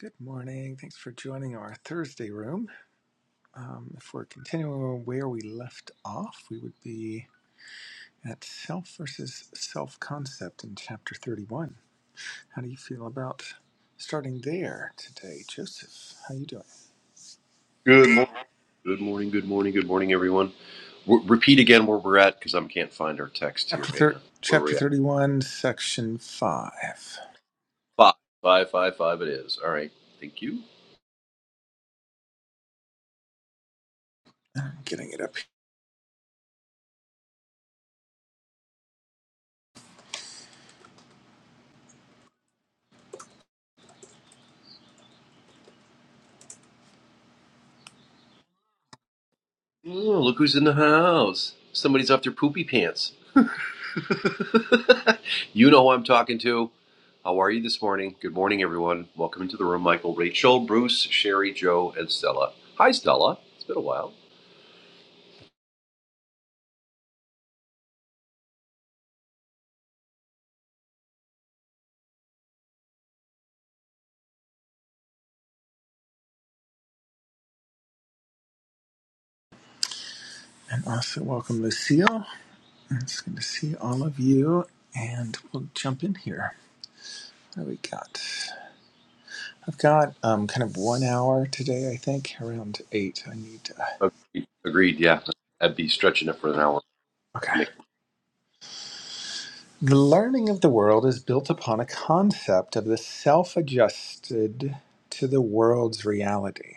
Good morning. Thanks for joining our Thursday room. Um, if we're continuing where we left off, we would be at self versus self concept in chapter 31. How do you feel about starting there today, Joseph? How you doing? Good morning. Good morning. Good morning. Good morning, everyone. W- repeat again where we're at because I can't find our text here. Chapter, Hang thir- on. Where are chapter we at? 31, section 5. Five. Five, five, five it is. All right. Thank you. I'm getting it up. Oh, look who's in the house. Somebody's off their poopy pants. you know who I'm talking to. How are you this morning? Good morning, everyone. Welcome into the room, Michael, Rachel, Bruce, Sherry, Joe, and Stella. Hi, Stella. It's been a while. And also, welcome, Lucille. It's good to see all of you, and we'll jump in here. What do we got? I've got um, kind of one hour today, I think, around eight. I need to. Agreed. Agreed. Yeah. I'd be stretching it for an hour. I Okay. can make. The learning of the world is built upon a concept of the self adjusted to the world's reality.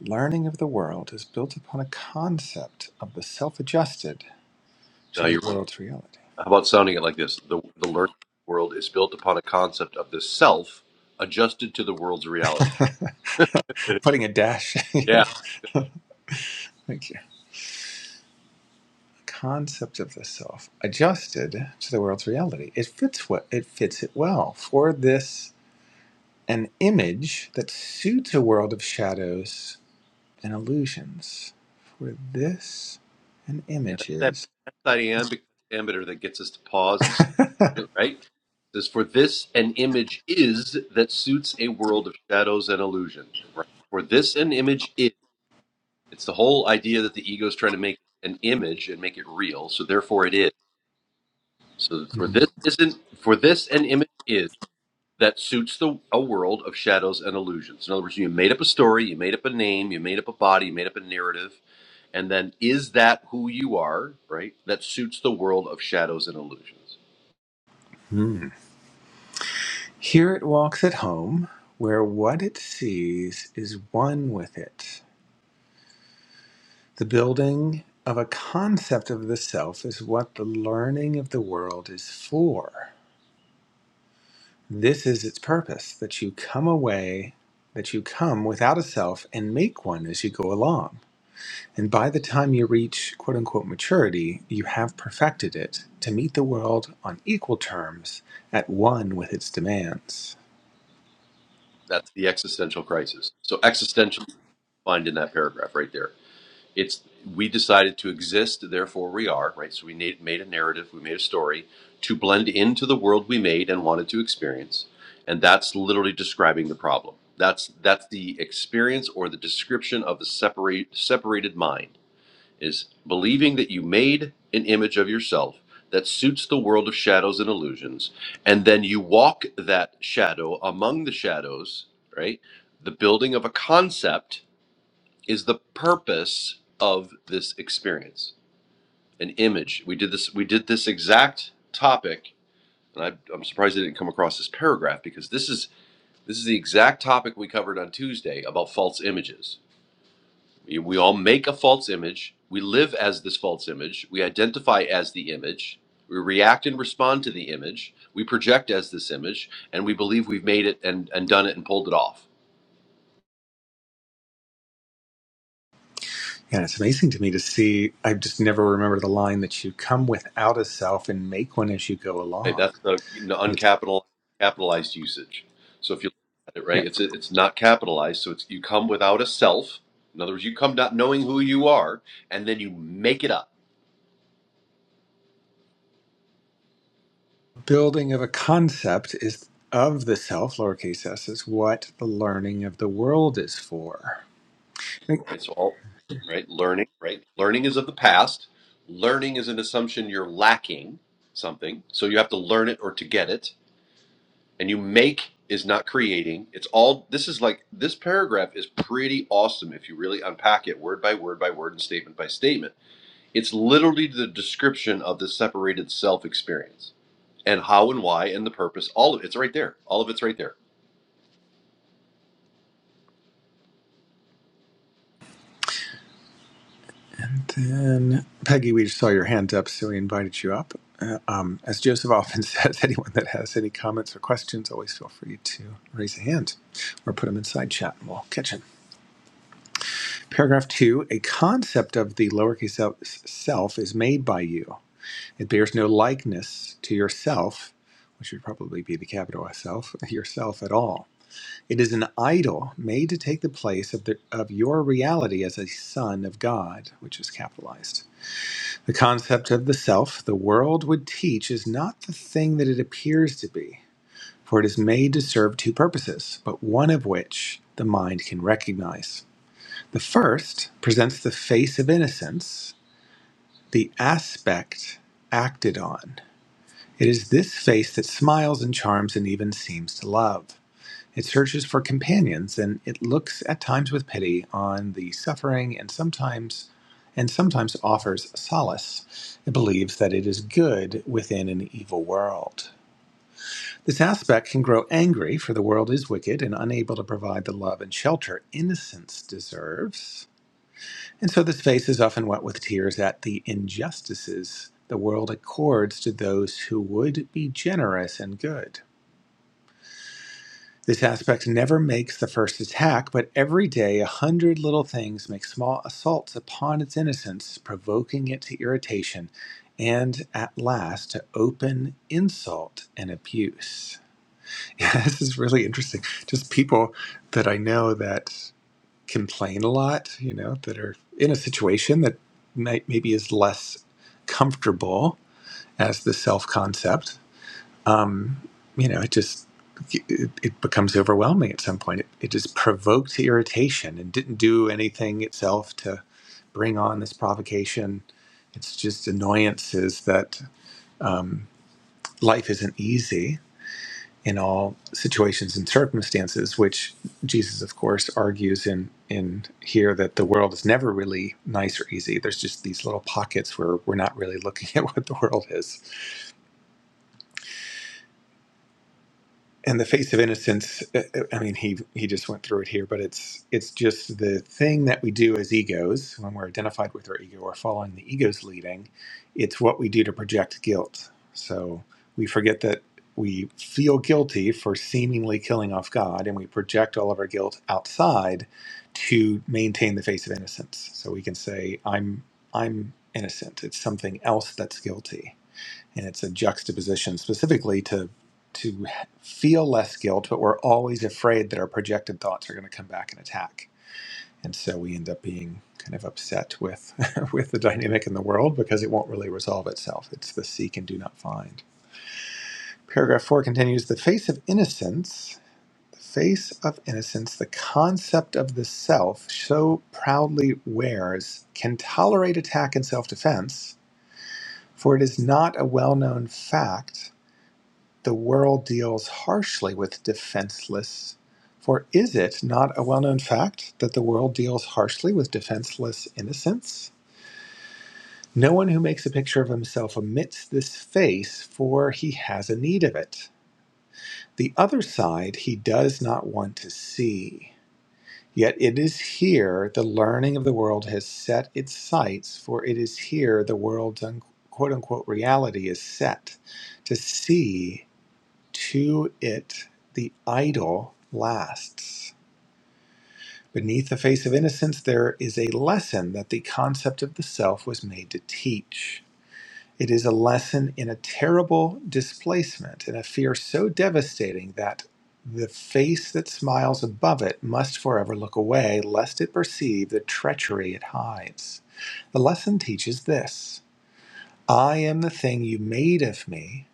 Learning of the world is built upon a concept of the self adjusted to No, the you're world's reality. How about sounding it like this? The, the learning world is built upon a concept of the self adjusted to the world's reality. yeah. Putting a dash. yeah. Yeah. Thank you. Concept of the self adjusted to the world's reality. It fits what it fits it well for this an image that suits a world of shadows and illusions. For this an That's image that, is. that's that iambic pentameter that gets us to pause and stop, right? It says, For this an image is that suits a world of shadows and illusion, right? For this an image is. It's the whole idea that the ego is trying to make an image and make it real, so therefore it is. So for this isn't for this an image is that suits the a world of shadows and illusions. In other words, you made up a story, you made up a name, you made up a body, you made up a narrative, and then is that who you are, right? That suits the world of shadows and illusions. Mhm. Here it walks at home, where what it sees is one with it. The building of a concept of the self is what the learning of the world is for. This is its purpose that you come away, that you come without a self and make one as you go along. And by the time you reach quote unquote maturity, you have perfected it to meet the world on equal terms at one with its demands. That's the existential crisis. So existential is defined in that paragraph right there. it's we decided to exist therefore we are right so we made, made a narrative we made a story to blend into the world we made and wanted to experience and that's literally describing the problem that's that's the experience or the description of the separate separated mind is believing that you made an image of yourself that suits the world of shadows and illusions and then you walk that shadow among the shadows right the building of a concept is the purpose of this experience an image we did this we did this exact topic and I, i'm surprised it didn't come across this paragraph because this is this is the exact topic we covered on tuesday about false images we, we all make a false image we live as this false image we identify as the image we react and respond to the image we project as this image and we believe we've made it and, and done it and pulled it off And it's amazing to me to see, I just never remember the line that you come without a self and make one as you go Right, along. that's the you know, And it's, uncapital capitalized usage. So if you look at it, right, yeah. it's it's not capitalized, so it's you come without a self. In other words, you come not knowing who you are, and then you make it up, Building of a concept is of the self, lowercase s, is what the learning of the world is for. I think right? So all right, learning, right? Learning is of the past. Learning is an assumption you're lacking something, so you have to learn it or to get it. And you make is not creating. It's all this is like this paragraph is pretty awesome if you really unpack it word by word by word and statement by statement It's literally the description of the separated self experience and how and why and the purpose. All of it's right there. All of it's right there. And Then Peggy, we just saw your hand up, so we invited you up. Uh, um, as Joseph often says, anyone that has any comments or questions, always feel free to raise a hand or put them in side chat, and we'll catch them. Paragraph two: A concept of the lowercase el- self is made by you. It bears no likeness to yourself, which would probably be the capital S self, yourself at all. It is an idol made to take the place of the of your reality as a son of God, which is capitalized. The concept of the self the world would teach is not the thing that it appears to be, for it is made to serve two purposes, but one of which the mind can recognize. The first presents the face of innocence, the aspect acted on. It is this face that smiles and charms and even seems to love. It searches for companions and it looks at times with pity on the suffering and sometimes and sometimes offers solace. It believes that it is good within an evil world. This aspect can grow angry, for the world is wicked and unable to provide the love and shelter innocence deserves. And so this face is often wet with tears at the injustices the world accords to those who would be generous and good. This aspect never makes the first attack, but every day a hundred little things make small assaults upon its innocence, provoking it to irritation, and at last to open insult and abuse. Yeah, this is really interesting. Just people that I know that complain a lot, you know, that are in a situation that might, maybe is less comfortable as the self concept um, you know, it just it, it becomes overwhelming at some point. It, it just provokes irritation and didn't do anything itself to bring on this provocation. It's just annoyances that um, life isn't easy in all situations and circumstances, which Jesus, of course, argues in in here that the world is never really nice or easy. There's just these little pockets where we're not really looking at what the world is. and the face of innocence uh, uh, i mean he he just went through it here but it's it's just the thing that we do as egos when we're identified with our ego or following the ego's leading it's what we do to project guilt so we forget that we feel guilty for seemingly killing off god and we project all of our guilt outside to maintain the face of innocence so we can say i'm i'm innocent it's something else that's guilty and it's a juxtaposition specifically to to feel less guilt but we're always afraid that our projected thoughts are going to come back and attack and so we end up being kind of upset with with the dynamic in the world because it won't really resolve itself it's the seek and do not find paragraph 4 continues the face of innocence the face of innocence the concept of the self so proudly wears can tolerate attack and self-defense for it is not a well-known fact The world deals harshly with defenseless. For is it not a well known fact that the world deals harshly with defenseless innocence? No one who makes a picture of himself omits this face, for he has a need of it. The other side he does not want to see. Yet it is here the learning of the world has set its sights, for it is here the world's un- quote unquote reality is set to see To it the idol lasts. Beneath the face of innocence, there is a lesson that the concept of the self was made to teach. It is a lesson in a terrible displacement and a fear so devastating that the face that smiles above it must forever look away, lest it perceive the treachery it hides. The lesson teaches this I am the thing you made of me,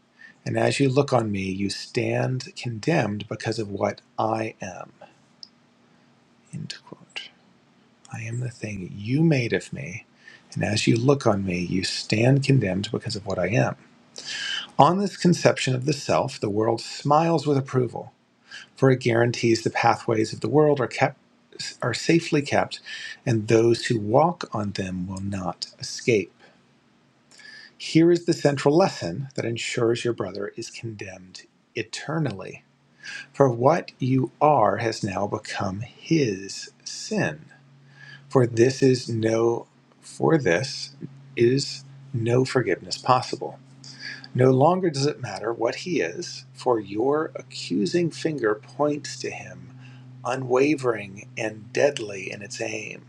and as you look on me, you stand condemned because of what I am. End quote. I am the thing you made of me. And as you look on me, you stand condemned because of what I am. On this conception of the self, the world smiles with approval, for it guarantees the pathways of the world are kept are safely kept, and those who walk on them will not escape. Here is the central lesson that ensures your brother is condemned eternally For what you are has now become his sin. For this is no for this is no forgiveness possible. No longer does it matter what he is, for your accusing finger points to him, unwavering and deadly in its aim.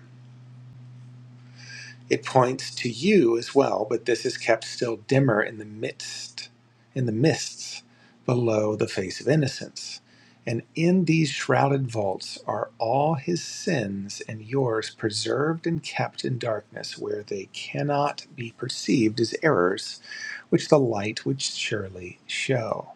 It points to you as well, but this is kept still dimmer in the midst, in the mists below the face of innocence. And in these shrouded vaults are all his sins and yours preserved and kept in darkness, where they cannot be perceived as errors, which the light would surely show.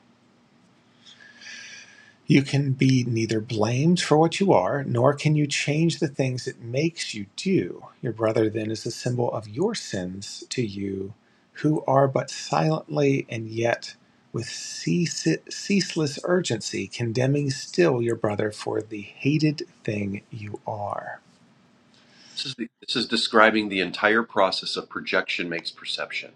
You can be neither blamed for what you are, nor can you change the things it makes you do. Your brother then is the symbol of your sins to you, who are but silently and yet with ceaseless urgency condemning still your brother for the hated thing you are. This is, the, this is describing the entire process of projection makes perception.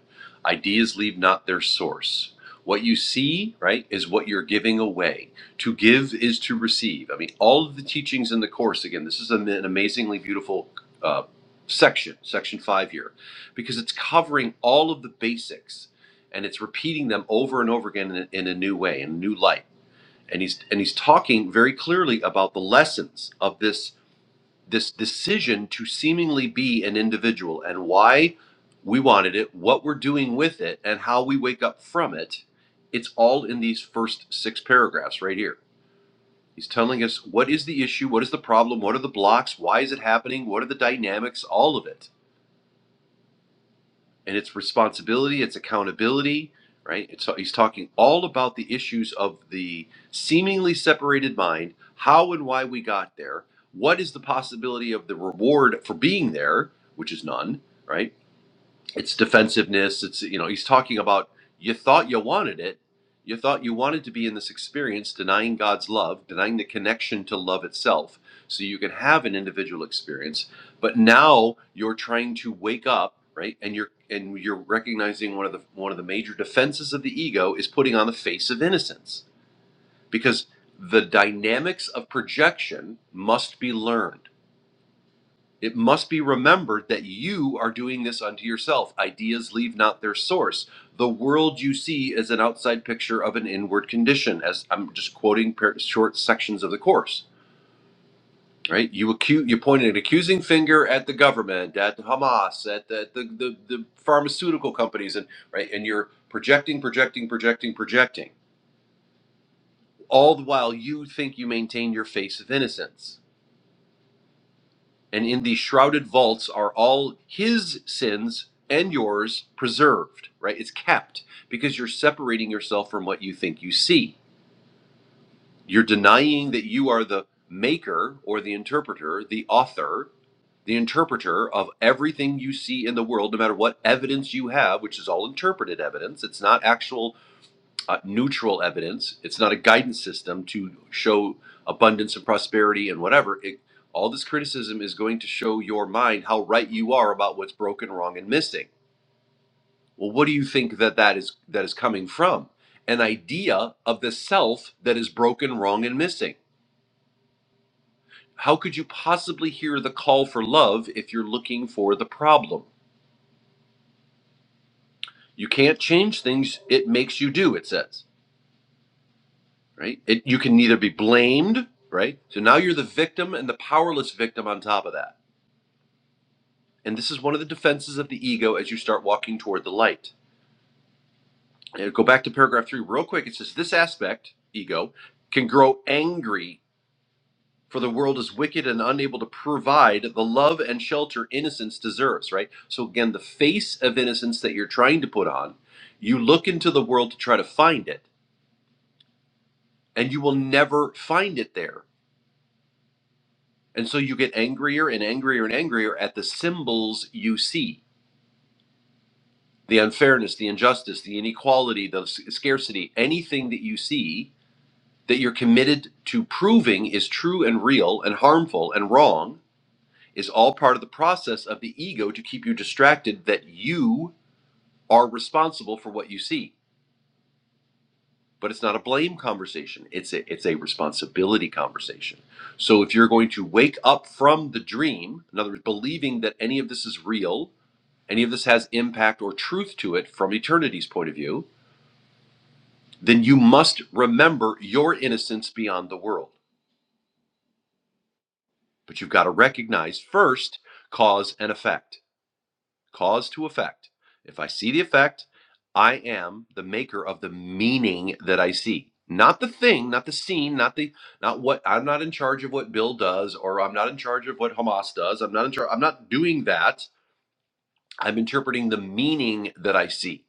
Ideas leave not their source. What you see, right, is what you're giving away. To give is to receive. I mean, all of the teachings in the course, again, this is an amazingly beautiful uh, section, section five here, because it's covering all of the basics and it's repeating them over and over again in a, in a new way, in a new light. And he's, and he's talking very clearly about the lessons of this this decision to seemingly be an individual and why we wanted it, what we're doing with it, and how we wake up from it. It's all in these first six paragraphs right here. He's telling us what is the issue, what is the problem, what are the blocks, why is it happening, what are the dynamics, all of it and it's responsibility, it's accountability, right? It's, he's talking all about the issues of the seemingly separated mind, how and why we got there, what is the possibility of the reward for being there, which is none, right? it's defensiveness it's you know he's talking about you thought you wanted it you thought you wanted to be in this experience denying god's love denying the connection to love itself so you can have an individual experience but now you're trying to wake up right and you're and you're recognizing one of the one of the major defenses of the ego is putting on the face of innocence because the dynamics of projection must be learned it must be remembered that you are doing this unto yourself. Ideas leave not their source. The world you see is an outside picture of an inward condition, as I'm just quoting par- short sections of the course. Right? You accuse, you point an accusing finger at the government, at Hamas, at the, the, the, the pharmaceutical companies, and right, and you're projecting, projecting, projecting, projecting, all the while you think you maintain your face of innocence and in these shrouded vaults are all his sins and yours preserved, right? It's kept because you're separating yourself from what you think you see. You're denying that you are the maker or the interpreter, the author, the interpreter of everything you see in the world, no matter what evidence you have, which is all interpreted evidence. It's not actual uh, neutral evidence. It's not a guidance system to show abundance and prosperity and whatever. It, all this criticism is going to show your mind how right you are about what's broken, wrong, and missing. Well, what do you think that that is that is coming from? An idea of the self that is broken, wrong, and missing. How could you possibly hear the call for love if you're looking for the problem? You can't change things; it makes you do. It says. right? It, you can neither be blamed, right? So now you're the victim and the powerless victim on top of that. And this is one of the defenses of the ego as you start walking toward the light. And go back to paragraph three real quick. It says this aspect, ego, can grow angry for the world is wicked and unable to provide the love and shelter innocence deserves, right? So again, the face of innocence that you're trying to put on, you look into the world to try to find it, and you will never find it there And so you get angrier and angrier and angrier at the symbols you see the unfairness, the injustice, the inequality, the s- scarcity, anything that you see that you're committed to proving is true and real and harmful and wrong is all part of the process of the ego to keep you distracted that you are responsible for what you see. But it's not a blame conversation. It's a, it's a responsibility conversation. So if you're going to wake up from the dream, in other words, believing that any of this is real any of this has impact or truth to it from eternity's point of view, then you must remember your innocence beyond the world. But you've got to recognize first cause and effect, cause to effect. If I see the effect, I am the maker of the meaning that I see. Not the thing, not the scene, not the not what I'm not in charge of what Bill does or I'm not in charge of what Hamas does. I'm not in charge I'm not doing that. I'm interpreting the meaning that I see,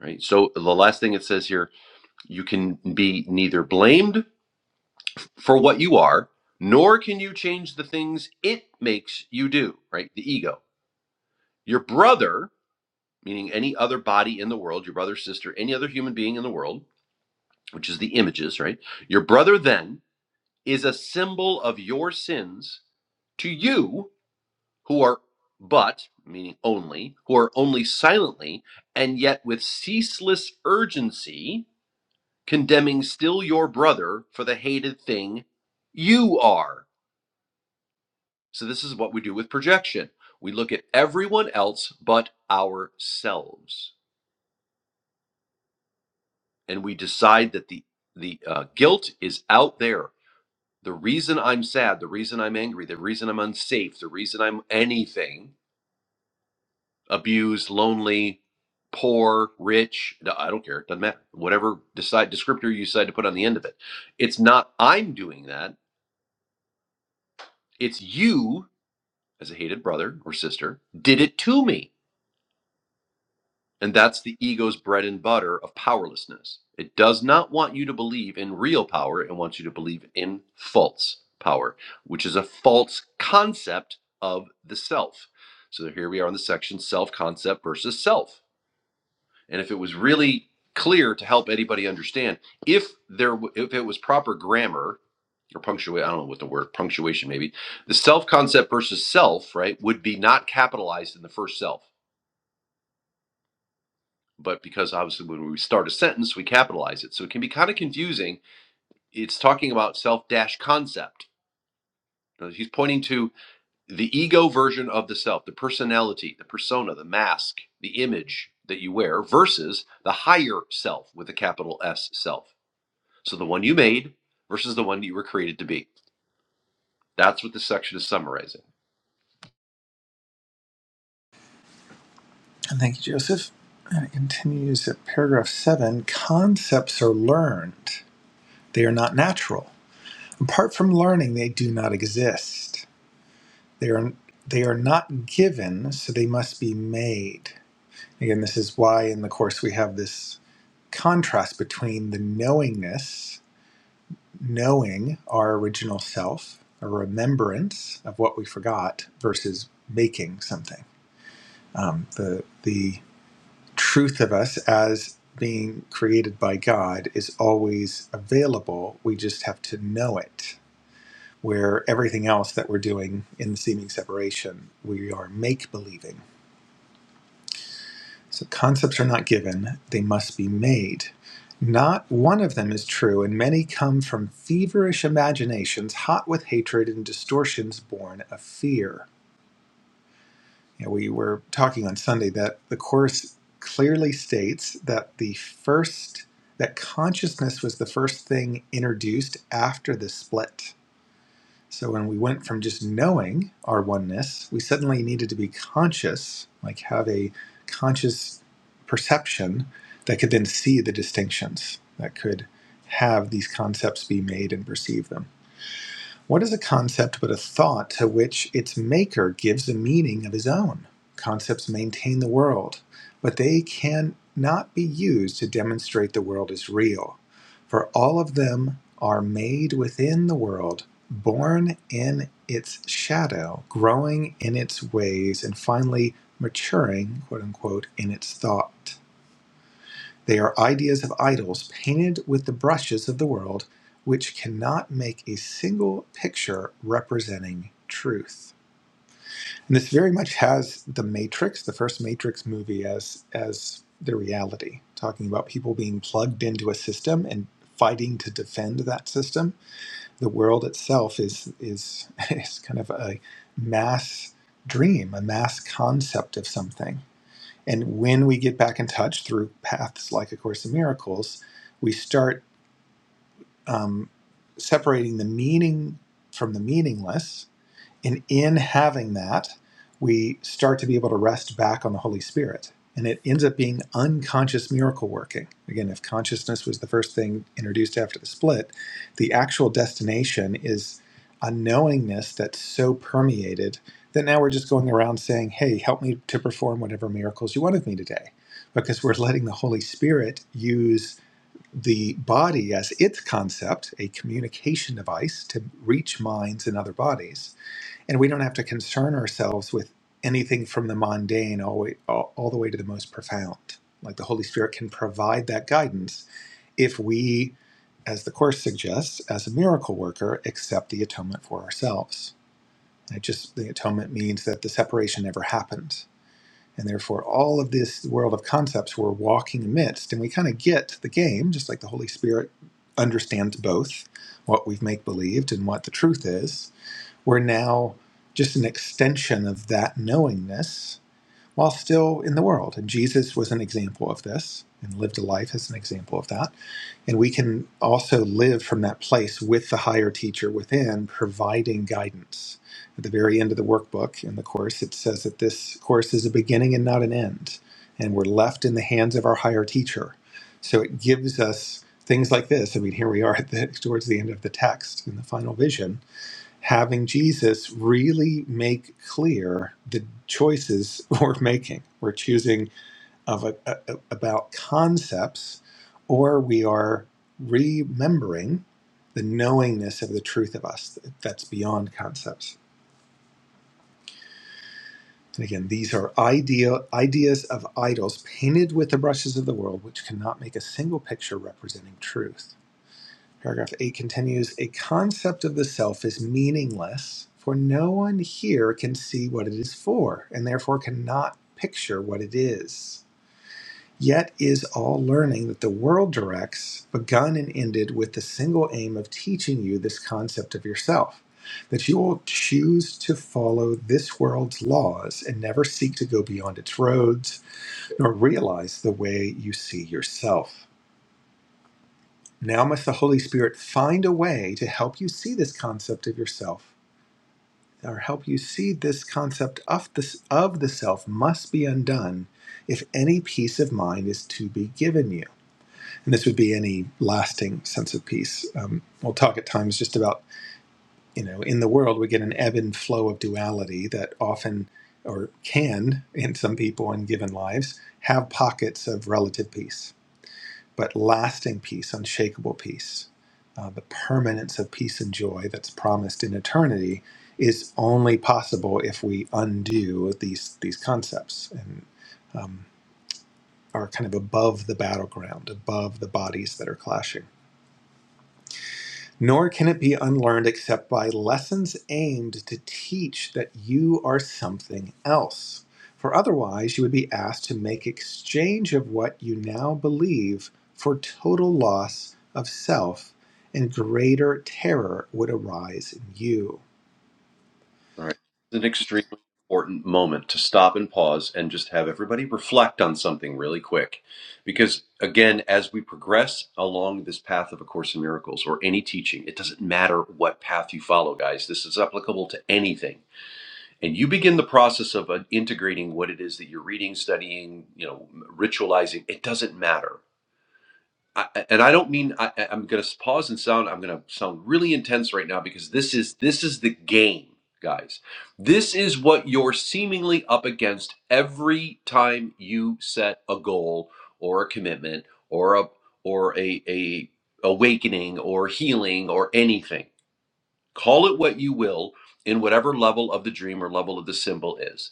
right? So the last thing it says here You can be neither blamed for what you are, nor can you change the things it makes you do, right? The ego. Your brother, meaning any other body in the world, your brother, sister, any other human being in the world, which is the images, right? Your brother then is a symbol of your sins to you who are but, meaning only, who are only silently, and yet with ceaseless urgency condemning still your brother for the hated thing you are. So, this is what we do with projection we look at everyone else but ourselves, and we decide that the, the uh, guilt is out there. The reason I'm sad, the reason I'm angry, the reason I'm unsafe, the reason I'm anything abused, lonely, poor, rich, no, I don't care, it doesn't matter. Whatever decide descriptor you decide to put on the end of it. It's not I'm doing that, it's you as a hated brother or sister, did it to me. And that's the ego's bread and butter of powerlessness. It does not want you to believe in real power, it wants you to believe in false power, which is a false concept of the self. So here we are in the section self concept versus self and if it was really clear to help anybody understand if there if it was proper grammar or punctuation i don't know what the word punctuation maybe the self concept versus self right would be not capitalized in the first self but because obviously when we start a sentence we capitalize it so it can be kind of confusing it's talking about self concept he's pointing to the ego version of the self the personality the persona the mask the image that you wear versus the higher self with a capital s self So the one you made versus the one you were created to be. That's what this section is summarizing. And thank you, Joseph. And it continues at paragraph seven concepts are learned, they are not natural. Apart from learning, they do not exist. They are they are not given, so they must be made. Again, this is why in the course we have this contrast between the knowingness, knowing our original self, a remembrance of what we forgot, versus making something. Um, the the truth of us as being created by God is always available. We just have to know it. Where everything else that we're doing in the seeming separation, we are make believing So concepts are not given, they must be made. Not one of them is true, and many come from feverish imaginations hot with hatred and distortions born of fear. You know, we were talking on Sunday that the Course clearly states that the first, that consciousness was the first thing introduced after the split so when we went from just knowing our oneness, we suddenly needed to be conscious, like have a conscious perception that could then see the distinctions, that could have these concepts be made and perceive them. What is a concept but a thought to which its maker gives a meaning of his own? Concepts maintain the world, but they cannot be used to demonstrate the world is real, for all of them are made within the world, born in its shadow, growing in its ways, and finally maturing, quote unquote, in its thought. They are ideas of idols painted with the brushes of the world, which cannot make a single picture representing truth. And this very much has the Matrix, the first Matrix movie, as as the reality, talking about people being plugged into a system and fighting to defend that system. The world itself is is is kind of a mass dream, a mass concept of something and when we get back in touch through paths like A Course in Miracles, we start um, separating the meaning from the meaningless and in having that, we start to be able to rest back on the Holy Spirit. And it ends up being unconscious miracle working. Again, if consciousness was the first thing introduced after the split, the actual destination is a knowingness that's so permeated that now we're just going around saying, hey, help me to perform whatever miracles you want of me today. Because we're letting the Holy Spirit use the body as its concept, a communication device to reach minds and other bodies and we don't have to concern ourselves with anything from the mundane all, way, all, all the way to the most profound like the holy spirit can provide that guidance if we as the course suggests as a miracle worker accept the atonement for ourselves And it just the atonement means that the separation never happened and therefore all of this world of concepts we're walking amidst and we kind of get the game just like the holy spirit understands both what we've make believed and what the truth is we're now just an extension of that knowingness while still in the world. And Jesus was an example of this and lived a life as an example of that. And we can also live from that place with the higher teacher within, providing guidance. At the very end of the workbook in the course, it says that this course is a beginning and not an end. And we're left in the hands of our higher teacher. So it gives us things like this. I mean, here we are at the, towards the end of the text in the final vision having Jesus really make clear the choices we're making. We're choosing of a, a- a- about concepts, or we are remembering the knowingness of the truth of us that's beyond concepts. And again, these are idea, ideas of idols painted with the brushes of the world, which cannot make a single picture representing truth. Paragraph 8 continues A concept of the self is meaningless, for no one here can see what it is for, and therefore cannot picture what it is. Yet is all learning that the world directs begun and ended with the single aim of teaching you this concept of yourself, that you will choose to follow this world's laws and never seek to go beyond its roads, nor realize the way you see yourself. Now must the Holy Spirit find a way to help you see this concept of yourself, or help you see this concept of the, of the self must be undone if any peace of mind is to be given you. And this would be any lasting sense of peace. Um, we'll talk at times just about, you know, in the world we get an ebb and flow of duality that often or can, in some people in given lives, have pockets of relative peace but lasting peace, unshakable peace, uh, the permanence of peace and joy that's promised in eternity is only possible if we undo these these concepts and um, are kind of above the battleground, above the bodies that are clashing. Nor can it be unlearned except by lessons aimed to teach that you are something else. For otherwise, you would be asked to make exchange of what you now believe for total loss of self, and greater terror would arise in you. All right. It's an extremely important moment to stop and pause and just have everybody reflect on something really quick. Because again, as we progress along this path of A Course in Miracles or any teaching, it doesn't matter what path you follow, guys. This is applicable to anything. And you begin the process of uh, integrating what it is that you're reading, studying, you know, ritualizing. It doesn't matter I, and I don't mean I, I- I'm going to pause and sound. I'm going to sound really intense right now because this is this is the game, guys. This is what you're seemingly up against every time you set a goal or a commitment or a or a a awakening or healing or anything. Call it what you will in whatever level of the dream or level of the symbol is.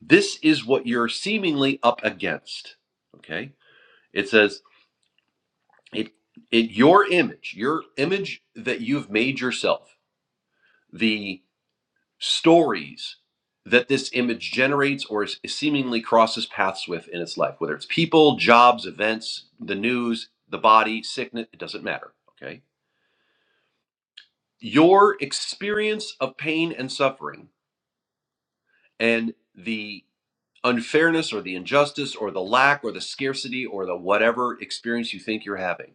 This is what you're seemingly up against. Okay. It says it it your image your image that you've made yourself the stories that this image generates or is seemingly crosses paths with in its life whether it's people jobs events the news the body sickness it doesn't matter okay your experience of pain and suffering and the unfairness or the injustice or the lack or the scarcity or the whatever experience you think you're having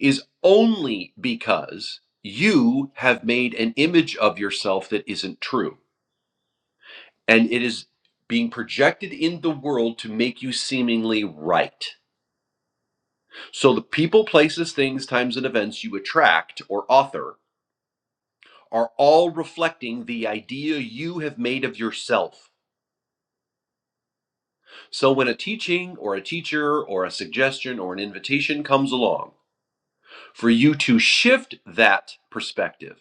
is only because you have made an image of yourself that isn't true. And it is being projected in the world to make you seemingly right. So the people, places, things, times, and events you attract or author are all reflecting the idea you have made of yourself. So when a teaching or a teacher or a suggestion or an invitation comes along for you to shift that perspective,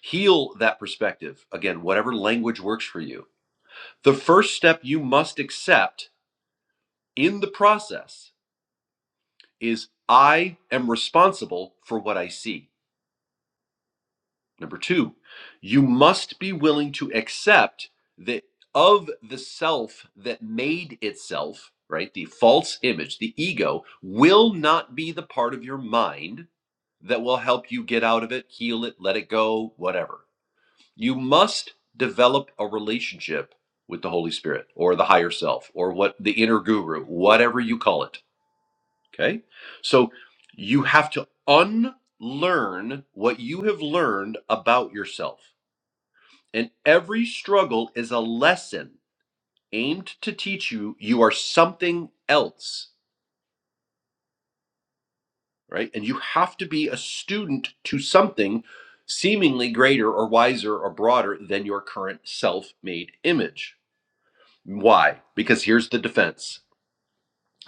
Heal that perspective. Again, whatever language works for you. The first step you must accept in the process is I am responsible for what I see. Number two, you must be willing to accept that of the self that made itself, right? The false image, the ego, will not be the part of your mind that will help you get out of it, heal it, let it go, whatever. You must develop a relationship with the Holy Spirit or the higher self or what the inner guru, whatever you call it. Okay. So you have to unlearn what you have learned about yourself. And every struggle is a lesson aimed to teach you you are something else, right? And you have to be a student to something seemingly greater or wiser or broader than your current self made image. Why? Because here's the defense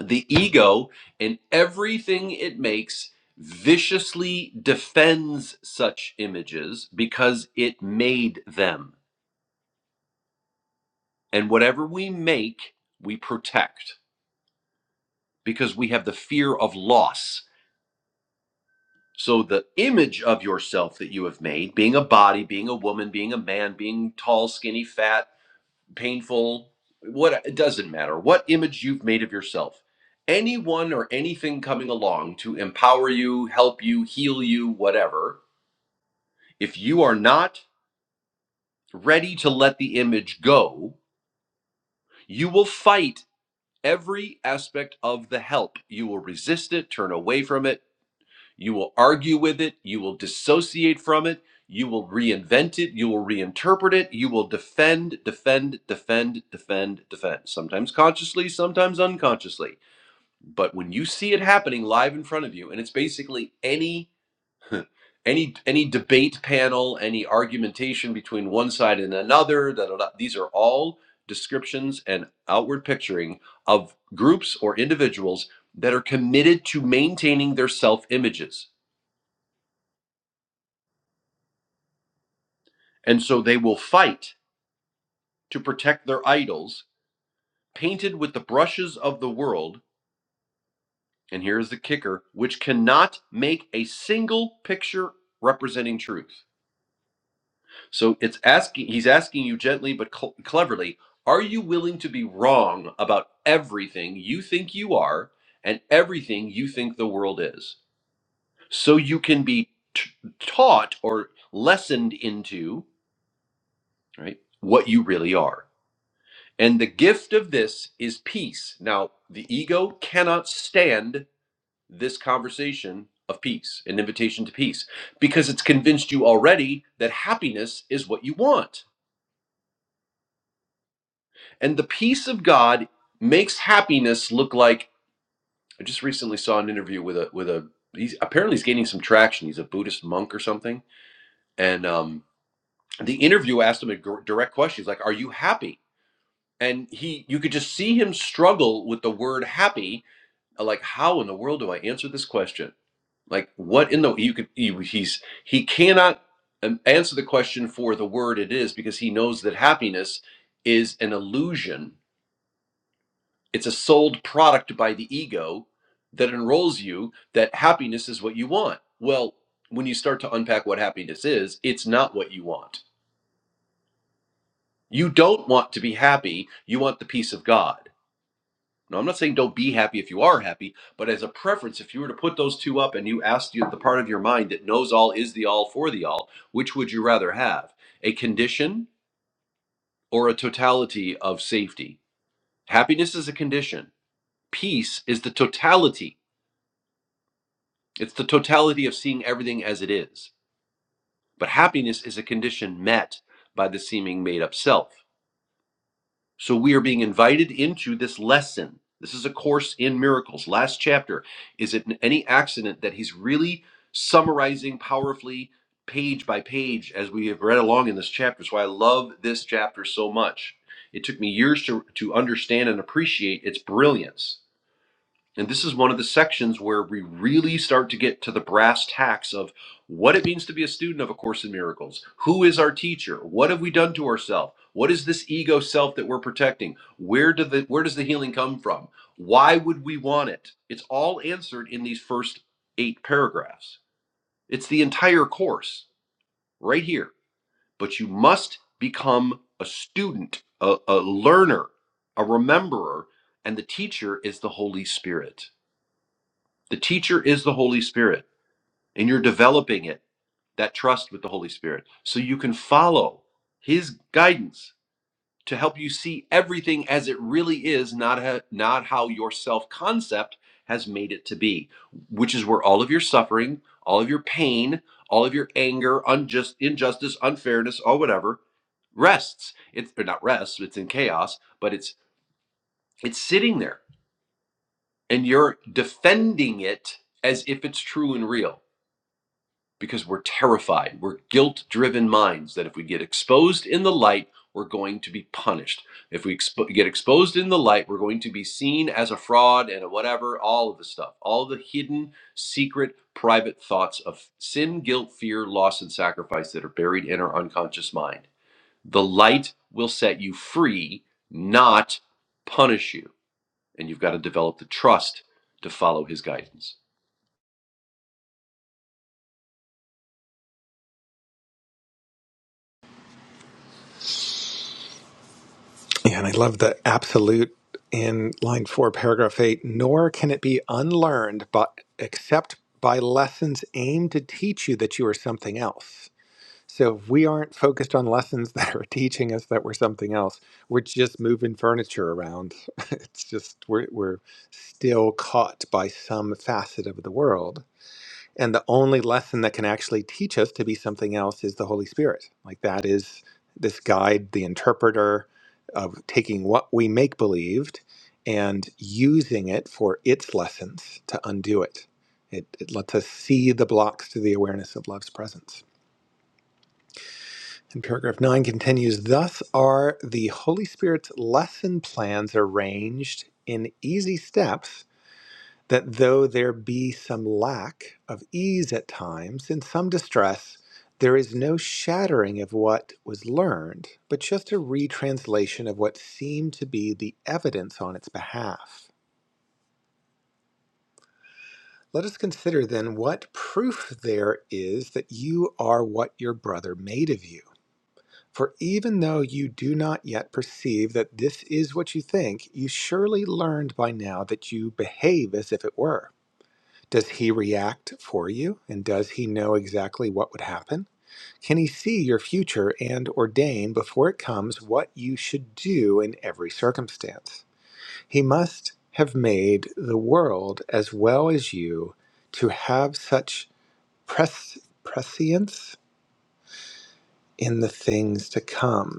the ego and everything it makes viciously defends such images because it made them. And whatever we make, we protect because we have the fear of loss. So, the image of yourself that you have made, being a body, being a woman, being a man, being tall, skinny, fat, painful, what it doesn't matter, what image you've made of yourself. Anyone or anything coming along to empower you, help you, heal you, whatever, if you are not ready to let the image go, you will fight every aspect of the help. You will resist it, turn away from it, You will argue with it. You will dissociate from it. You will reinvent it. You will reinterpret it. You will defend, defend, defend, defend, defend, sometimes consciously, sometimes unconsciously. But when you see it happening live in front of you, and it's basically any any any debate panel, any argumentation between one side and another, da, da, da, these are all descriptions and outward picturing of groups or individuals that are committed to maintaining their self images And so they will fight to protect their idols, painted with the brushes of the world. And here is the kicker, which cannot make a single picture representing truth. So it's asking, he's asking you gently but cl- cleverly, are you willing to be wrong about everything you think you are and everything you think the world is? So you can be t- taught or lessened into, right, what you really are. And the gift of this is peace. Now, the ego cannot stand this conversation of peace, an invitation to peace, because it's convinced you already that happiness is what you want. And the peace of God makes happiness look like I just recently saw an interview with a with a he's apparently he's gaining some traction. He's a Buddhist monk or something. And um the interview asked him a gr- direct question. He's like, "Are you happy?" And he you could just see him struggle with the word happy uh, like how in the world do I answer this question? Like what in the you could he, he's he cannot um, answer the question for the word it is because he knows that happiness is an illusion. It's a sold product by the ego that enrolls you that happiness is what you want. Well, when you start to unpack what happiness is, it's not what you want. You don't want to be happy. You want the peace of God. Now, I'm not saying don't be happy if you are happy, but as a preference, if you were to put those two up and you asked you the part of your mind that knows all, is the all, for the all, which would you rather have? A condition or a totality of safety? Happiness is a condition. Peace is the totality. It's the totality of seeing everything as it is. But happiness is a condition met by the seeming made up self. So we are being invited into this lesson. This is a course in miracles. Last chapter. Is it any accident that he's really summarizing powerfully, page by page, as we have read along in this chapter? That's why I love this chapter so much. It took me years to, to understand and appreciate its brilliance. And this is one of the sections where we really start to get to the brass tacks of what it means to be a student of A Course in Miracles. Who is our teacher? What have we done to ourselves? What is this ego self that we're protecting? Where do the where does the healing come from? Why would we want it? It's all answered in these first 8 paragraphs. It's the entire course right here. But you must become a student, a, a learner, a rememberer, and the teacher is the Holy Spirit. The teacher is the Holy Spirit, and you're developing it, that trust with the Holy Spirit, so you can follow His guidance to help you see everything as it really is, not, ha- not how your self concept has made it to be, which is where all of your suffering, all of your pain, all of your anger, unjust, injustice, unfairness, or whatever rests. It's or not rests, it's in chaos, but it's it's sitting there and you're defending it as if it's true and real because we're terrified. We're guilt driven minds that if we get exposed in the light, we're going to be punished. If we expo- get exposed in the light, we're going to be seen as a fraud and a whatever, all of the stuff, all the hidden, secret, private thoughts of sin, guilt, fear, loss, and sacrifice that are buried in our unconscious mind. The light will set you free, not punish you. And you've got to develop the trust to follow his guidance. Yeah, and I love the absolute in line four, paragraph eight. Nor can it be unlearned, but except by lessons aimed to teach you that you are something else So if we aren't focused on lessons that are teaching us that we're something else, we're just moving furniture around. It's just we're we're still caught by some facet of the world. And the only lesson that can actually teach us to be something else is the Holy Spirit. Like that is this guide, the interpreter of taking what we make believed and using it for its lessons to undo it. It, it lets us see the blocks to the awareness of love's presence. And paragraph 9 continues Thus are the Holy Spirit's lesson plans arranged in easy steps, that though there be some lack of ease at times and some distress, there is no shattering of what was learned, but just a retranslation of what seemed to be the evidence on its behalf. Let us consider then what proof there is that you are what your brother made of you. For even though you do not yet perceive that this is what you think, you surely learned by now that you behave as if it were. Does he react for you and does he know exactly what would happen? Can he see your future and ordain before it comes what you should do in every circumstance? He must have made the world as well as you to have such pres- prescience in the things to come.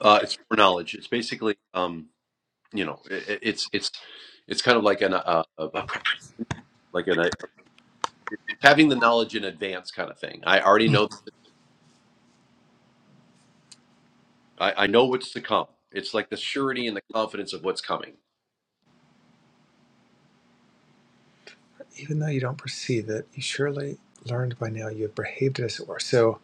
Uh, it's foreknowledge. It's basically. Um, you know it, it's it's it's kind of like an uh, a, a pre- like an uh, having the knowledge in advance kind of thing i already know I, I know what's to come it's like the surety and the confidence of what's coming even though you don't perceive it, you surely learned by now you have behaved as it were. So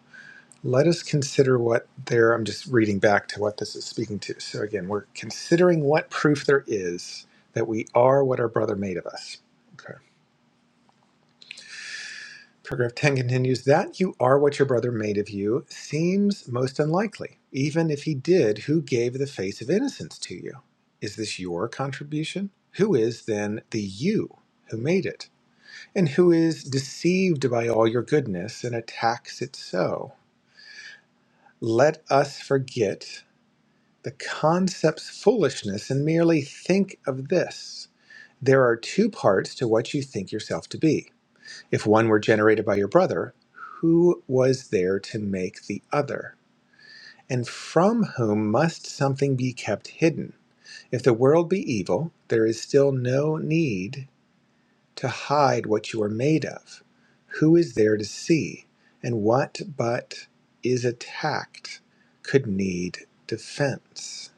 let us consider what there, I'm just reading back to what this is speaking to. So again, we're considering what proof there is that we are what our brother made of us. Okay. Paragraph 10 continues that you are what your brother made of you seems most unlikely. Even if he did, who gave the face of innocence to you? Is this your contribution? Who is then the you who made it? and who is deceived by all your goodness and attacks it so. Let us forget the concept's foolishness and merely think of this. There are two parts to what you think yourself to be. If one were generated by your brother, who was there to make the other? And from whom must something be kept hidden? If the world be evil, there is still no need to hide what you are made of. Who is there to see? And what but is attacked could need defense?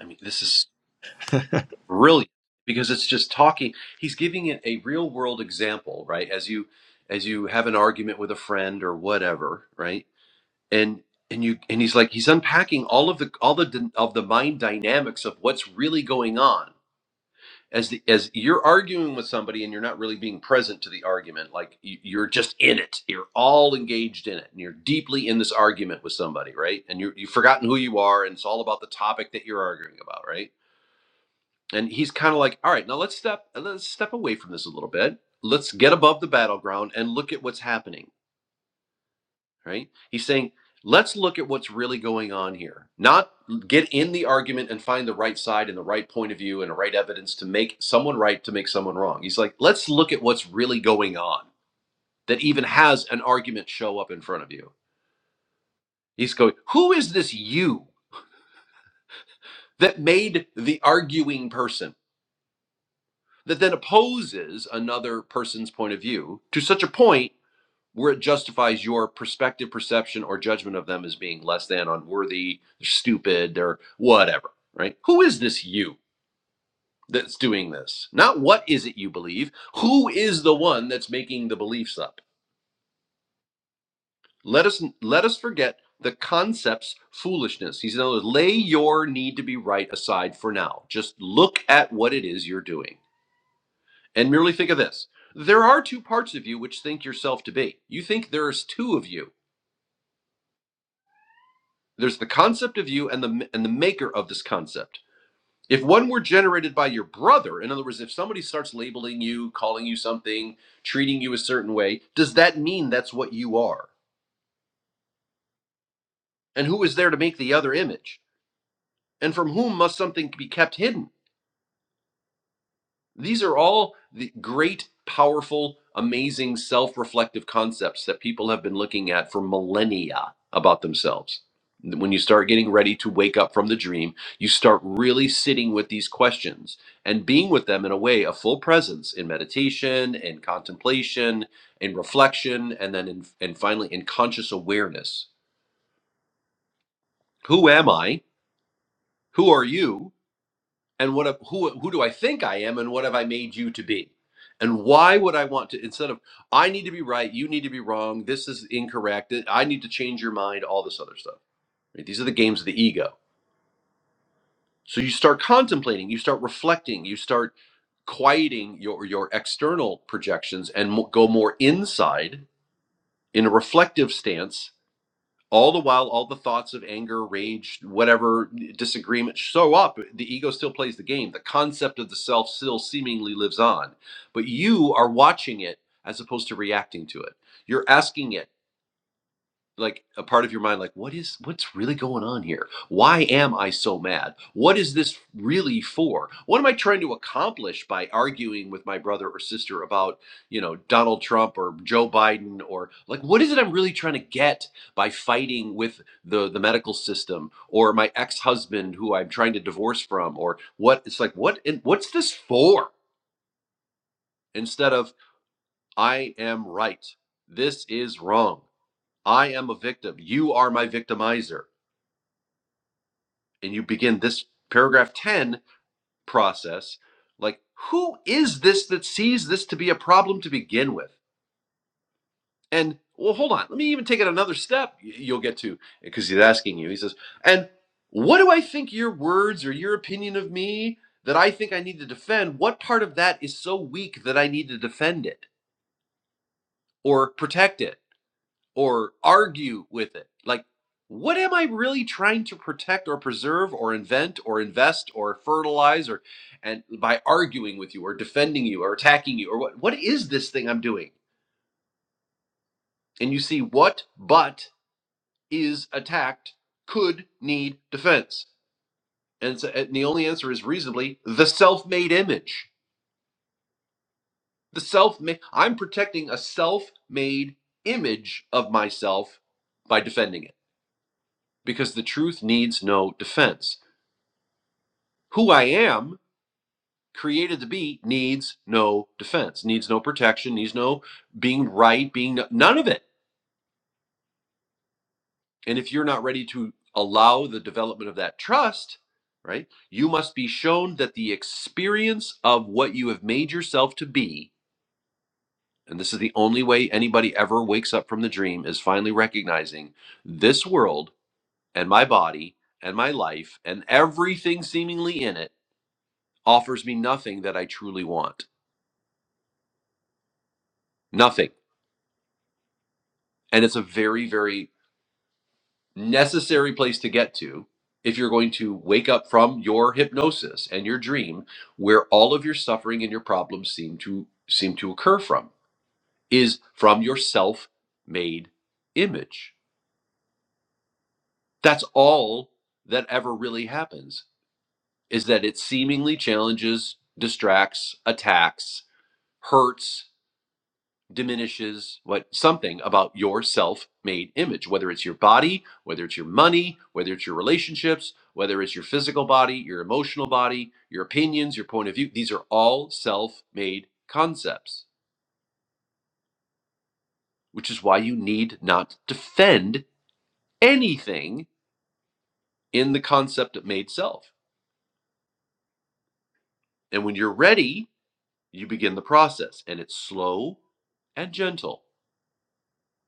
i mean this is brilliant because it's just talking he's giving it a real world example right as you as you have an argument with a friend or whatever right and and you and he's like he's unpacking all of the all the d- of the mind dynamics of what's really going on as the as you're arguing with somebody and you're not really being present to the argument like y- you're just in it you're all engaged in it and you're deeply in this argument with somebody right and you you've forgotten who you are and it's all about the topic that you're arguing about right and he's kind of like all right now let's step let's step away from this a little bit let's get above the battleground and look at what's happening right? He's saying, let's look at what's really going on here, not get in the argument and find the right side and the right point of view and the right evidence to make someone right to make someone wrong. He's like, let's look at what's really going on that even has an argument show up in front of you. He's going, who is this you that made the arguing person that then opposes another person's point of view to such a point? where it justifies your perspective, perception, or judgment of them as being less than, unworthy, stupid, or whatever, right? Who is this you that's doing this? Not what is it you believe. Who is the one that's making the beliefs up? Let us let us forget the concept's foolishness. He's in lay your need to be right aside for now. Just look at what it is you're doing, and merely think of this: there are two parts of you which think yourself to be. You think there's two of you. There's the concept of you and the and the maker of this concept. If one were generated by your brother, in other words, if somebody starts labeling you, calling you something, treating you a certain way, does that mean that's what you are? And who is there to make the other image? And from whom must something be kept hidden? These are all the great, powerful, amazing self reflective concepts that people have been looking at for millennia about themselves. When you start getting ready to wake up from the dream, you start really sitting with these questions and being with them in a way of full presence in meditation, and contemplation, and reflection, and then in, and finally in conscious awareness. Who am I? Who are you? and what who who do I think I am and what have I made you to be? And why would I want to instead of I need to be right, you need to be wrong, this is incorrect, I need to change your mind, all this other stuff. right? These are the games of the ego. So you start contemplating, you start reflecting, you start quieting your your external projections and mo- go more inside in a reflective stance all the while all the thoughts of anger rage whatever disagreement show up the ego still plays the game the concept of the self still seemingly lives on but you are watching it as opposed to reacting to it you're asking it like a part of your mind like what is what's really going on here why am i so mad what is this really for what am i trying to accomplish by arguing with my brother or sister about you know donald trump or joe biden or like what is it i'm really trying to get by fighting with the the medical system or my ex-husband who i'm trying to divorce from or what it's like what and what's this for instead of i am right this is wrong i am a victim you are my victimizer and you begin this paragraph 10 process like who is this that sees this to be a problem to begin with and well hold on let me even take it another step you'll get to because he's asking you he says and what do i think your words or your opinion of me that i think i need to defend what part of that is so weak that i need to defend it or protect it or argue with it. Like, what am I really trying to protect or preserve or invent or invest or fertilize or and by arguing with you or defending you or attacking you or what what is this thing I'm doing? And you see what but is attacked could need defense. And, so, and the only answer is reasonably the self-made image. The self-made I'm protecting a self-made image of myself by defending it because the truth needs no defense. who I am, created to be, needs no defense, needs no protection, needs no being right, being no, none of it. And if you're not ready to allow the development of that trust, right, you must be shown that the experience of what you have made yourself to be, and this is the only way anybody ever wakes up from the dream, is finally recognizing this world and my body and my life and everything seemingly in it offers me nothing that I truly want. Nothing. And it's a very, very necessary place to get to if you're going to wake up from your hypnosis and your dream where all of your suffering and your problems seem to seem to occur from is from your self-made image. That's all that ever really happens is that it seemingly challenges, distracts, attacks, hurts diminishes what something about your self-made image whether it's your body whether it's your money whether it's your relationships whether it's your physical body your emotional body your opinions your point of view these are all self-made concepts which is why you need not defend anything in the concept of made self and when you're ready you begin the process and it's slow and gentle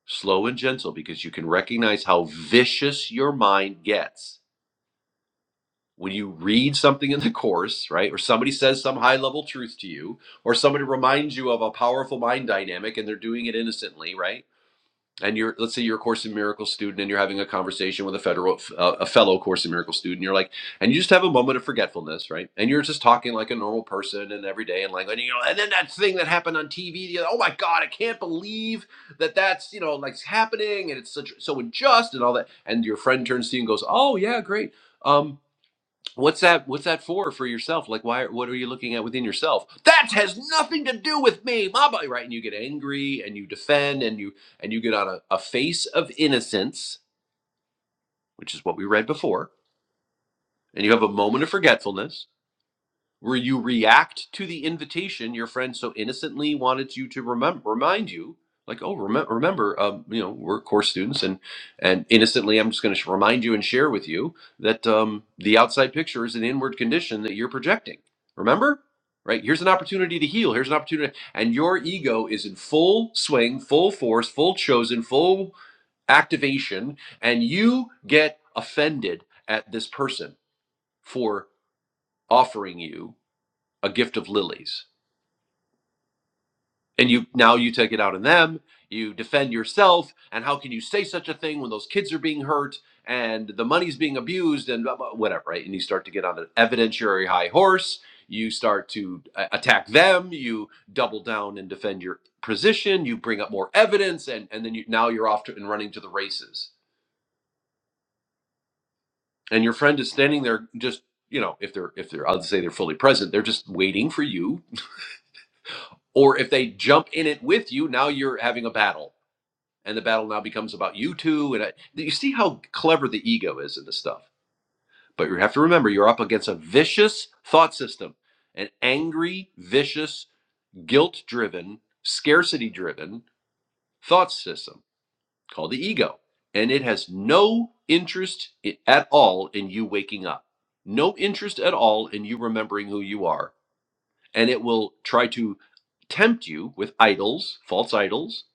slow and gentle because you can recognize how vicious your mind gets when you read something in the course, right, or somebody says some high level truth to you, or somebody reminds you of a powerful mind dynamic and they're doing it innocently, right? And you're, let's say you're a Course in Miracles student and you're having a conversation with a federal, uh, a fellow Course in Miracles student. You're like, and you just have a moment of forgetfulness, right? And you're just talking like a normal person and every day and like, and you know, and then that thing that happened on TV, the other, oh my God, I can't believe that that's, you know, like happening and it's such, so unjust and all that. And your friend turns to you and goes, oh yeah, great. Um, What's that? What's that for? For yourself? Like, why? What are you looking at within yourself? That has nothing to do with me, my body, right? And you get angry, and you defend, and you and you get on a, a face of innocence, which is what we read before, and you have a moment of forgetfulness, where you react to the invitation your friend so innocently wanted you to remember remind you like oh remember remember um, you know we're course students and and innocently i'm just going to sh- remind you and share with you that um, the outside picture is an inward condition that you're projecting remember right here's an opportunity to heal here's an opportunity and your ego is in full swing full force full chosen full activation and you get offended at this person for offering you a gift of lilies and you now you take it out on them you defend yourself and how can you say such a thing when those kids are being hurt and the money's being abused and blah, blah, whatever right and you start to get on an evidentiary high horse you start to uh, attack them you double down and defend your position you bring up more evidence and and then you now you're off to and running to the races and your friend is standing there just you know if they're if they're i'll say they're fully present they're just waiting for you or if they jump in it with you now you're having a battle and the battle now becomes about you two. And I, you see how clever the ego is in this stuff. But you have to remember, you're up against a vicious thought system, an angry, vicious, guilt-driven, scarcity-driven thought system called the ego, and it has no interest at all in you waking up, no interest at all in you remembering who you are, and it will try to tempt you with idols, false idols,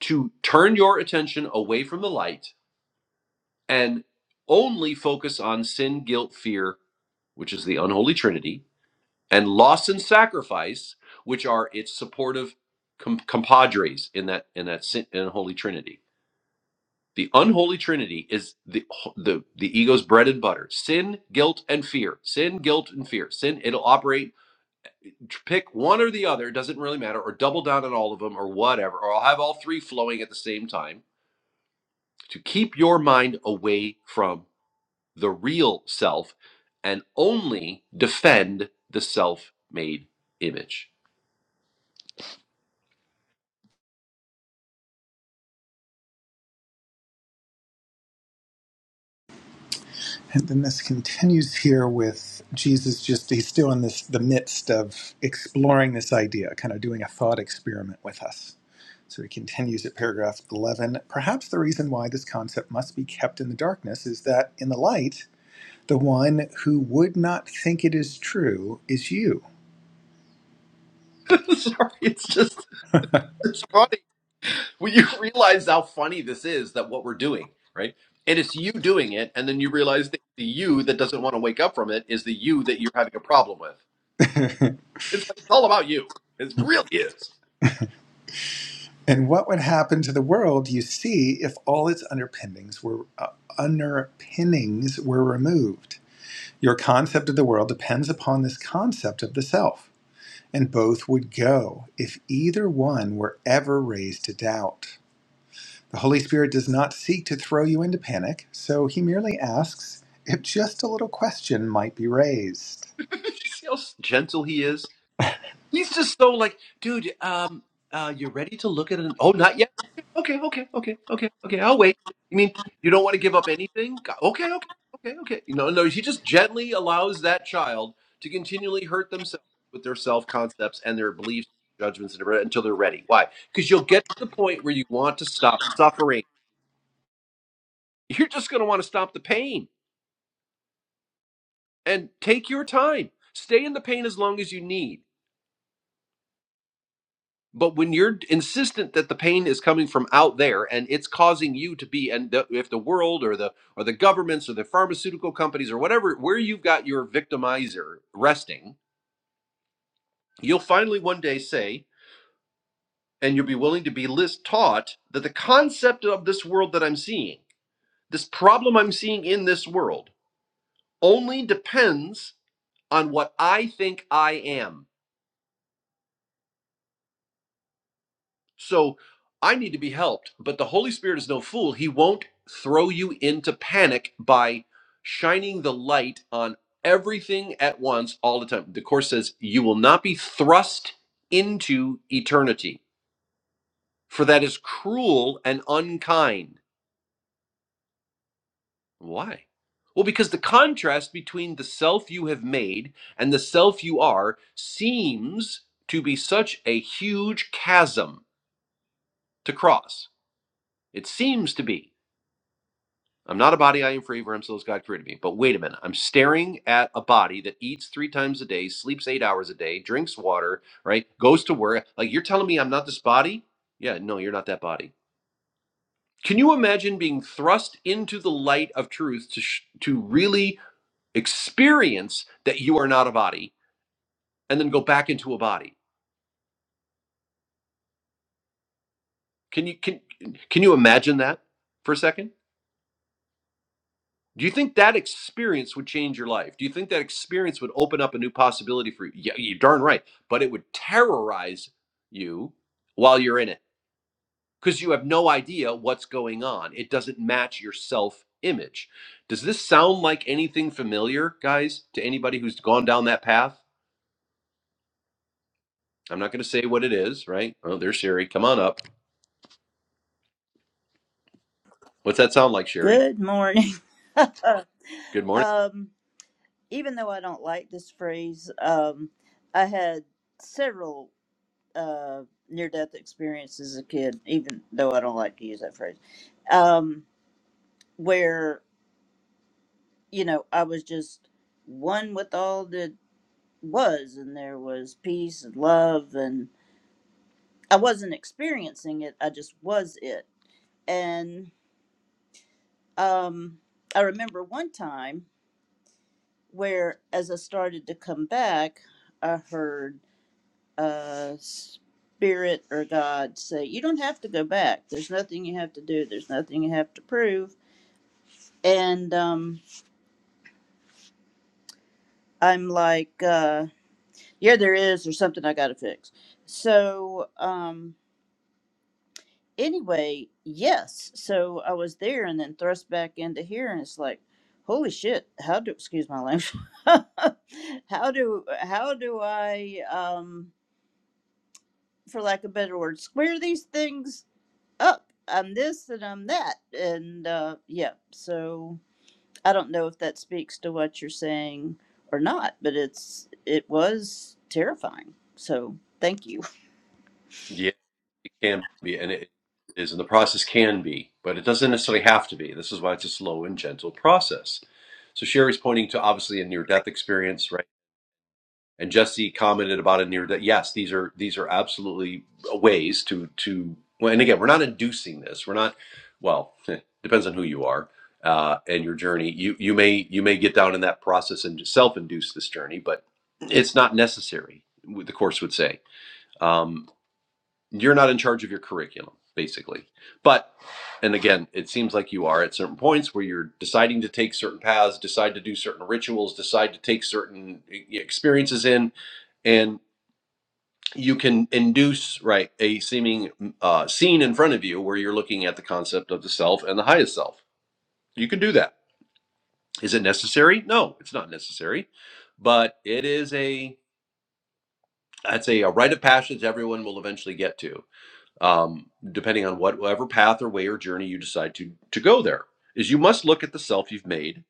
to turn your attention away from the light and only focus on sin, guilt, fear, which is the unholy trinity, and loss and sacrifice, which are its supportive com- compadres in that in that sin in holy trinity. The unholy trinity is the the the ego's bread and butter: sin, guilt, and fear. Sin, guilt, and fear. Sin. It'll operate. Pick one or the other. Doesn't really matter. Or double down on all of them, or whatever. Or I'll have all three flowing at the same time to keep your mind away from the real self and only defend the self made image. And then this continues here with Jesus just, he's still in this, the midst of exploring this idea, kind of doing a thought experiment with us. So he continues at paragraph 11. Perhaps the reason why this concept must be kept in the darkness is that in the light, the one who would not think it is true is you. Sorry, it's just it's funny when you realize how funny this is that what we're doing, right? And it's you doing it, and then you realize that the you that doesn't want to wake up from it is the you that you're having a problem with. It's like it's all about you. It really is. And what would happen to the world, you see, if all its underpinnings were uh, underpinnings were removed? Your concept of the world depends upon this concept of the self, and both would go if either one were ever raised to doubt. The Holy Spirit does not seek to throw you into panic, so he merely asks if just a little question might be raised. you see how gentle he is? He's just so like, dude, um, uh, you're ready to look at an oh, not yet. Okay, okay, okay, okay, okay. I'll wait. You mean you don't want to give up anything? Go- Okay, okay, okay, okay. You know, no, he just gently allows that child to continually hurt themselves with their self concepts and their beliefs, judgments, and everything until they're ready. Why? Because you'll get to the point where you want to stop suffering. You're just going to want to stop the pain and take your time. Stay in the pain as long as you need But when you're insistent that the pain is coming from out there and it's causing you to be, and the, if the world or the or the governments or the pharmaceutical companies or whatever, where you've got your victimizer resting, you'll finally one day say, and you'll be willing to be list taught that the concept of this world that I'm seeing, this problem I'm seeing in this world, only depends on what I think I am. So I need to be helped. But the Holy Spirit is no fool. He won't throw you into panic by shining the light on everything at once all the time. The Course says, You will not be thrust into eternity, for that is cruel and unkind. Why? Well, because the contrast between the self you have made and the self you are seems to be such a huge chasm to cross. It seems to be. I'm not a body, I am free, for I'm still as God created me. But wait a minute. I'm staring at a body that eats three times a day, sleeps eight hours a day, drinks water, right? Goes to work. Like, you're telling me I'm not this body? Yeah, no, you're not that body. Can you imagine being thrust into the light of truth to, sh- to really experience that you are not a body and then go back into a body? Can you, can, can you imagine that for a second? Do you think that experience would change your life? Do you think that experience would open up a new possibility for you? Yeah, you're darn right. But it would terrorize you while you're in it because you have no idea what's going on. It doesn't match your self image. Does this sound like anything familiar, guys, to anybody who's gone down that path? I'm not going to say what it is, right? Oh, there's Sherry. Come on up. What's that sound like, Sherry? Good morning. Uh, Good morning. um, even though I don't like this phrase, um, I had several uh, near death experiences as a kid, even though I don't like to use that phrase, um, where, you know, I was just one with all that was, and there was peace and love, and I wasn't experiencing it, I just was it. And um, I remember one time where, as I started to come back, I heard uh, spirit or God say, you don't have to go back. There's nothing you have to do. There's nothing you have to prove. And um, I'm like, uh, yeah, there is. There's something I got to fix. So um, anyway, yes. So I was there and then thrust back into here, and it's like, holy shit! How do excuse my language? how do how do I, um, for lack of a better word, square these things up, I'm this and I'm that. And uh, yeah, so I don't know if that speaks to what you're saying or not, but it's it was terrifying. So thank you. Yeah. can be, and it is, and the process can be, but it doesn't necessarily have to be. This is why it's a slow and gentle process. So Sherry's pointing to obviously a near death experience, right? And Jesse commented about a near death. Yes, these are these are absolutely ways to to. Well, and again, we're not inducing this. We're not. Well, depends on who you are uh, and your journey. You you may you may get down in that process and self induce this journey, but it's not necessary. The course would say. Um, you're not in charge of your curriculum basically but and again it seems like you are at certain points where you're deciding to take certain paths decide to do certain rituals decide to take certain e- experiences in and you can induce right a seeming uh, scene in front of you where you're looking at the concept of the self and the highest self you can do that is it necessary no it's not necessary but it is a i'd say a rite of passage everyone will eventually get to um, depending on whatever path or way or journey you decide to to go there is you must look at the self you've made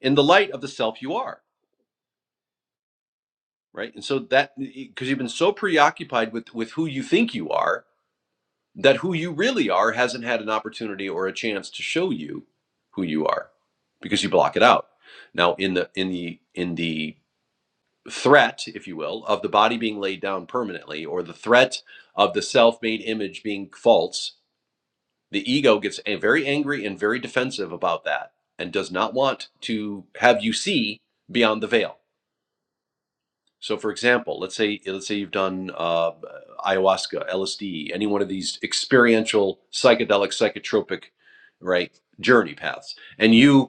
in the light of the self you are right and so that because you've been so preoccupied with with who you think you are that who you really are hasn't had an opportunity or a chance to show you who you are because you block it out now in the in the in the threat if you will of the body being laid down permanently or the threat of the self-made image being false The ego gets very angry and very defensive about that and does not want to have you see beyond the veil. So, for example, let's say let's say you've done uh, ayahuasca, LSD, any one of these experiential psychedelic, psychotropic, right, journey paths, and you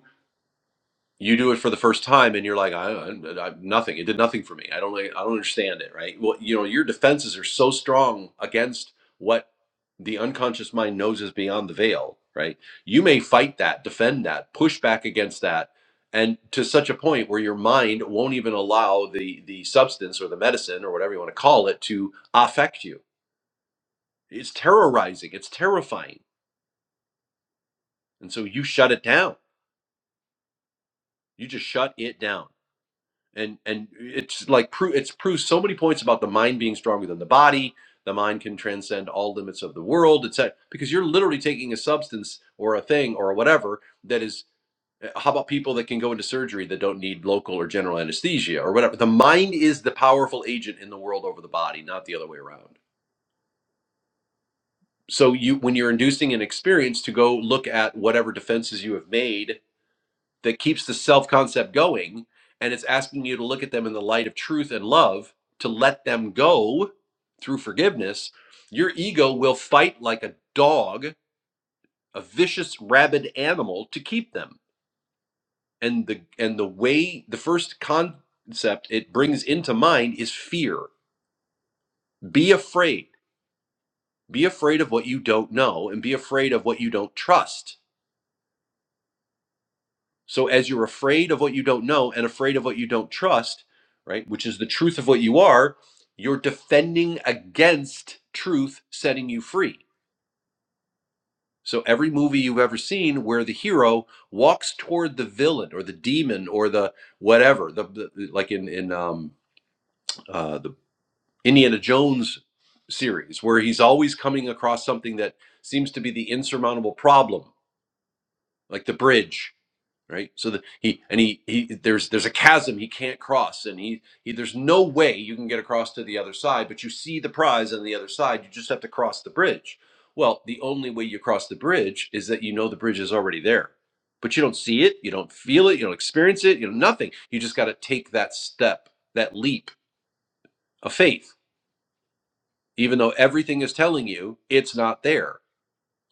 you do it for the first time and you're like I, I, I nothing it did nothing for me i don't like- i don't understand it right well you know your defenses are so strong against what the unconscious mind knows is beyond the veil right you may fight that defend that push back against that and to such a point where your mind won't even allow the the substance or the medicine or whatever you want to call it to affect you it's terrorizing it's terrifying and so you shut it down you just shut it down and and it's like pro- it's proved so many points about the mind being stronger than the body the mind can transcend all limits of the world etc because you're literally taking a substance or a thing or whatever that is eh, how about people that can go into surgery that don't need local or general anesthesia or whatever the mind is the powerful agent in the world over the body not the other way around so you when you're inducing an experience to go look at whatever defenses you have made that keeps the self concept going. And it's asking you to look at them in the light of truth and love, to let them go through forgiveness. Your ego will fight like a dog, a vicious, rabid animal to keep them. And the and the way the first concept it brings into mind is fear. Be afraid. Be afraid of what you don't know and be afraid of what you don't trust So as you're afraid of what you don't know and afraid of what you don't trust, right, which is the truth of what you are, you're defending against truth setting you free. So every movie you've ever seen where the hero walks toward the villain or the demon or the whatever, the, the- like in in um, uh, the Indiana Jones series, where he's always coming across something that seems to be the insurmountable problem, like the bridge, right so that he and he, he there's there's a chasm he can't cross and he, he there's no way you can get across to the other side but you see the prize on the other side you just have to cross the bridge well the only way you cross the bridge is that you know the bridge is already there but you don't see it you don't feel it you don't experience it you know nothing you just got to take that step that leap of faith even though everything is telling you it's not there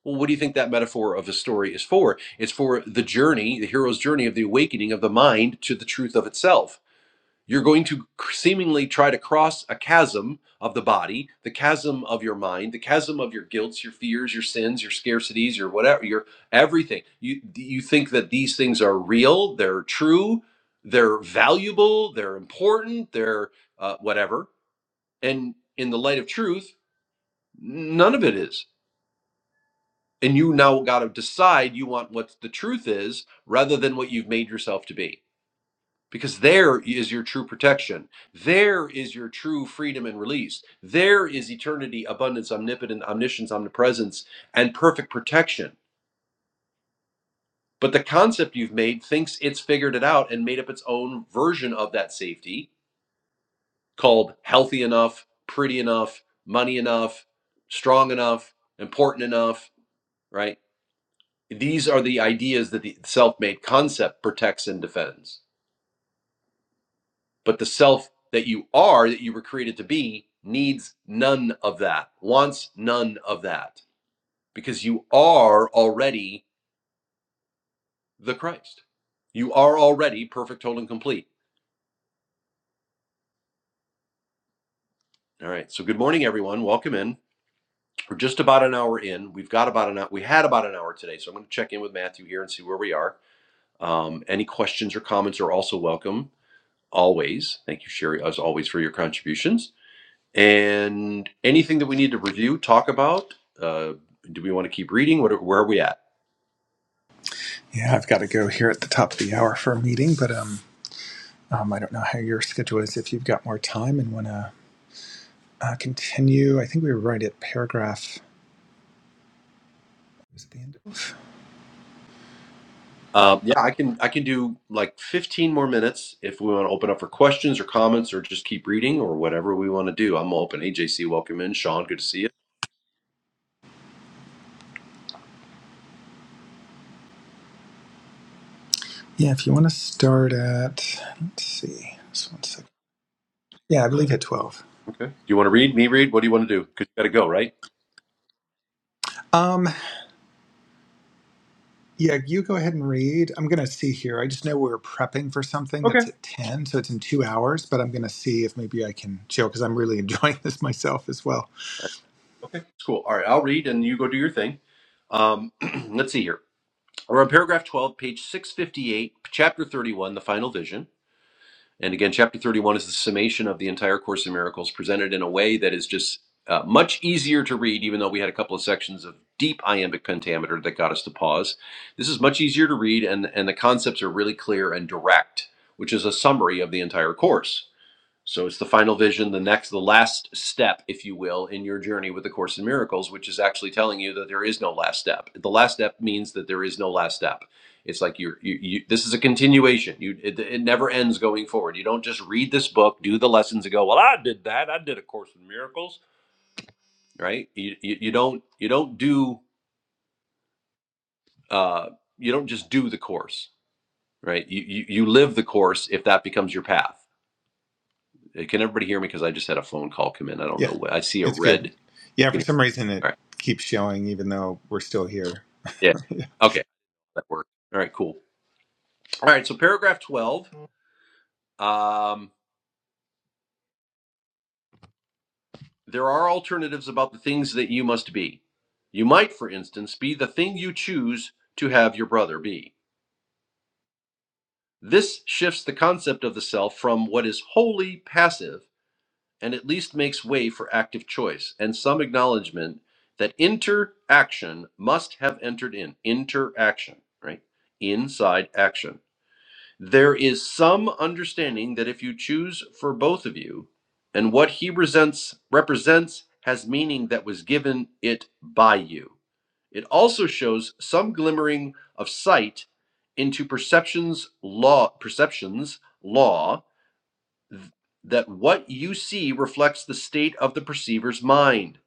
well, what do you think that metaphor of a story is for? It's for the journey, the hero's journey of the awakening of the mind to the truth of itself. You're going to seemingly try to cross a chasm of the body, the chasm of your mind, the chasm of your guilts, your fears, your sins, your scarcities, your whatever, your everything. You you think that these things are real, they're true, they're valuable, they're important, they're uh, whatever. And in the light of truth, none of it is and you now got to decide you want what the truth is rather than what you've made yourself to be because there is your true protection there is your true freedom and release there is eternity abundance omnipotent omniscience omnipresence and perfect protection but the concept you've made thinks it's figured it out and made up its own version of that safety called healthy enough pretty enough money enough strong enough important enough right these are the ideas that the self-made concept protects and defends but the self that you are that you were created to be needs none of that wants none of that because you are already the christ you are already perfect total and complete all right so good morning everyone welcome in we're just about an hour in we've got about an hour we had about an hour today so i'm going to check in with matthew here and see where we are um, any questions or comments are also welcome always thank you sherry as always for your contributions And anything that we need to review, talk about? Uh, do we want to keep reading? What, are- where are we at? Yeah, I've got to go here at the top of the hour for a meeting, but um, um I don't know how your schedule is if you've got more time and want to uh, continue. I think we were right at paragraph. Was it the end of? Um, yeah, I can I can do like 15 more minutes if we want to open up for questions or comments or just keep reading or whatever we want to do. I'm open. Hey, JC, welcome in. Sean, good to see you. Yeah, if you want to start at, let's see, just one second. Yeah, I believe at 12. Okay. Do you want to read? Me read? What do you want to do? Because you got to go, right? Um, yeah, you go ahead and read. I'm going to see here. I just know we are prepping for something that's Okay. at 10, so it's in two hours, but I'm going to see if maybe I can chill because I'm really enjoying this myself as well. Okay, that's cool. All right, I'll read and you go do your thing. Um, let's see here. We're on paragraph 12, page 658, chapter 31, the final vision. And again, chapter 31 is the summation of the entire Course in Miracles presented in a way that is just uh, much easier to read, even though we had a couple of sections of deep iambic pentameter that got us to pause. This is much easier to read, and, and the concepts are really clear and direct, which is a summary of the entire course. So it's the final vision, the next, the last step, if you will, in your journey with the Course in Miracles, which is actually telling you that there is no last step. The last step means that there is no last step. It's like you're, you, you this is a continuation. You, it, it never ends going forward. You don't just read this book, do the lessons, and go, well, I did that. I did a Course in Miracles, right? You, you, you don't, you don't do, uh, you don't just do the course, right? You, you, you live the course if that becomes your path. Uh, Can everybody hear me? Because I just had a phone call come in. I don't Yeah, know. what- I see a it's good. red. Yeah, for some reason it All right. keeps showing even though we're still here. Yeah. I Okay. That worked. All right. Cool. All right. So paragraph twelve. Um, there are alternatives about the things that you must be. You might, for instance, be the thing you choose to have your brother be. This shifts the concept of the self from what is wholly passive and at least makes way for active choice and some acknowledgement that interaction must have entered in. Interaction, right? Inside action. There is some understanding that if you choose for both of you, and what he resents represents has meaning that was given it by you. It also shows some glimmering of sight into perceptions law perceptions law th- that what you see reflects the state of the perceiver's mind.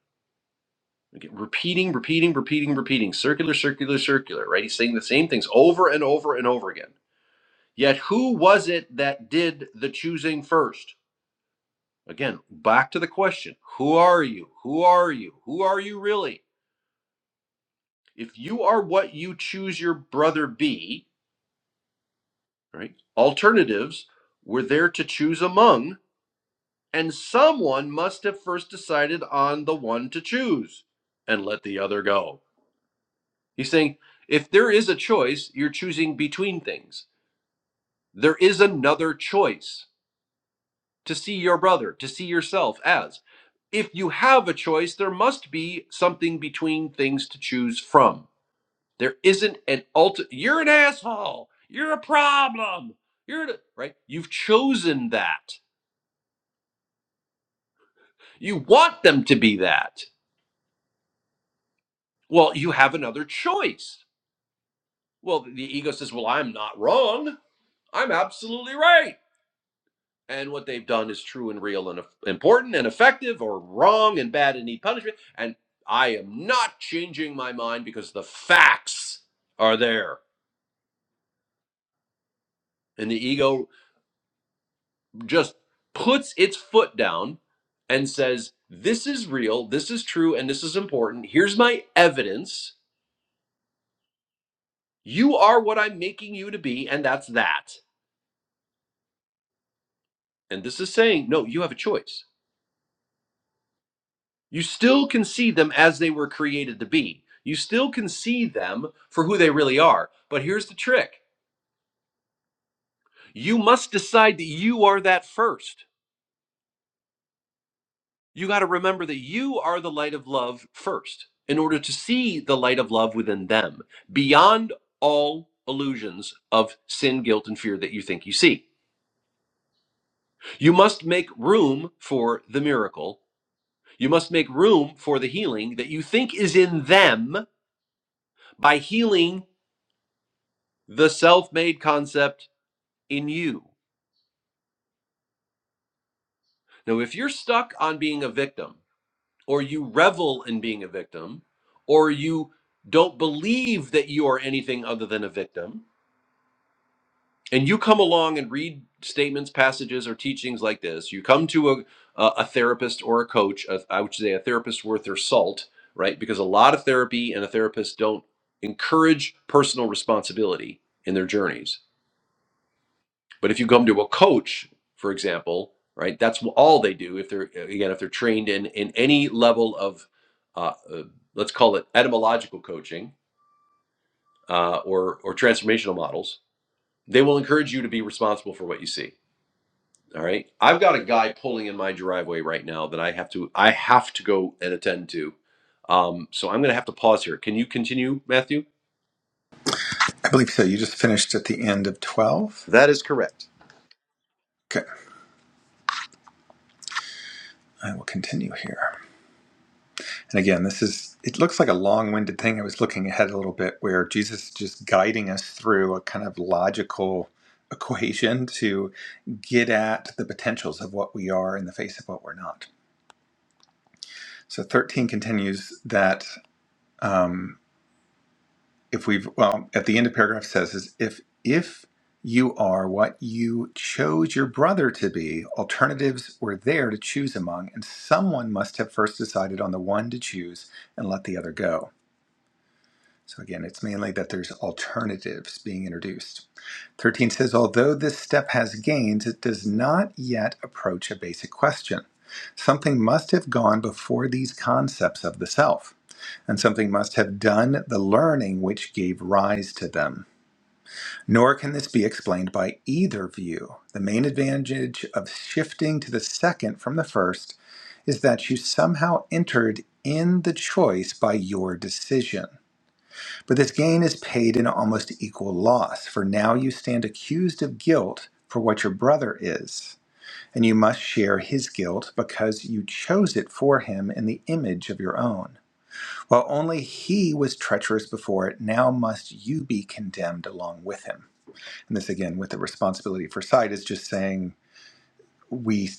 Okay, repeating, repeating, repeating, repeating, circular, circular, circular, right? He's saying the same things over and over and over again. Yet who was it that did the choosing first? Again, back to the question Who are you? Who are you? Who are you really? If you are what you choose your brother be, right? Alternatives were there to choose among, and someone must have first decided on the one to choose and let the other go. He's saying if there is a choice, you're choosing between things. There is another choice to see your brother, to see yourself as. If you have a choice, there must be something between things to choose from. There isn't an ultimate, you're an asshole, you're a problem, you're, the-" right? You've chosen that. You want them to be that. Well, you have another choice. Well, the ego says, well, I'm not wrong. I'm absolutely right. and what they've done is true and real and important and effective or wrong and bad and need punishment and i am not changing my mind because the facts are there and the ego just puts its foot down and says this is real this is true and this is important here's my evidence you are what i'm making you to be and that's that and this is saying no you have a choice You still can see them as they were created to be. You still can see them for who they really are. But here's the trick you must decide that you are that first. You got to remember that you are the light of love first in order to see the light of love within them beyond all illusions of sin, guilt, and fear that you think you see. You must make room for the miracle. You must make room for the healing that you think is in them by healing the self made concept in you. Now, if you're stuck on being a victim, or you revel in being a victim, or you don't believe that you are anything other than a victim, and you come along and read statements, passages, or teachings like this, you come to a a a therapist or a coach. a- I would say a therapist worth their salt, right? Because a lot of therapy and a therapist don't encourage personal responsibility in their journeys But if you come to a coach, for example, right, that's all they do. If they're again, if they're trained in in any level of, uh, uh, let's call it etymological coaching uh, or or transformational models, they will encourage you to be responsible for what you see. All right, I've got a guy pulling in my driveway right now that I have to I have to go and attend to. Um, so I'm going to have to pause here. Can you continue, Matthew? believe so. You just finished at the end of 12. That is correct. Okay, I will continue here. And again, this is, it looks like a long winded thing. I was looking ahead a little bit where Jesus is just guiding us through a kind of logical equation to get at the potentials of what we are in the face of what we're not. So 13 continues that um, if we've, well, at the end of paragraph says, is if, if you are what you chose your brother to be, alternatives were there to choose among, and someone must have first decided on the one to choose and let the other go. So again, it's mainly that there's alternatives being introduced. 13 says, although this step has gains, it does not yet approach a basic question. Something must have gone before these concepts of the self, and something must have done the learning which gave rise to them. Nor can this be explained by either view. The main advantage of shifting to the second from the first is that you somehow entered in the choice by your decision. But this gain is paid in almost equal loss, for now you stand accused of guilt for what your brother is, and you must share his guilt because you chose it for him in the image of your own. While only he was treacherous before it, now must you be condemned along with him. And this again with the responsibility for sight is just saying we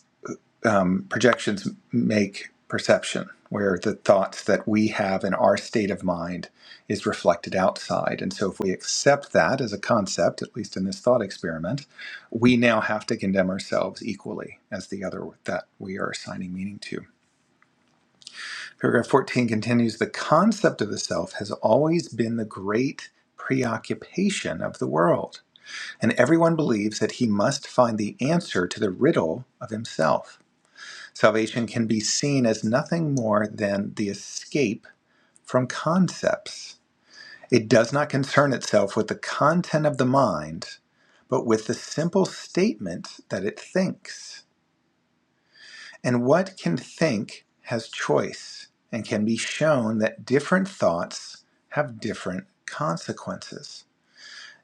um, projections make perception, where the thoughts that we have in our state of mind is reflected outside. And so, if we accept that as a concept, at least in this thought experiment, we now have to condemn ourselves equally as the other that we are assigning meaning to. Paragraph 14 continues The concept of the self has always been the great preoccupation of the world, and everyone believes that he must find the answer to the riddle of himself. Salvation can be seen as nothing more than the escape from concepts. It does not concern itself with the content of the mind, but with the simple statement that it thinks. And what can think has choice and can be shown that different thoughts have different consequences.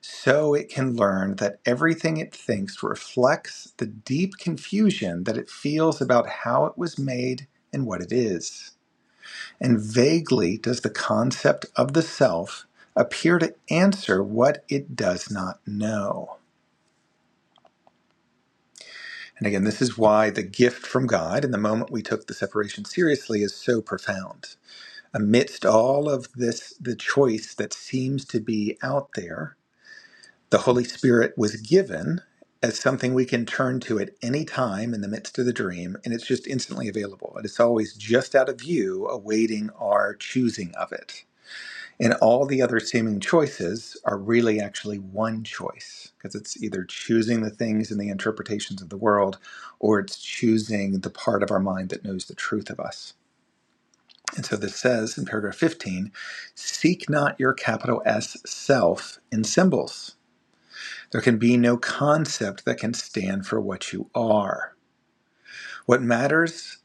So it can learn that everything it thinks reflects the deep confusion that it feels about how it was made and what it is. And vaguely does the concept of the self appear to answer what it does not know. And again, this is why the gift from God and the moment we took the separation seriously is so profound. Amidst all of this, the choice that seems to be out there, the Holy Spirit was given as something we can turn to at any time in the midst of the dream, and it's just instantly available. And it's always just out of view, awaiting our choosing of it. And all the other seeming choices are really actually one choice because it's either choosing the things and the interpretations of the world or it's choosing the part of our mind that knows the truth of us. And so this says in paragraph 15 seek not your capital S self in symbols. There can be no concept that can stand for what you are. What matters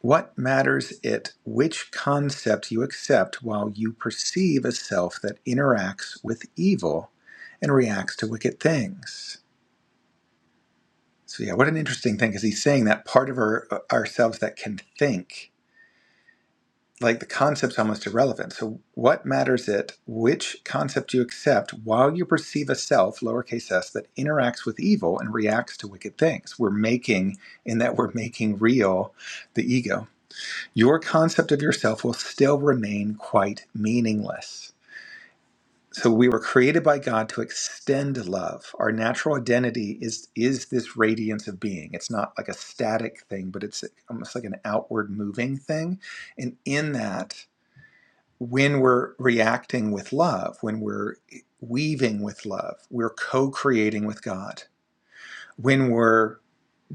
What matters it which concept you accept while you perceive a self that interacts with evil and reacts to wicked things? So, yeah, what an interesting thing because he's saying that part of our, uh, ourselves that can think, like the concept's almost irrelevant. So, what matters it which concept you accept while you perceive a self, lowercase s, that interacts with evil and reacts to wicked things? We're making, in that we're making real the ego. your concept of yourself will still remain quite meaningless. So we were created by God to extend love. Our natural identity is is this radiance of being. It's not like a static thing, but it's almost like an outward moving thing. And in that, when we're reacting with love, when we're weaving with love, we're co-creating with God. When we're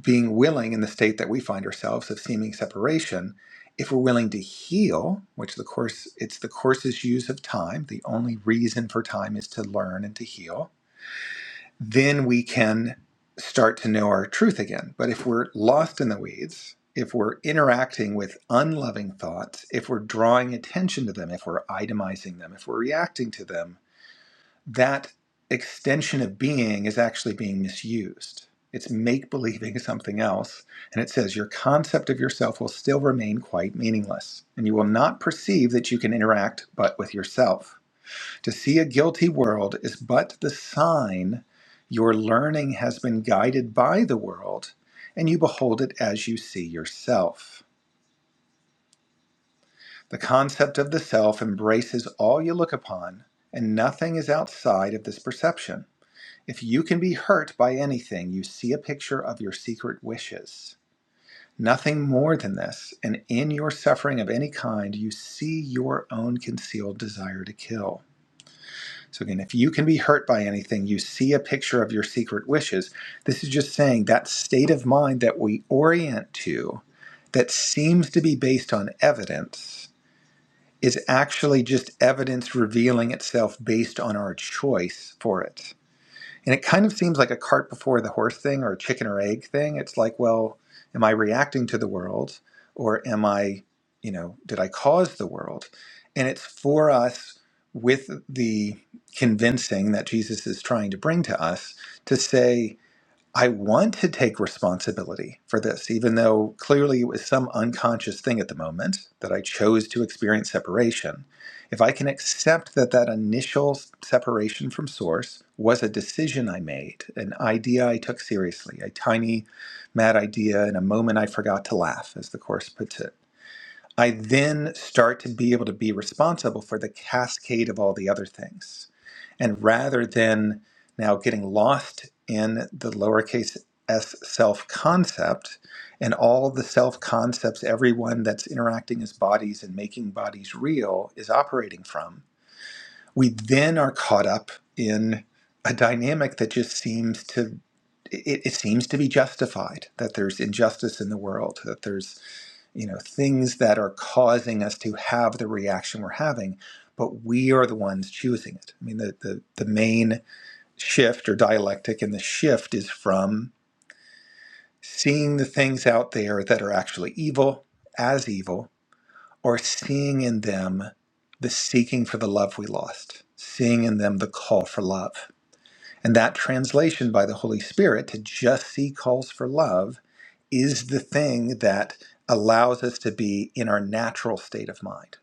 being willing in the state that we find ourselves of seeming separation, if we're willing to heal, which the course it's the course's use of time, the only reason for time is to learn and to heal, then we can start to know our truth again. But if we're lost in the weeds, if we're interacting with unloving thoughts, if we're drawing attention to them, if we're itemizing them, if we're reacting to them, that extension of being is actually being misused. It's make believing something else. And it says your concept of yourself will still remain quite meaningless, and you will not perceive that you can interact but with yourself. To see a guilty world is but the sign your learning has been guided by the world, and you behold it as you see yourself. The concept of the self embraces all you look upon, and nothing is outside of this perception. If you can be hurt by anything, you see a picture of your secret wishes. Nothing more than this. And in your suffering of any kind, you see your own concealed desire to kill. So, again, if you can be hurt by anything, you see a picture of your secret wishes. This is just saying that state of mind that we orient to, that seems to be based on evidence, is actually just evidence revealing itself based on our choice for it. And it kind of seems like a cart before the horse thing or a chicken or egg thing. It's like, well, am I reacting to the world or am I, you know, did I cause the world? And it's for us with the convincing that Jesus is trying to bring to us to say, I want to take responsibility for this, even though clearly it was some unconscious thing at the moment that I chose to experience separation. If I can accept that that initial separation from source was a decision I made, an idea I took seriously, a tiny mad idea in a moment I forgot to laugh, as the Course puts it I then start to be able to be responsible for the cascade of all the other things. And rather than now getting lost in the lowercase s self concept and all the self concepts everyone that's interacting as bodies and making bodies real is operating from, we then are caught up in a dynamic that just seems to it, it seems to be justified that there's injustice in the world that there's you know things that are causing us to have the reaction we're having but we are the ones choosing it i mean the, the, the main shift or dialectic in the shift is from seeing the things out there that are actually evil as evil or seeing in them the seeking for the love we lost seeing in them the call for love and that translation by the Holy Spirit to just see calls for love is the thing that allows us to be in our natural state of mind.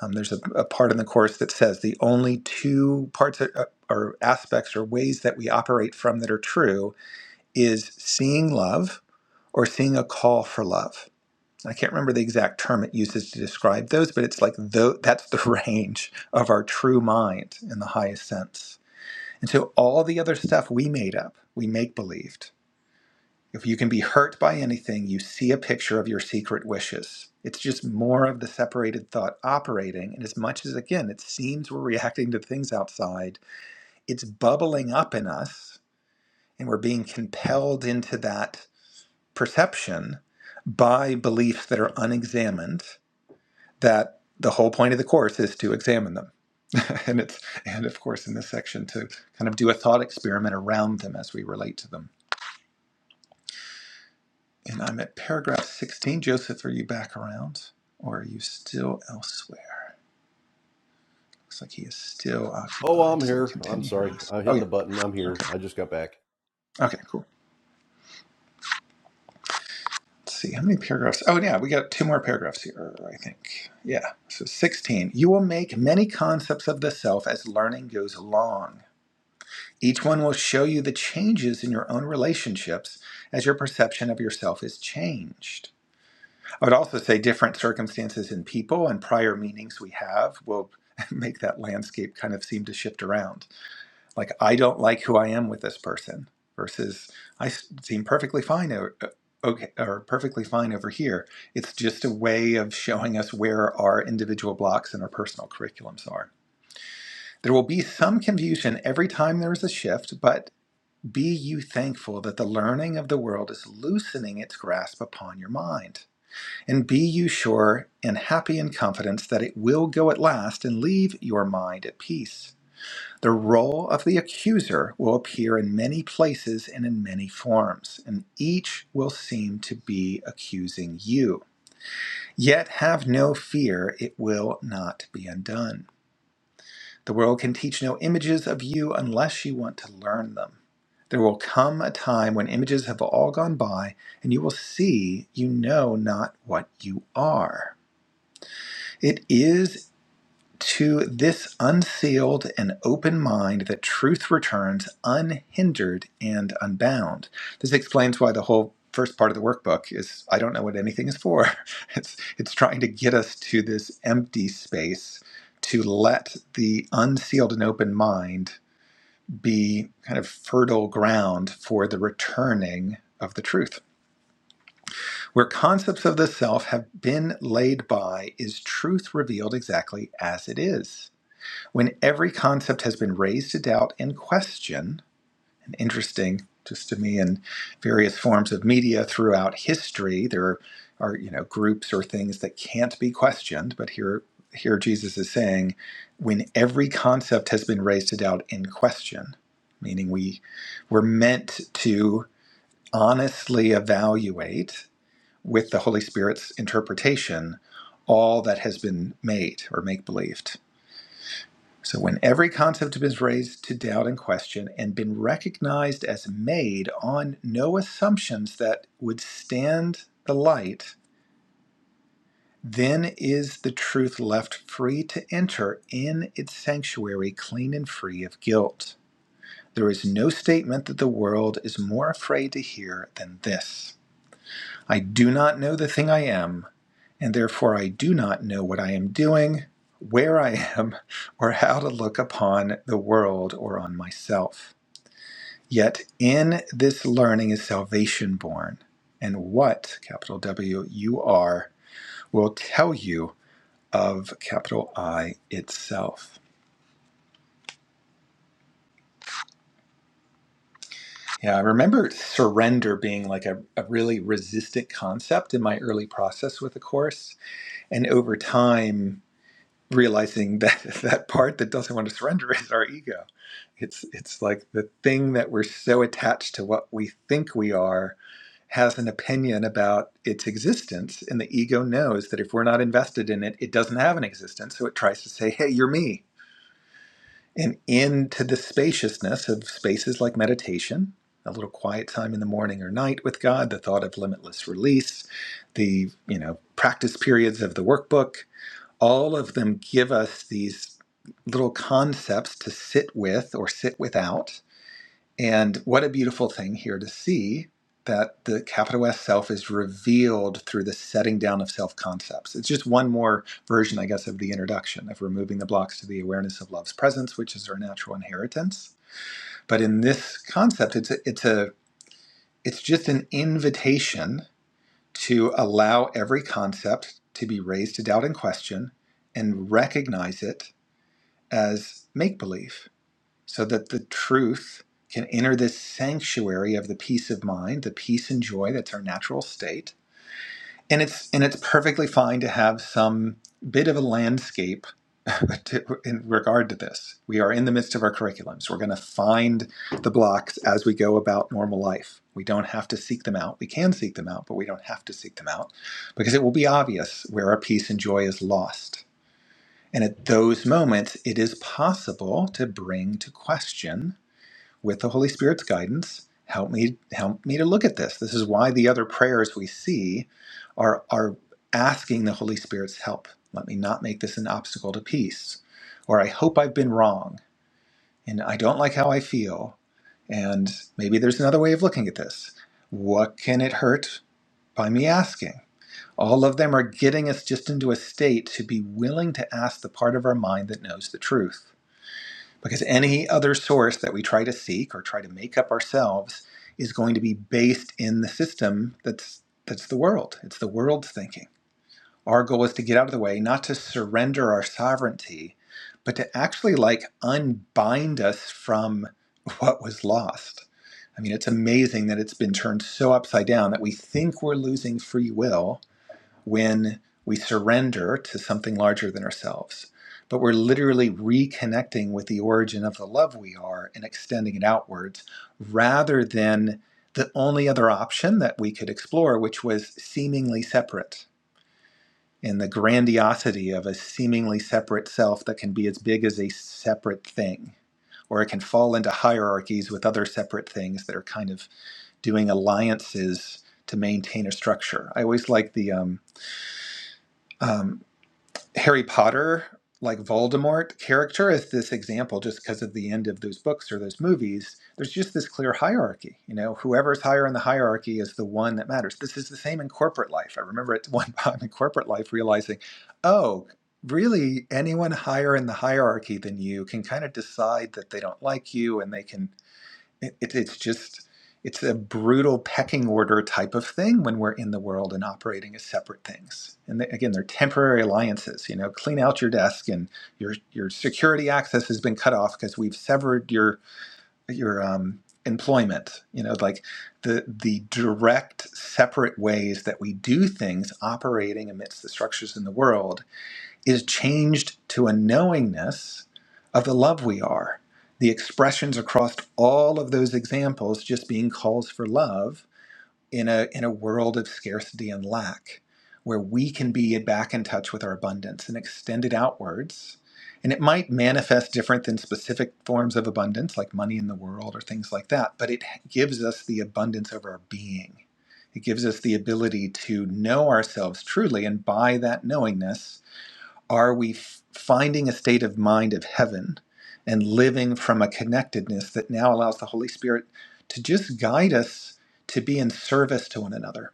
Um, there's a, a part in the Course that says the only two parts or, or aspects or ways that we operate from that are true is seeing love or seeing a call for love. I can't remember the exact term it uses to describe those, but it's like tho- that's the range of our true mind in the highest sense. And so all the other stuff we made up, we make believed. If you can be hurt by anything, you see a picture of your secret wishes. It's just more of the separated thought operating. And as much as, again, it seems we're reacting to things outside, it's bubbling up in us and we're being compelled into that perception by beliefs that are unexamined that the whole point of the course is to examine them. and it's and of course in this section to kind of do a thought experiment around them as we relate to them. And I'm at paragraph 16. Joseph, are you back around? Or are you still elsewhere? Looks like he is still Oh, occupied. I'm So we'll here. I'm continue here. sorry. I'm Oh hitting yeah. the button. I'm here. Okay. I just got back. Okay, cool. Let's see how many paragraphs. Oh yeah, we got two more paragraphs here, I think. Yeah. So 16. You will make many concepts of the self as learning goes along. Each one will show you the changes in your own relationships as your perception of yourself is changed. I would also say different circumstances and people and prior meanings we have will make that landscape kind of seem to shift around. Like, I don't like who I am with this person versus I seem perfectly fine. o- Okay, or perfectly fine over here. It's just a way of showing us where our individual blocks and our personal curriculums are. There will be some confusion every time there is a shift, but be you thankful that the learning of the world is loosening its grasp upon your mind. And be you sure and happy in confidence that it will go at last and leave your mind at peace. The role of the accuser will appear in many places and in many forms, and each will seem to be accusing you. Yet have no fear, it will not be undone. The world can teach no images of you unless you want to learn them. There will come a time when images have all gone by and you will see you know not what you are. It is to this unsealed and open mind that truth returns unhindered and unbound. This explains why the whole first part of the workbook is I don't know what anything is for. It's it's trying to get us to this empty space to let the unsealed and open mind be kind of fertile ground for the returning of the truth. Where concepts of the self have been laid by is truth revealed exactly as it is when every concept has been raised to doubt and question, and interesting just to me in various forms of media throughout history, there are you know groups or things that can't be questioned, but here here Jesus is saying, when every concept has been raised to doubt and question, meaning we were meant to honestly evaluate with the Holy Spirit's interpretation all that has been made or make believed. So, when every concept is raised to doubt and question and been recognized as made on no assumptions that would stand the light, then is the truth left free to enter in its sanctuary clean and free of guilt. There is no statement that the world is more afraid to hear than this I do not know the thing I am. and therefore I do not know what I am doing, where I am, or how to look upon the world or on myself. Yet in this learning is salvation born, and what, capital W, you are, will tell you of capital I itself. Yeah, I remember surrender being like a, a really resistant concept in my early process with the course. And over time, realizing that that part that doesn't want to surrender is our ego. It's it's like the thing that we're so attached to what we think we are has an opinion about its existence and the ego knows that if we're not invested in it it doesn't have an existence so it tries to say hey you're me and into the spaciousness of spaces like meditation a little quiet time in the morning or night with god the thought of limitless release the you know practice periods of the workbook all of them give us these little concepts to sit with or sit without. And what a beautiful thing here to see that the capital S self is revealed through the setting down of self concepts. It's just one more version, I guess, of the introduction of removing the blocks to the awareness of love's presence, which is our natural inheritance. But in this concept, it's a, it's a it's just an invitation to allow every concept to be raised to doubt and question and recognize it as make believe so that the truth can enter this sanctuary of the peace of mind, the peace and joy that's our natural state. And it's and it's perfectly fine to have some bit of a landscape to, in regard to this. We are in the midst of our curriculums. We're going to find the blocks as we go about normal life. We don't have to seek them out. We can seek them out, but we don't have to seek them out because it will be obvious where our peace and joy is lost and at those moments, it is possible to bring to question with the Holy Spirit's guidance. Help me, help me to look at this. This is why the other prayers we see are, are asking the Holy Spirit's help. Let me not make this an obstacle to peace. Or I hope I've been wrong and I don't like how I feel. And maybe there's another way of looking at this. What can it hurt by me asking? All of them are getting us just into a state to be willing to ask the part of our mind that knows the truth. Because any other source that we try to seek or try to make up ourselves is going to be based in the system that's that's the world. It's the world's thinking. Our goal is to get out of the way, not to surrender our sovereignty, but to actually like unbind us from what was lost. I mean, it's amazing that it's been turned so upside down that we think we're losing free will when we surrender to something larger than ourselves. But we're literally reconnecting with the origin of the love we are and extending it outwards rather than the only other option that we could explore, which was seemingly separate. And the grandiosity of a seemingly separate self that can be as big as a separate thing, or it can fall into hierarchies with other separate things that are kind of doing alliances to maintain a structure. I always like the um, um, Harry Potter, like Voldemort character, is this example just because of the end of those books or those movies. There's just this clear hierarchy. You know, whoever's higher in the hierarchy is the one that matters. This is the same in corporate life. I remember at one time in corporate life realizing, oh, really, anyone higher in the hierarchy than you can kind of decide that they don't like you and they can it, it, it's just it's a brutal pecking order type of thing when we're in the world and operating as separate things and they, again they're temporary alliances you know clean out your desk and your your security access has been cut off because we've severed your your um employment you know like the the direct separate ways that we do things operating amidst the structures in the world is changed to a knowingness of the love we are. The expressions across all of those examples just being calls for love in a, in a world of scarcity and lack, where we can be back in touch with our abundance and extend it outwards. And it might manifest different than specific forms of abundance, like money in the world or things like that, but it gives us the abundance of our being. It gives us the ability to know ourselves truly, and by that knowingness, are we f- finding a state of mind of heaven and living from a connectedness that now allows the Holy Spirit to just guide us to be in service to one another?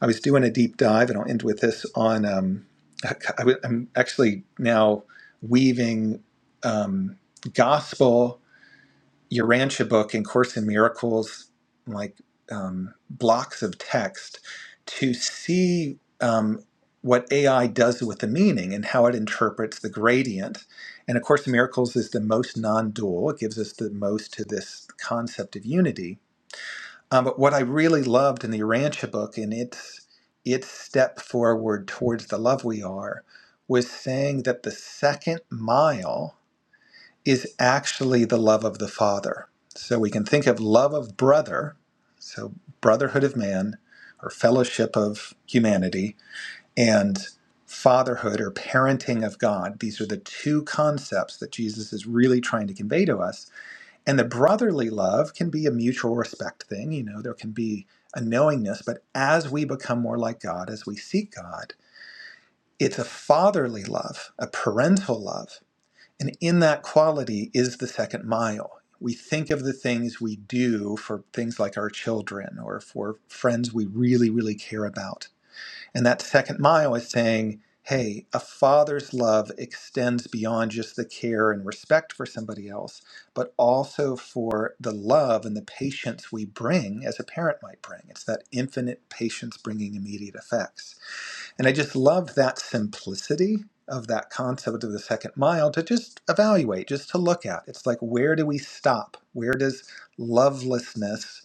I was doing a deep dive, and I'll end with this on. Um, I, I- I'm actually now weaving um, gospel your Rancha book and Course in Miracles, like um, blocks of text, to see um, what AI does with the meaning and how it interprets the gradient. And A Course in Miracles is the most non-dual. It gives us the most to this concept of unity. Um, but what I really loved in the Rancha book and its its step forward towards the love we are was saying that the second mile is actually the love of the Father. So we can think of love of brother, so brotherhood of man or fellowship of humanity, and fatherhood or parenting of God. These are the two concepts that Jesus is really trying to convey to us. And the brotherly love can be a mutual respect thing, you know, there can be a knowingness, but as we become more like God, as we seek God, it's a fatherly love, a parental love and in that quality is the second mile. We think of the things we do for things like our children or for friends we really, really care about. And that second mile is saying, hey, a father's love extends beyond just the care and respect for somebody else, but also for the love and the patience we bring as a parent might bring. It's that infinite patience bringing immediate effects. And I just love that simplicity of that concept of the second mile to just evaluate, just to look at. It's like, where do we stop? Where does lovelessness,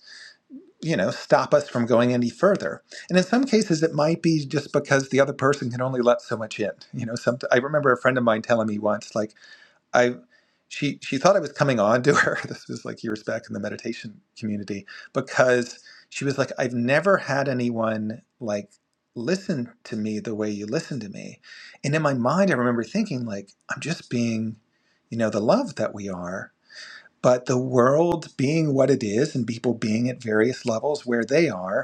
you know, stop us from going any further? And in some cases, it might be just because the other person can only let so much in. You know, some, I remember a friend of mine telling me once, like, I she she thought I was coming on to her. This was like years back in the meditation community because she was like, I've never had anyone like listen to me the way you listen to me. And in my mind, I remember thinking like, I'm just being, you know, the love that we are. But the world being what it is and people being at various levels where they are,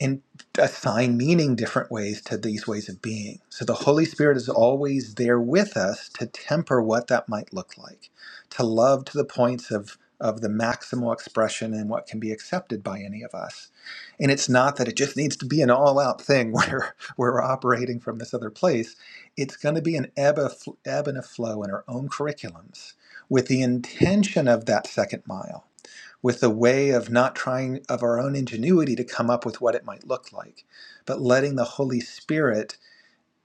and assign meaning different ways to these ways of being. So the Holy Spirit is always there with us to temper what that might look like, to love to the points of of the maximal expression and what can be accepted by any of us. And it's not that it just needs to be an all-out thing where we're operating from this other place. It's going to be an ebb, of, ebb and a flow in our own curriculums with the intention of that second mile with a way of not trying of our own ingenuity to come up with what it might look like, but letting the Holy Spirit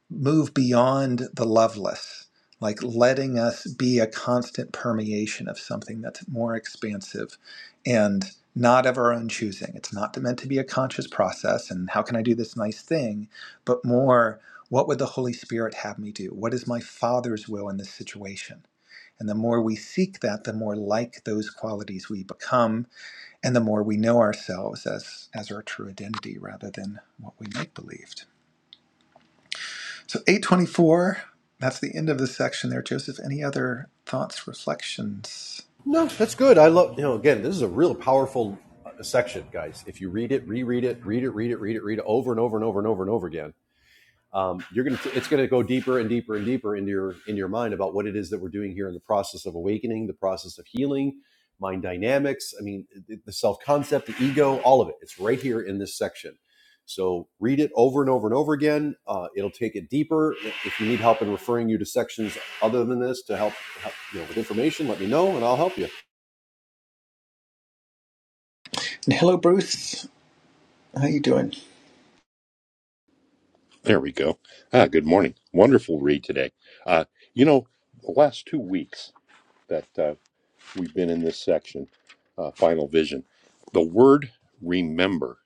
move beyond the loveless, like letting us be a constant permeation of something that's more expansive and not of our own choosing. It's not meant to be a conscious process and how can I do this nice thing, but more what would the Holy Spirit have me do? What is my Father's will in this situation? And the more we seek that, the more like those qualities we become and the more we know ourselves as as our true identity rather than what we make believed so 824 that's the end of the section there joseph any other thoughts reflections No, that's good. I love, you know, again, this is a real powerful uh, section, guys. If you read it, reread it, read it, read it, read it, read it over and over and over and over and over again. um, you're gonna it's gonna go deeper and deeper and deeper into your in your mind about what it is that we're doing here in the process of awakening, the process of healing, mind dynamics. I mean, the, self concept, the ego, all of it. It's right here in this section. So read it over and over and over again. Uh, it'll take it deeper. If you need help in referring you to sections other than this to help, help you know with information, let me know and I'll help you. And hello, Bruce. How you doing? There we go. Ah, good morning. Wonderful read today. Uh, you know, the last two weeks that uh, we've been in this section, uh, Final Vision, the word remember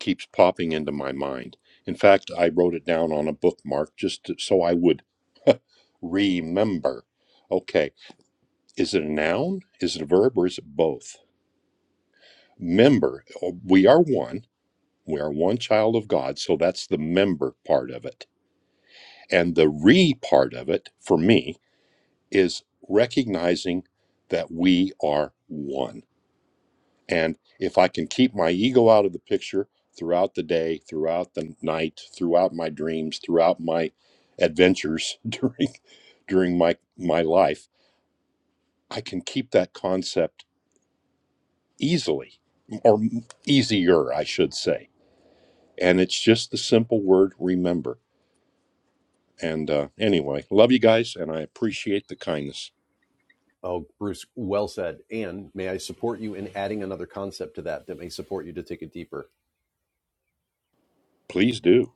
keeps popping into my mind. In fact, I wrote it down on a bookmark just to, so I would remember. Okay, is it a noun? Is it a verb? Or is it both? Member. oh, We are one. We are one child of God. So that's the member part of it. And the re part of it for me is recognizing that we are one. And if I can keep my ego out of the picture throughout the day, throughout the night, throughout my dreams, throughout my adventures during during my my life, I can keep that concept easily or easier, I should say. And it's just the simple word remember. And uh, anyway, love you guys, and I appreciate the kindness. Oh, Bruce, well said. And may I support you in adding another concept to that that may support you to take it deeper? Please do.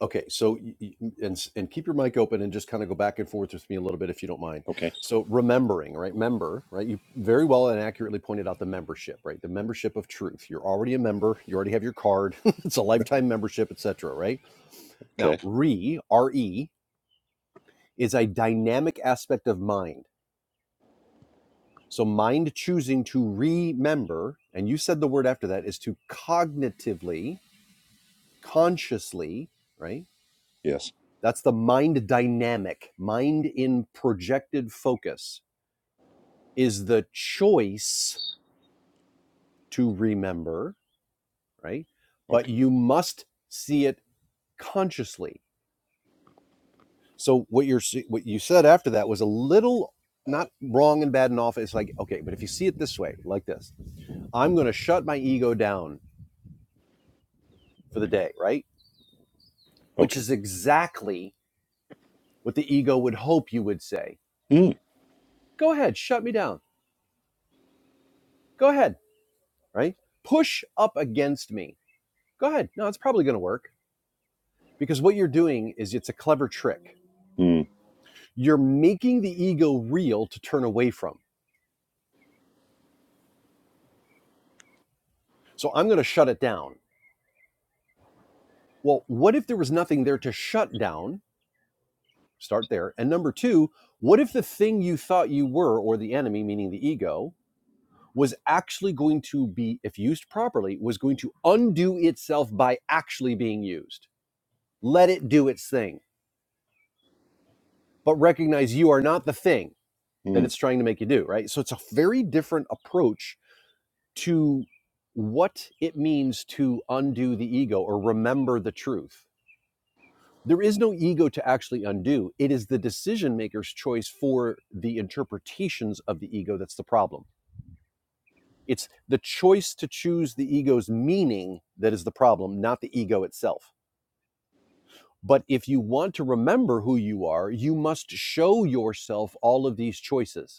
Okay, so y- y- and and keep your mic open and just kind of go back and forth with me a little bit if you don't mind. Okay. So remembering, right? Member, right? You very well and accurately pointed out the membership, right? The membership of truth. You're already a member. You already have your card. it's a lifetime membership, etc. Right now, Okay. re r e is a dynamic aspect of mind. So mind choosing to remember, and you said the word after that is to cognitively, consciously, right? Yes. That's the mind dynamic. Mind in projected focus is the choice to remember, right? But Okay. you must see it consciously. So what you're what you said after that was a little not wrong and bad and off. It's like okay, but if you see it this way, like this, I'm going to shut my ego down for the day, right? Which is Okay. exactly what the ego would hope you would say. Go ahead, shut me down. Go ahead, right? Push up against me Go ahead. No, it's probably going to work because what you're doing is it's a clever trick. Mm, You're making the ego real to turn away from. So I'm going to shut it down. Well, what if there was nothing there to shut down? Start there. And number two, what if the thing you thought you were, or the enemy, meaning the ego, was actually going to be, if used properly, was going to undo itself by actually being used? Let it do its thing, but recognize you are not the thing that mm, it's trying to make you do, right? So it's a very different approach to what it means to undo the ego or remember the truth. There is no ego to actually undo. It is the decision maker's choice for the interpretations of the ego that's the problem. It's the choice to choose the ego's meaning that is the problem, not the ego itself. But if you want to remember who you are, you must show yourself all of these choices.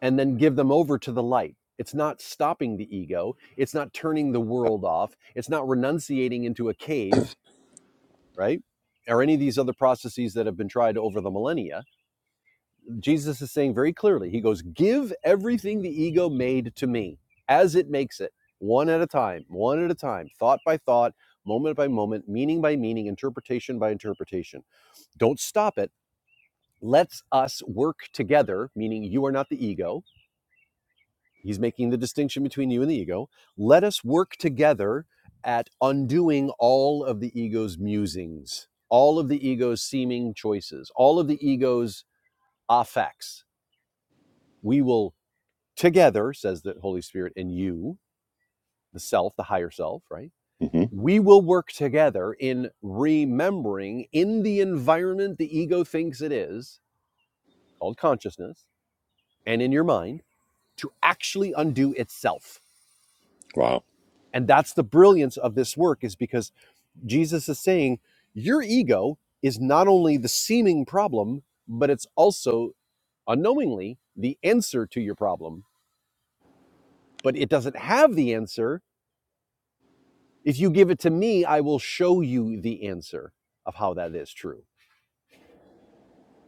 and then give them over to the light. It's not stopping the ego. It's not turning the world off. It's not renunciating into a cave, right? Or any of these other processes that have been tried over the millennia. Jesus is saying very clearly, He goes, Give everything the ego made to me as it makes it, one at a time, one at a time, thought by thought, moment by moment, meaning by meaning, interpretation by interpretation. Don't stop it. Let's us work together, meaning you are not the ego He's making the distinction between you and the ego. Let us work together at undoing all of the ego's musings, all of the ego's seeming choices, all of the ego's affects. We will together, says the Holy Spirit, and you, the self, the higher self, right? hmm We will work together in remembering in the environment the ego thinks it is, called consciousness, and in your mind, to actually undo itself. Wow. And that's the brilliance of this work, is because Jesus is saying your ego is not only the seeming problem, but it's also unknowingly the answer to your problem. But it doesn't have the answer. If you give it to me, I will show you the answer of how that is true.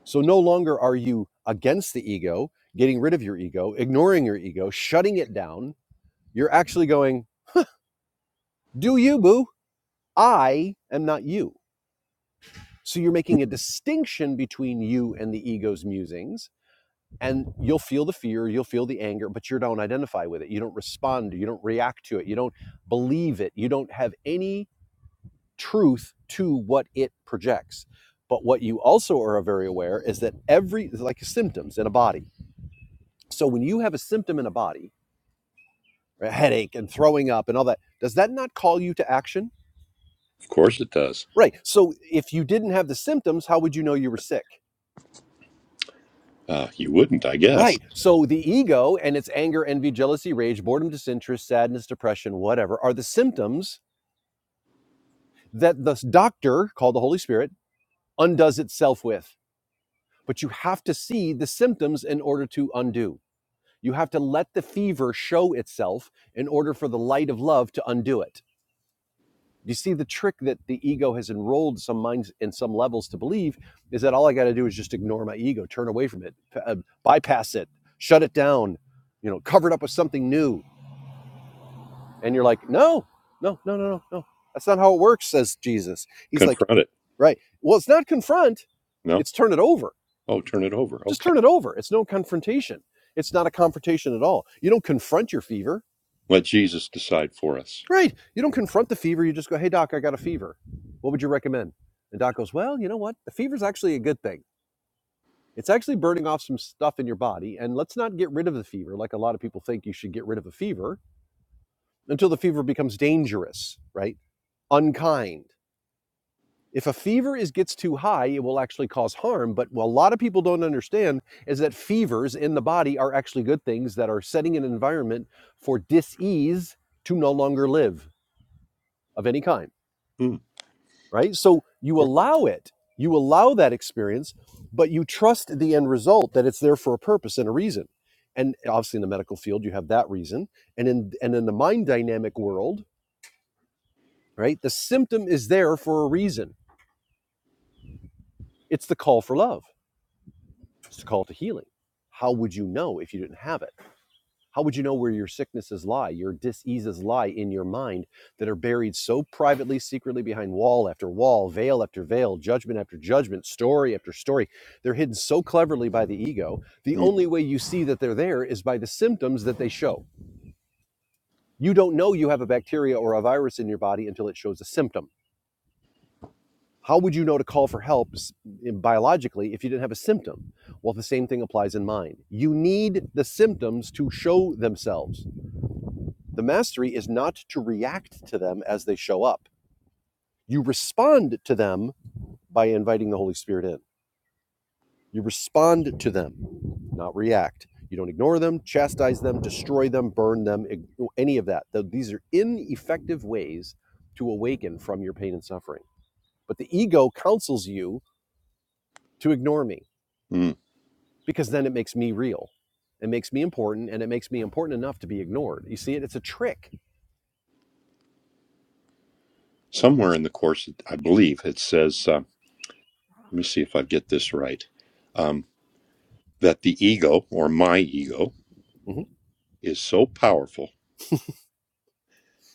So no longer are you against the ego, getting rid of your ego, ignoring your ego, shutting it down. You're actually going, Do you, boo? I am not you. So you're making a distinction between you and the ego's musings and you'll feel the fear you'll feel the anger but you don't identify with it you don't respond you don't react to it you don't believe it you don't have any truth to what it projects but what you also are very aware is that every like symptoms in a body so when you have a symptom in a body right, a headache and throwing up and all that does that not call you to action Of course it does. right so if you didn't have the symptoms how would you know you were sick Uh, you wouldn't, I guess. Right. So the ego and its anger, envy, jealousy, rage, boredom, disinterest, sadness, depression, whatever, are the symptoms that the doctor, called the Holy Spirit, undoes itself with. But you have to see the symptoms in order to undo. You have to let the fever show itself in order for the light of love to undo it. You see, the trick that the ego has enrolled some minds in some levels to believe is that all I got to do is just ignore my ego, turn away from it, uh, bypass it, shut it down, you know, cover it up with something new And you're like, no, no, no, no, no, no. That's not how it works, says Jesus. He's like, Confront it. right. Well, it's not confront, No? it's turn it over. Oh, turn it over. Just Okay. turn it over. It's no confrontation. It's not a confrontation at all. You don't confront your fever. Let Jesus decide for us. Right. You don't confront the fever. You just go, hey, doc, I got a fever. What would you recommend? And doc goes, well, you know what? The fever's actually a good thing. It's actually burning off some stuff in your body. And let's not get rid of the fever like a lot of people think you should get rid of a fever until the fever becomes dangerous, right? Unkind If a fever is gets too high, it will actually cause harm. But what a lot of people don't understand is that fevers in the body are actually good things that are setting an environment for dis-ease to no longer live of any kind. Mm, Right? So you cour- allow it, you allow that experience, but you trust the end result that it's there for a purpose and a reason. And obviously in the medical field, you have that reason. And in and in the mind dynamic world, right, the symptom is there for a reason. It's the call for love It's a call to healing. How would you know if you didn't have it? How would you know where your sicknesses lie, your diseases lie in your mind that are buried so privately, secretly behind wall after wall, veil after veil, judgment after judgment, story after story? They're hidden so cleverly by the ego. The mm, only way you see that they're there is by the symptoms that they show. You don't know you have a bacteria or a virus in your body until it shows a symptom. How would you know to call for help biologically if you didn't have a symptom? Well, the same thing applies in mind. You need the symptoms to show themselves. The mastery is not to react to them as they show up. You respond to them by inviting the Holy Spirit in. You respond to them, not react. You don't ignore them, chastise them, destroy them, burn them, any of that. These are ineffective ways to awaken from your pain and suffering. But the ego counsels you to ignore me mm. because then it makes me real. It makes me important and it makes me important enough to be ignored. You see it? It's a trick. Somewhere in the Course, I believe it says, uh, let me see if I get this right, um, that the ego, or my ego, hmm is so powerful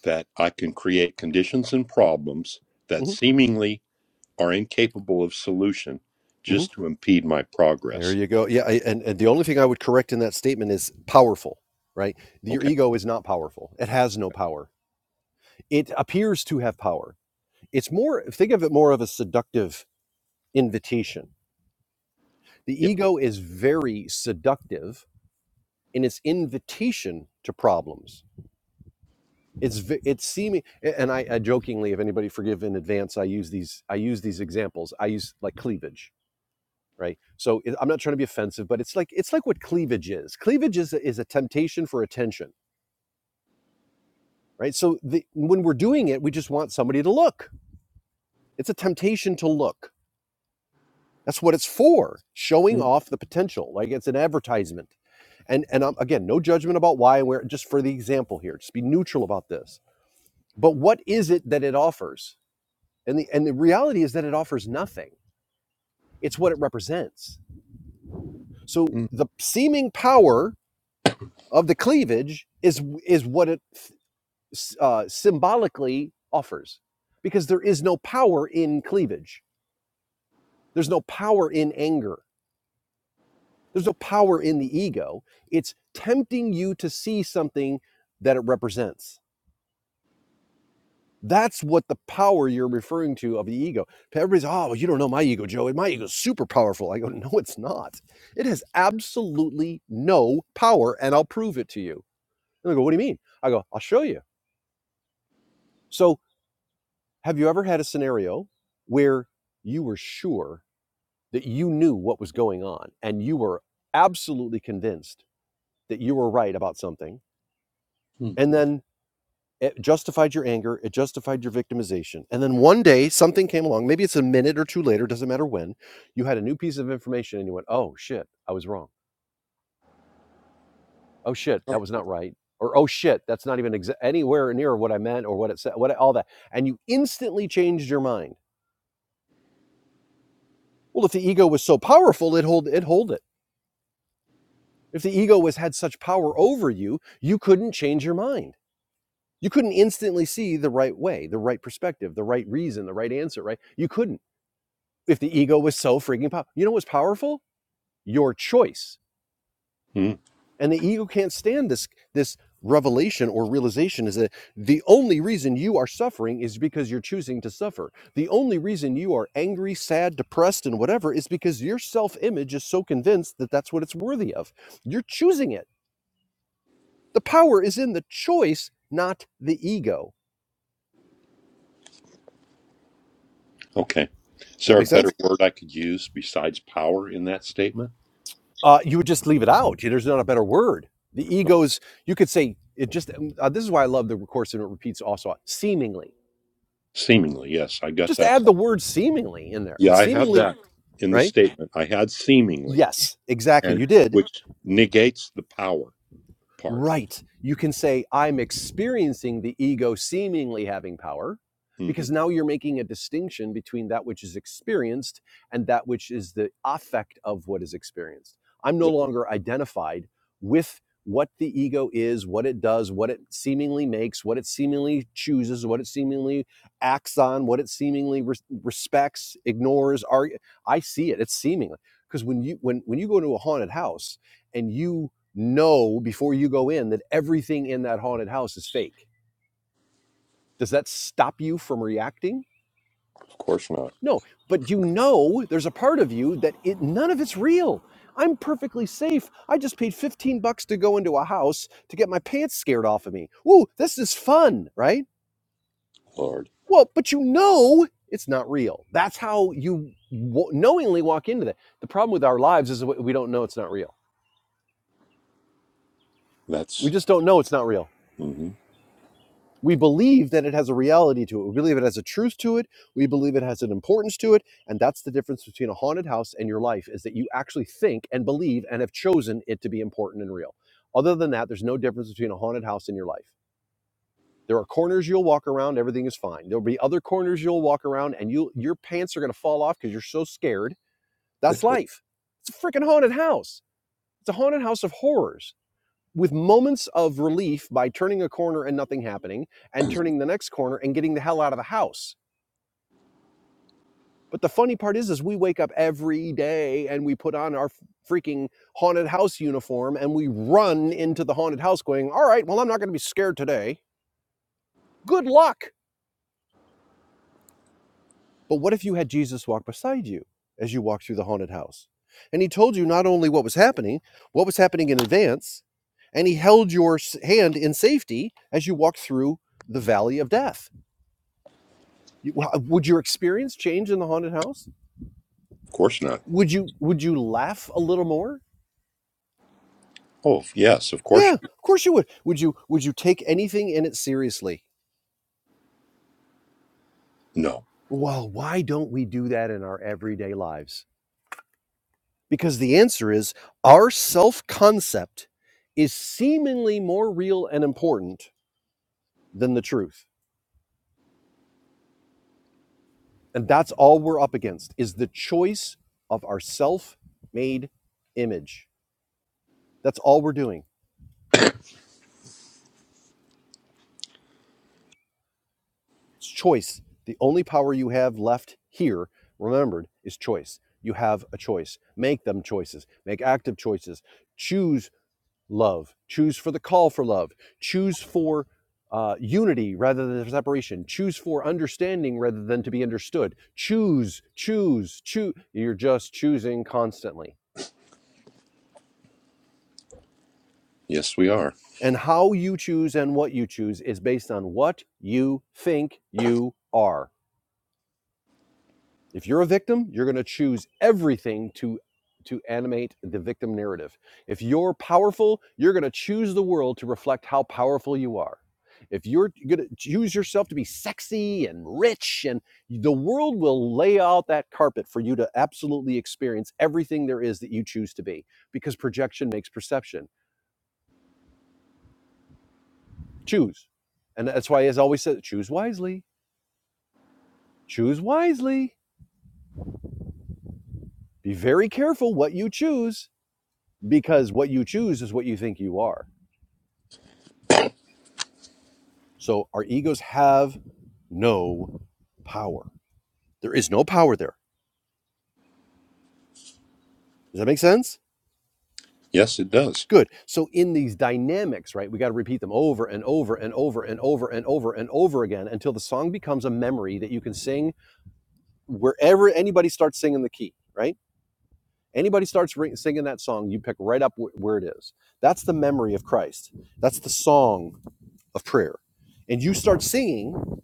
that I can create conditions and problems that hmm seemingly are incapable of solution hmm just to impede my There progress. you go. Yeah. I, and, and the only thing I would correct in that statement is powerful, right? Your Okay. ego is not powerful, it has no power. It appears to have power. It's more, think of it more of a seductive invitation. The Yeah. ego is very seductive in its invitation to problems it's it's seeming and I, I jokingly if anybody forgive in advance i use these i use these examples i use like cleavage right so it, i'm not trying to be offensive but it's like it's like what cleavage is cleavage is is a temptation for attention right so the, when we're doing it we just want somebody to look it's a temptation to look that's what it's for showing Mm, off the potential like it's an advertisement and and I'm, again no judgment about why and where just for the example here just be neutral about this but what is it that it offers And the and the reality is that it offers nothing. It's what it represents. So mm, the seeming power of the cleavage is is what it uh, symbolically offers, because there is no power in cleavage. There's no power in anger. There's no power in the ego. It's tempting you to see something that it represents That's what the power you're referring to of the ego. Everybody's, oh, you don't know my ego, Joe. My ego's super powerful. I go, no, it's not. It has absolutely no power, and I'll prove it to you. And they go, what do you mean? I go, I'll show you. So, have you ever had a scenario where you were sure that you knew what was going on and you were absolutely convinced that you were right about something? mm. and then? it justified your anger it justified your victimization and then one day something came along maybe it's a minute or two later doesn't matter when you had a new piece of information and you went oh shit i was wrong oh shit that was not right or oh shit that's not even exa- anywhere near what i meant or what it said what all that and you instantly changed your mind well if the ego was so powerful it hold it hold it if the ego was had such power over you you couldn't change your mind you couldn't instantly see the right way the right perspective the right reason the right answer right you couldn't if the ego was so freaking powerful. You know what's powerful? Your choice. Mm, And the ego can't stand this this revelation or realization is that the only reason you are suffering is because you're choosing to suffer. The only reason you are angry, sad, depressed and whatever is because your self-image is so convinced that that's what it's worthy of. You're choosing it. The power is in the choice, not the ego. okay. Is Does there that a make sense? better word I could use besides power in that statement? uh, you would just leave it out. There's not a better word. The Oh, ego's, you could say, it just, um, uh, this is why I love the course and it repeats also, seemingly. seemingly, yes, I got Just that add the part. word seemingly in there. Yeah, It's I had seemingly, that in the right? statement. I had seemingly, Yes, exactly. and You did. which negates the power part. right. You can say, I'm experiencing the ego seemingly having power, hmm because now you're making a distinction between that which is experienced and that which is the affect of what is experienced. I'm no Yeah, longer identified with what the ego is, what it does, what it seemingly makes, what it seemingly chooses, what it seemingly acts on, what it seemingly res- respects, ignores. Argue. I see it. It's seemingly because when you when when you go into a haunted house and you know before you go in that everything in that haunted house is fake. Does that stop you from reacting? of course not, No, but you know there's a part of you that it none of it's real. I'm perfectly safe. I just paid 15 bucks to go into a house to get my pants scared off of me. Ooh, this is fun, right? Lord. Well, but you know it's not real. That's how you w- knowingly walk into that. The problem with our lives is we don't know it's not real. We That's just don't know it's not real hmm we believe that it has a reality to it. We believe it has a truth to it. We believe it has an importance to it. And that's the difference between a haunted house and your life is that you actually think and believe and have chosen it to be important and real. Other than that, there's no difference between a haunted house and your life. There are corners you'll walk around, everything is fine. There'll be other corners you'll walk around and you your pants are gonna fall off because you're so scared. That's life. It's a freaking haunted house. It's a haunted house of horrors with moments of relief by turning a corner and nothing happening and turning the next corner and getting the hell out of the house but the funny part is is we wake up every day and we put on our freaking haunted house uniform and we run into the haunted house going all right well i'm not going to be scared today good luck but what if you had jesus walk beside you as you walk through the haunted house and he told you not only what was happening what was happening in advance and he held your hand in safety as you walked through the valley of death You, would your experience change in the haunted house? of course not. Would you would you laugh a little more? Oh, yes, of Yeah, course. of course you would. Would you would you take anything in it seriously? No, Well, why don't we do that in our everyday lives? Because the answer is our self-concept is seemingly more real and important than the truth. And that's all we're up against is the choice of our self-made image. That's all we're doing. choice. The only power you have left here, remembered, is choice. You have a choice. Make them choices. Make active choices. Choose love. Choose for the call for love. Choose for uh, unity rather than separation. Choose for understanding rather than to be understood. Choose, choose, choose. You're just choosing constantly. yes, we are. And how you choose and what you choose is based on what you think you are. If you're a victim, you're going to choose everything to to animate the victim narrative. If you're powerful, you're going to choose the world to reflect how powerful you are. If you're going to choose yourself to be sexy and rich and the world will lay out that carpet for you to absolutely experience everything there is that you choose to be because projection makes perception. Choose. And that's why as I always said choose wisely. Choose wisely. Be very careful what you choose because what you choose is what you think you are. So our egos have no power. There is no power there. Does that make sense? Yes, it does. Good. So in these dynamics, right, we got to repeat them over and over and over and over and over and over again until the song becomes a memory that you can sing wherever anybody starts singing the key, right? Anybody starts ri- singing that song, you pick right up wh- where it is. That's the memory of Christ. That's the song of prayer. And you start singing,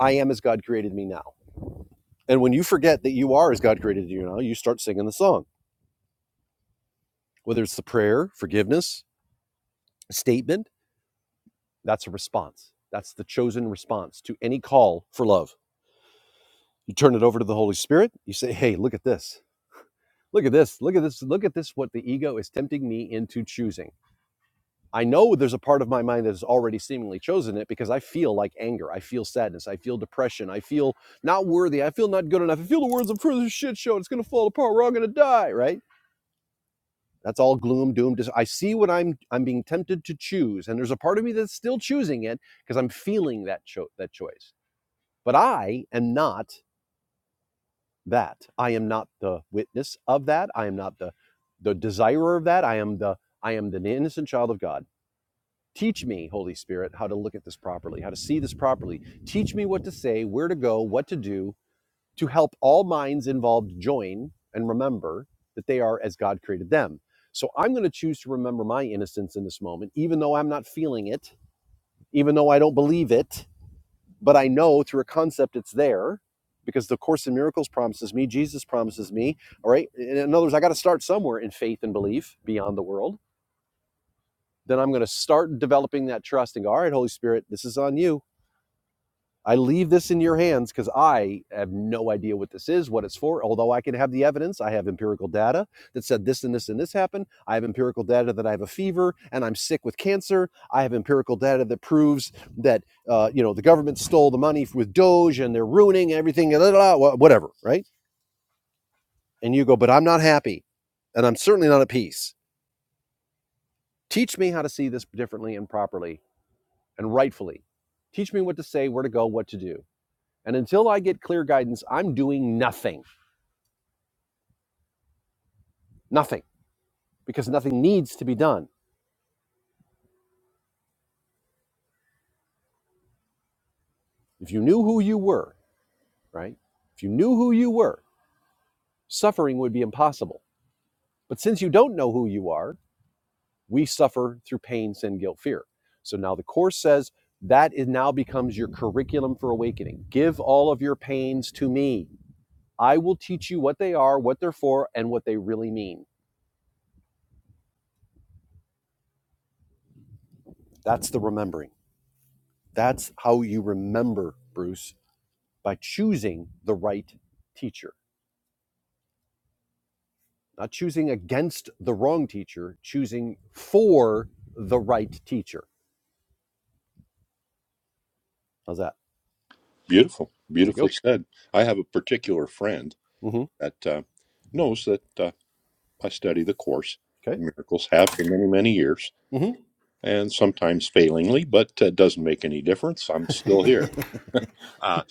I am as God created me now And when you forget that you are as God created you now, you start singing the song. Whether it's the prayer, forgiveness, a statement, that's a response. That's the chosen response to any call for love. You turn it over to the Holy Spirit. You say, hey, look at this. Look at this. Look at this. Look at this, what the ego is tempting me into choosing. I know there's a part of my mind that has already seemingly chosen it because I feel like anger. I feel sadness. I feel depression. I feel not worthy. I feel not good enough. I feel the words of further shit show. It's going to fall apart. We're all going to die, right? That's all gloom, doom. I see what I'm I'm being tempted to choose, and there's a part of me that's still choosing it because I'm feeling that cho- that choice. But I am not that. I am not the witness of that. I am not the the desirer of that. I am the I am the innocent child of God. Teach me, Holy Spirit, how to look at this properly, how to see this properly. Teach me what to say, where to go, what to do, to help all minds involved join and remember that they are as God created them. So I'm going to choose to remember my innocence in this moment, even though I'm not feeling it, even though I don't believe it, but I know through a concept it's there because the Course in Miracles promises me, Jesus promises me. All right. In other words, I got to start somewhere in faith and belief beyond the world. Then I'm going to start developing that trust and go, all right, Holy Spirit, this is on you I leave this in your hands because I have no idea what this is, what it's for. Although I can have the evidence, I have empirical data that said this and this and this happened. I have empirical data that I have a fever and I'm sick with cancer. I have empirical data that proves that uh, you know the government stole the money with Doge and they're ruining everything. blah, blah, blah, whatever, right? And you go, but I'm not happy, and I'm certainly not at peace. Teach me how to see this differently and properly and rightfully. Teach me what to say, where to go, what to do And until I get clear guidance, I'm doing nothing, nothing, because nothing needs to be done. If you knew who you were, right? If you knew who you were, suffering would be impossible. But since you don't know who you are, we suffer through pain, sin, guilt, fear. So now the Course says that it now becomes your curriculum for awakening. Give all of your pains to me. I will teach you what they are, what they're for, and what they really mean. That's the remembering. That's how you remember, Bruce by choosing the right teacher, not choosing against the wrong teacher, choosing for the right teacher. How's that? Beautiful, There you beautifully go. said. I have a particular friend hmm that uh, knows that. Uh, I study the course, in Okay. miracles have for many, many years, and sometimes failingly, but it uh, doesn't make any difference. I'm still hmm here. Uh,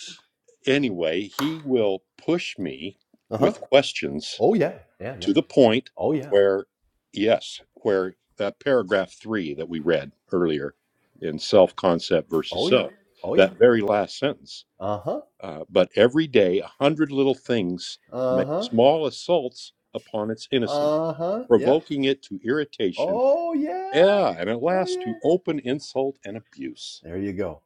anyway, he will push me Uh huh. with questions Oh yeah. Yeah yeah. to the point Oh yeah. where, yes, where that paragraph three that we read earlier in self concept versus Oh yeah. self, Oh yeah. that very last sentence. Uh huh. Uh, but every day, a hundred little things Uh make huh. small assaults upon its innocence, Uh huh. Yeah. provoking it to irritation Oh yeah. Yeah, and at Oh last to yeah. open insult and abuse. There you go.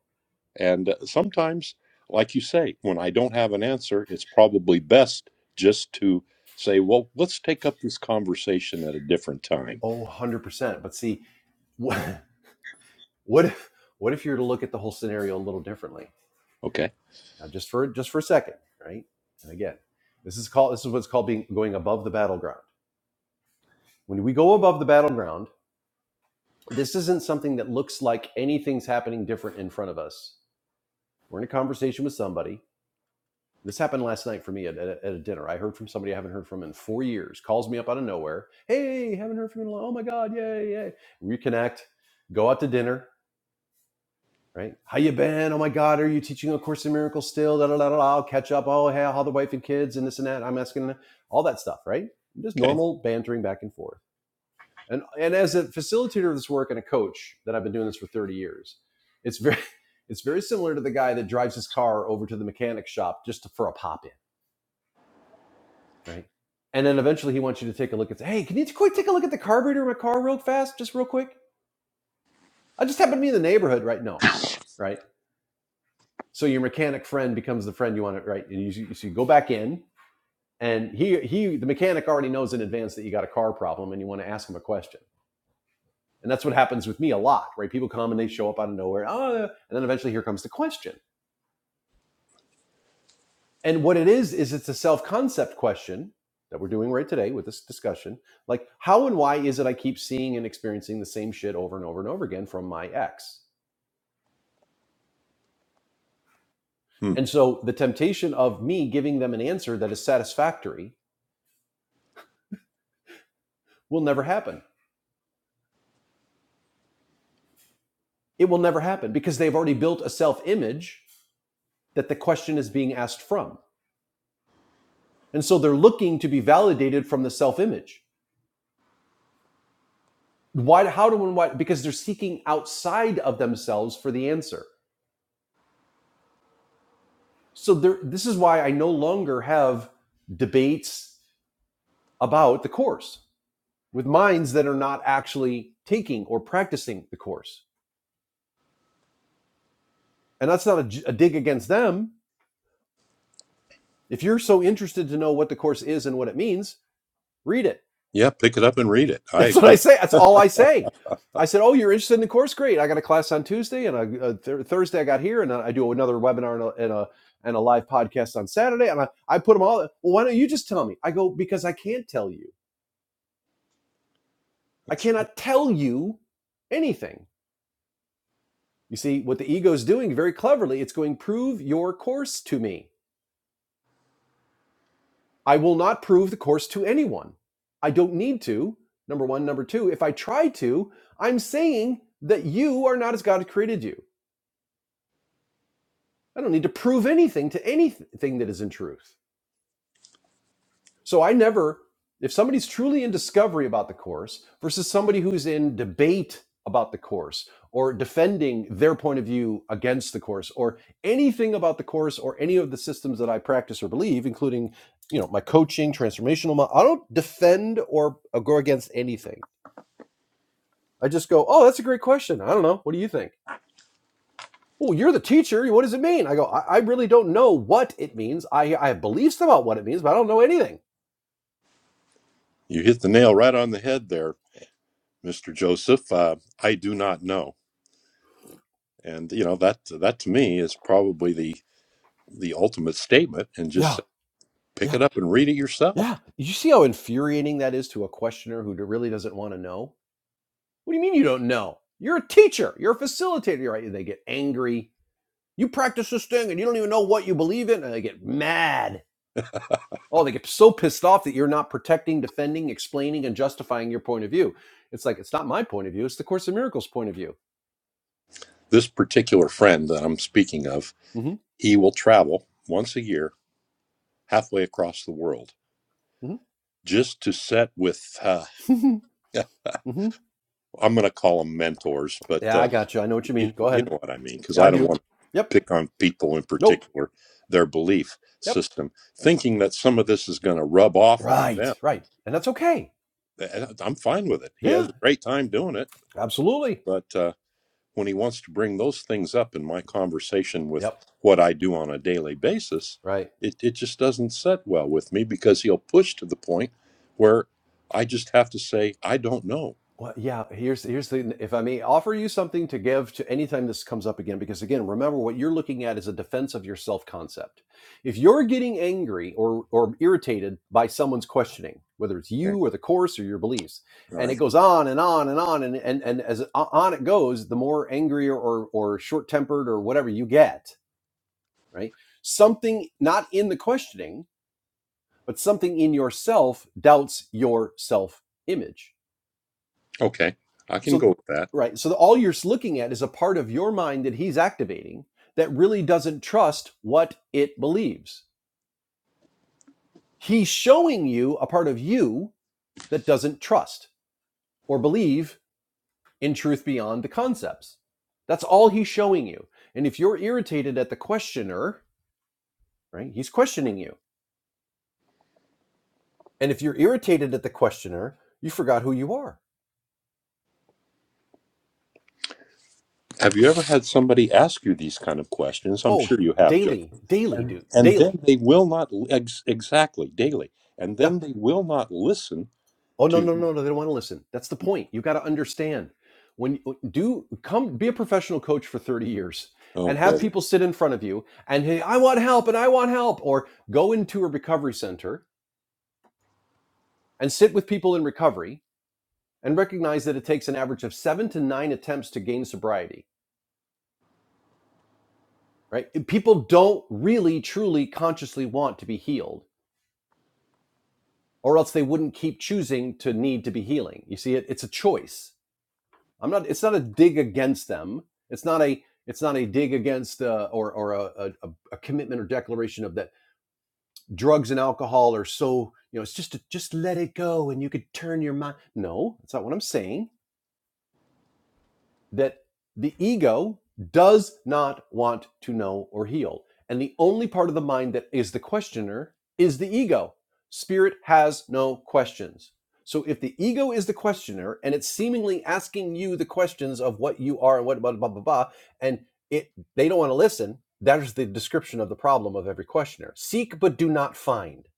And uh, sometimes, like you say, when I don't have an answer, it's probably best just to say, well, let's take up this conversation at a different time. Oh, 100 percent. But see, what what if what if you were to look at the whole scenario a little differently? Okay. Now, just for just for a second, right? And again, this is called this is what's called being going above the battleground. When we go above the battleground, this isn't something that looks like anything's happening different in front of us. We're in a conversation with somebody. This happened last night for me at, at, a- at a dinner. I heard from somebody I haven't heard from in four years. Calls me up out of nowhere. Hey, haven't heard from you in a long. Oh my god, yay, yay. Reconnect. Go out to dinner right? How you been? Oh my God, are you teaching a Course in Miracles still? Da da da da. da. I'll catch up. Oh hey, how the wife and kids and this and that. I'm asking all that stuff, right? Just Okay. normal bantering back and forth. And and as a facilitator of this work and a coach that I've been doing this for 30 years, it's very it's very similar to the guy that drives his car over to the mechanic shop just to, for a pop in, right? And then eventually he wants you to take a look at. Hey, can you quick take a look at the carburetor in my car real fast, just real quick? I just happened to be in the neighborhood, right? No, right? so your mechanic friend becomes the friend you want to right and you, so you go back in and he he the mechanic already knows in advance that you got a car problem and you want to ask him a question and that's what happens with me a lot right people come and they show up out of nowhere oh, and then eventually here comes the question and what it is is it's a self-concept question that we're doing right today with this discussion like how and why is it i keep seeing and experiencing the same shit over and over and over again from my ex Hmm. and so the temptation of me giving them an answer that is satisfactory will never happen It will never happen because they've already built a self image that the question is being asked from. And so they're looking to be validated from the self image. Why, how do and why? Because they're seeking outside of themselves for the answer. So there, this is why I no longer have debates about the course with minds that are not actually taking or practicing the course. And that's not a a dig against them. If you're so interested to know what the course is and what it means, read it Yeah, pick it up and read it. I That's what agree. I say. That's all I say. I said, "Oh, you're interested in the course? Great. I got a class on Tuesday, and a, a th- Thursday I got here, and I do another webinar and a, and a and a live podcast on Saturday." And I, I put them all. Well, why don't you just tell me? I go because I can't tell you. I That's right. cannot tell you anything. You see what the ego is doing very cleverly. It's going prove your course to me. I will not prove the course to anyone. I don't need to. Number one, number two. If I try to, I'm saying that you are not as God created you. I don't need to prove anything to anything that isn't truth. So I never, if somebody's truly in discovery about the course versus somebody who's in debate about the course or defending their point of view against the course or anything about the course or any of the systems that I practice or believe, including, you know, my coaching, transformational, mo- I don't defend or go against anything. I just go, oh, that's a great question. I don't know. What do you think? well, you're the teacher. What does it mean? I go, I, I really don't know what it means. I, I have beliefs about what it means, but I don't know anything. You hit the nail right on the head there, Mr. Joseph. Uh, I do not know. And you know that that to me is probably the the ultimate statement and just Yeah, say, pick it yeah, up and read it yourself. yeah. You see how infuriating that is to a questioner who really doesn't want to know? What do you mean you don't know? You're a teacher, you're a facilitator, right? They get angry. You practice this thing and you don't even know what you believe in, and they get mad. Oh, they get so pissed off that you're not protecting, defending, explaining, and justifying your point of view. It's like, it's not my point of view, it's the Course in Miracles point of view. This particular friend that I'm speaking of, hmm he will travel once a year halfway across the world hmm just to set with, uh, hmm I'm going to call them mentors, but Yeah, uh, I got you. I know what you you, mean. Go you ahead. know what I mean, because Yeah, I I don't do. want to Yep. pick on people in Nope. particular, their belief Yep. system, thinking that some of this is going to rub off on them. Right. Right. And that's okay. And I'm fine with it. He Yeah. has a great time doing it, Absolutely. but. uh, when he wants to bring those things up in my conversation with Yep. what I do on a daily basis, Right. it, it just doesn't set well with me because he'll push to the point where I just have to say, I don't know. Well, yeah. Here's here's the if I may offer you something to give to anytime this comes up again, because again, remember what you're looking at is a defense of your self concept. If you're getting angry or or irritated by someone's questioning, whether it's Okay. you or the course or your beliefs, All and right. it goes on and on and on and and, and as on it goes, the more angry or or short tempered or whatever you get right? Something not in the questioning, but something in yourself doubts your self image. Okay. I can go So, with that. right. So, all you're looking at is a part of your mind that he's activating that really doesn't trust what it believes. He's showing you a part of you that doesn't trust or believe in truth beyond the concepts. That's all he's showing you. And if you're irritated at the questioner, right, he's questioning you. And if you're irritated at the questioner, you forgot who you are Have you ever had somebody ask you these kind of questions? I'm Oh, sure you have, Joe. daily, daily, And, dude, and daily. then they will not, ex- exactly, daily. And Yeah. then they will not listen Oh to no, no, you. no, no. They don't want to listen. That's the point. You got to understand when do come be a professional coach for thirty years Oh, and boy. have people sit in front of you and hey, I want help and I want help, or go into a recovery center and sit with people in recovery and recognize that it takes an average of seven to nine attempts to gain sobriety. Right? People don't really, truly, consciously want to be healed, or else they wouldn't keep choosing to need to be healing. You see, it, it's a choice I'm not. It's not a dig against them. It's not a. It's not a dig against uh, or or a, a, a commitment or declaration of that drugs and alcohol are so you know. It's just a, just let it go and you could turn your mind. No, that's not what I'm saying that the ego does not want to know or heal. And the only part of the mind that is the questioner is the ego. Spirit has no questions. So if the ego is the questioner and it's seemingly asking you the questions of what you are and what blah blah blah blah, and it they don't want to listen, that is the description of the problem of every questioner. Seek but do not find.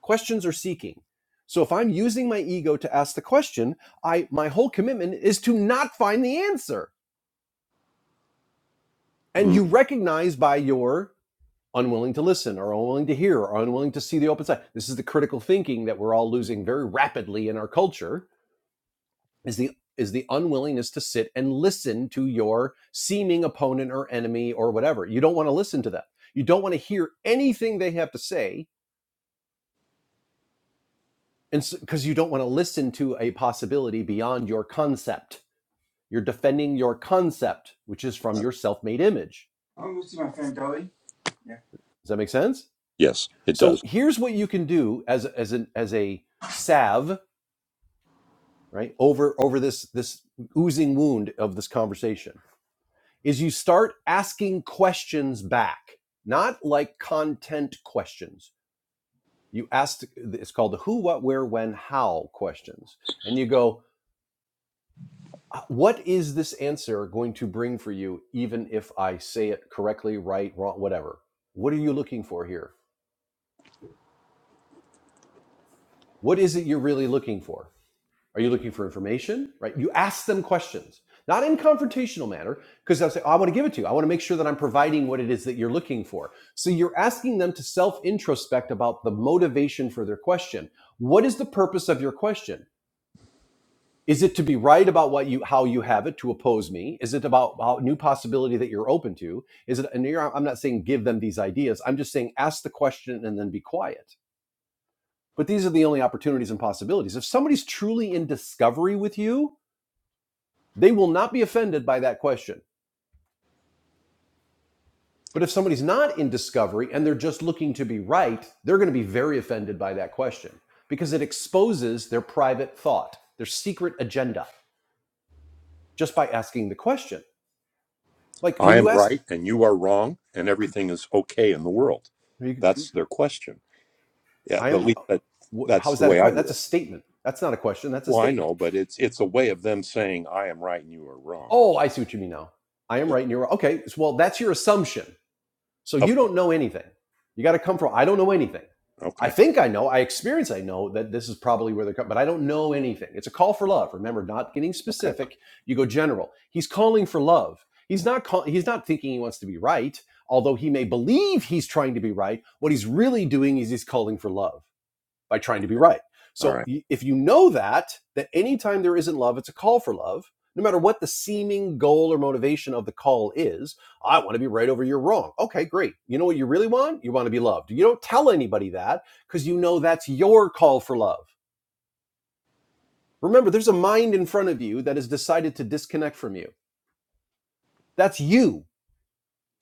Questions are seeking. So if I'm using my ego to ask the question, I my whole commitment is to not find the answer And Mm. you recognize by your unwilling to listen or unwilling to hear or unwilling to see the open side. This is the critical thinking that we're all losing very rapidly in our culture is the is the unwillingness to sit and listen to your seeming opponent or enemy or whatever. You don't want to listen to them. You don't want to hear anything they have to say and because so, you don't want to listen to a possibility beyond your concept. You're defending your concept, which is from your self-made image. Oh, we'll see my friend Dolly. Yeah. Does that make sense? Yes, it does. So here's what you can do as as an as a salve, right? Over over this this oozing wound of this conversation is you start asking questions back, not like content questions. You ask, it's called the who, what, where, when, how questions, and you go. "Uh, What is this answer going to bring for you, even if I say it correctly, right, wrong, whatever? What are you looking for here? What is it you're really looking for? Are you looking for information? Right? You ask them questions, not in confrontational manner, because they'll say, oh, I want to give it to you. I want to make sure that I'm providing what it is that you're looking for. So you're asking them to self introspect about the motivation for their question. What is the purpose of your question? Is it to be right about what you how you have it to oppose me? Is it about how, new possibility that you're open to? Is it? And you're, I'm not saying give them these ideas. I'm just saying ask the question and then be quiet. But these are the only opportunities and possibilities. If somebody's truly in discovery with you, They will not be offended by that question. But if somebody's not in discovery and they're just looking to be right, they're going to be very offended by that question because it exposes their private thought, their secret agenda, just by asking the question. Like I when am you ask, right and you are wrong and everything is okay in the world? That's their question. Yeah, I at am, least that how that's is the that a way I question? That's view a it. statement. That's not a question. That's a Well, I statement. know, but it's it's a way of them saying I am right and you are wrong. Oh, I see what you mean now. I am Yeah. right and you're wrong. Okay. so- Well, that's your assumption. So Oh, you don't know anything. You got to come from, I don't know anything. I okay. think I know, I experience, I know that this is probably where they're coming, but I don't know anything. It's a call for love. Remember, not getting Okay. specific, you go general. He's calling for love. He's not call, he's not thinking he wants to be right, although he may believe he's trying to be right. What he's really doing is he's calling for love by trying to be right. All So right. if you know that, that anytime there isn't love, it's a call for love, no matter what the seeming goal or motivation of the call is, I want to be right over your wrong. Okay, great. You know what you really want? You want to be loved. You don't tell anybody that because you know that's your call for love. Remember, there's a mind in front of you that has decided to disconnect from you. That's you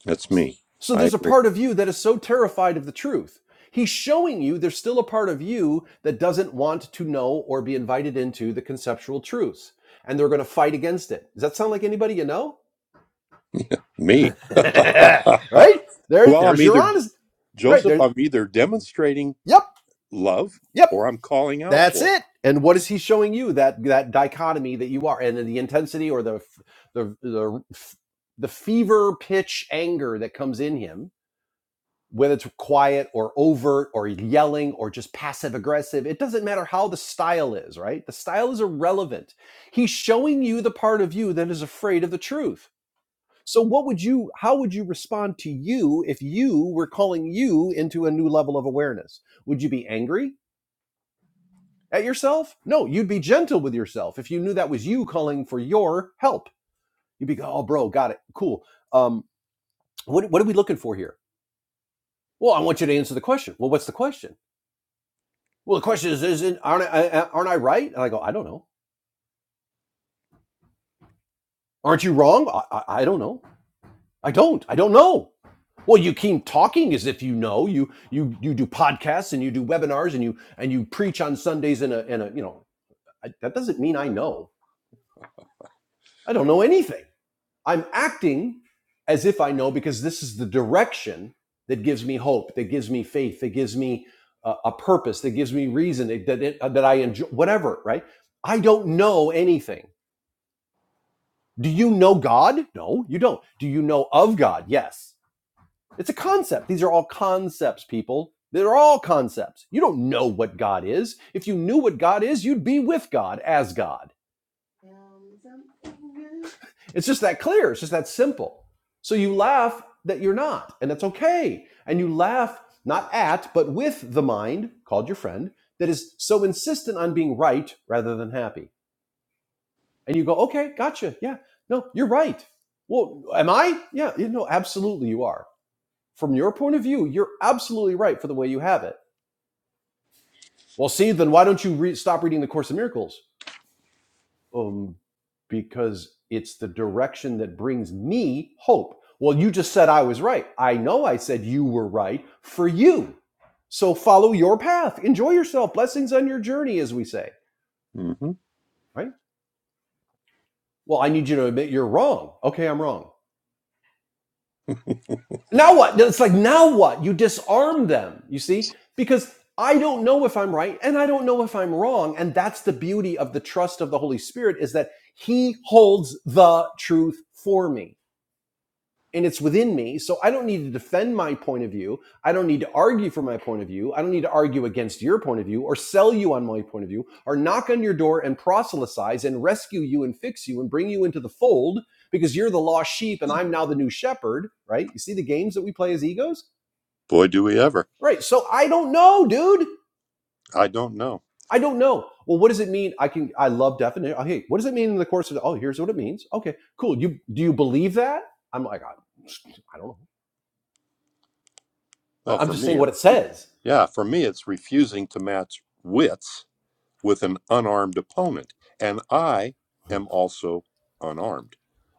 That's me. So I there's a agree. part of you that is so terrified of the truth. He's showing you there's still a part of you that doesn't want to know or be invited into the conceptual truths. And they're going to fight against it. Does that sound like anybody you know? Me. right? There, well, I'm there's your either honest. Right Joseph, there. I'm either demonstrating Yep. love Yep. or I'm calling out That's for it. it. And what is he showing you? That that dichotomy that you are, and the intensity or the the the the fever pitch anger that comes in him whether it's quiet or overt or yelling or just passive aggressive, it doesn't matter how the style is, right? The style is irrelevant. He's showing you the part of you that is afraid of the truth. So, what would you, how would you respond to you if you were calling you into a new level of awareness? Would you be angry at yourself? No, you'd be gentle with yourself if you knew that was you calling for your help. You'd be, oh, bro, got it, cool. Um, what, what are we looking for here? Well, I want you to answer the question. Well, what's the question? Well, the question is, isn't aren't I, aren't I right? And I go, I don't know. Aren't you wrong? I, I, I don't know. I don't. I don't know. Well, you keep talking as if you know. You you you do podcasts and you do webinars and you and you preach on Sundays in a in a you know I, that doesn't mean I know. I don't know anything. I'm acting as if I know because this is the direction that gives me hope, that gives me faith, that gives me a, a purpose, that gives me reason, that that, it, that I enjoy whatever. Right? I don't know anything Do you know God? No, you don't. Do you know of God? Yes. It's a concept. These are all concepts, people. They're all concepts. You don't know what God is. If you knew what God is, you'd be with God as God. It's just that clear. It's just that simple. So you laugh that you're not, and that's okay. And you laugh not at, but with the mind, called your friend, that is so insistent on being right rather than happy. And you go, okay, gotcha. Yeah, no, you're right. Well, am I? Yeah, you know, absolutely you are. from your point of view, you're absolutely right for the way you have it. Well, see, then why don't you re- stop reading the Course in Miracles? Um, because it's the direction that brings me hope. Well, you just said I was right. I know I said you were right for you. So follow your path. Enjoy yourself. Blessings on your journey, as we say, hmm right? Well, I need you to admit you're wrong. Okay, I'm wrong. Now what? It's like, now what? You disarm them, you see? Because I don't know if I'm right and I don't know if I'm wrong. And that's the beauty of the trust of the Holy Spirit is that He holds the truth for me and it's within me. So I don't need to defend my point of view. I don't need to argue for my point of view. I don't need to argue against your point of view or sell you on my point of view or knock on your door and proselytize and rescue you and fix you and bring you into the fold because you're the lost sheep and I'm now the new shepherd, right? You see the games that we play as egos? Boy, do we ever. Right. So I don't know, dude. I don't know. I don't know. Well, what does it mean? I can I love definition. Oh, hey, what does it mean in the course of oh, here's what it means. Okay, cool. You do you believe that? I'm like, I, I don't know. I- Well, I'm for just me, saying it's what it re- says. yeah, for me, it's refusing to match wits with an unarmed opponent, and I am also unarmed.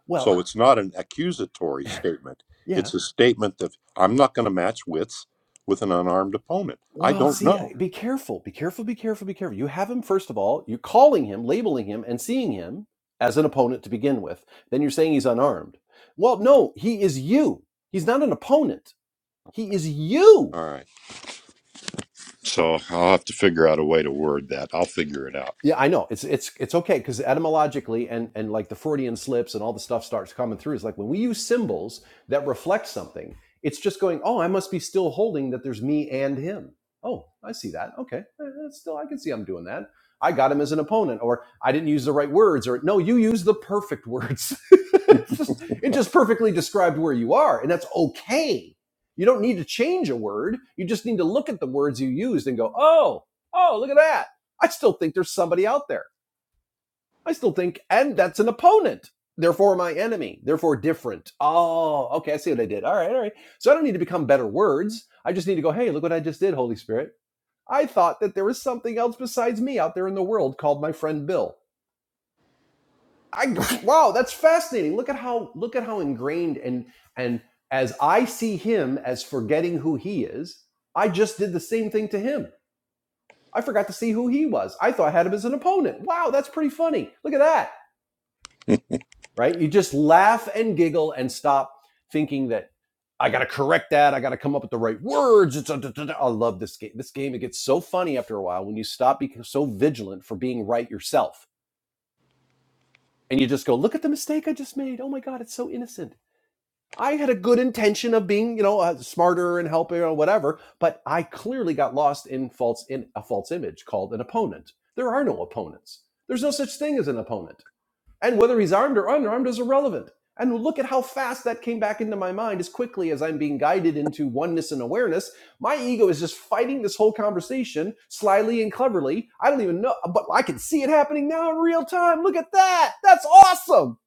Well, So it's not an accusatory statement. yeah. It's a statement that I'm not going to match wits with an unarmed opponent. I Well, don't see, uh, know. be careful, be careful, be careful, be careful. You have him, first of all, you're calling him, labeling him, and seeing him as an opponent to begin with. Then you're saying he's unarmed. Well, no, he is you. He's not an opponent. He is you. All right. So I'll have to figure out a way to word that. I'll figure it out. Yeah, I know. It's it's it's okay because etymologically and and like the Freudian slips and all the stuff starts coming through. It's like when we use symbols that reflect something, it's just going, oh, I must be still holding that there's me and him. Oh, I see that. Okay, Eh, that's still I can see I'm doing that. I got him as an opponent, or I didn't use the right words, or no, you used the perfect words. it's just, it just perfectly described where you are, and that's okay. You don't need to change a word. You just need to look at the words you used and go, oh, oh, look at that I still think there's somebody out there. I still think, and that's an opponent. Therefore, my enemy. Therefore, different. Oh, okay. I see what I did. All right. All right. So I don't need to become better words. I just need to go, hey, look what I just did, Holy Spirit. I thought that there was something else besides me out there in the world called my friend Bill. I wow, that's fascinating. Look at how look at how ingrained and and as I see him as forgetting who he is, I just did the same thing to him. I forgot to see who he was. I thought I had him as an opponent. Wow, that's pretty funny. Look at that. right? You just laugh and giggle and stop thinking that I got to correct that. I got to come up with the right words. It's a, da- da- da." I love this game. This game it gets so funny after a while when you stop being so vigilant for being right yourself, and you just go, "Look at the mistake I just made. Oh my god, it's so innocent. I had a good intention of being, you know, uh, smarter and helping or whatever, but I clearly got lost in false in a false image called an opponent. There are no opponents. There's no such thing as an opponent and whether he's armed or unarmed is irrelevant. And look at how fast that came back into my mind as quickly as I'm being guided into oneness and awareness. My ego is just fighting this whole conversation slyly and cleverly. I don't even know, but I can see it happening now in real time. Look at that. That's awesome.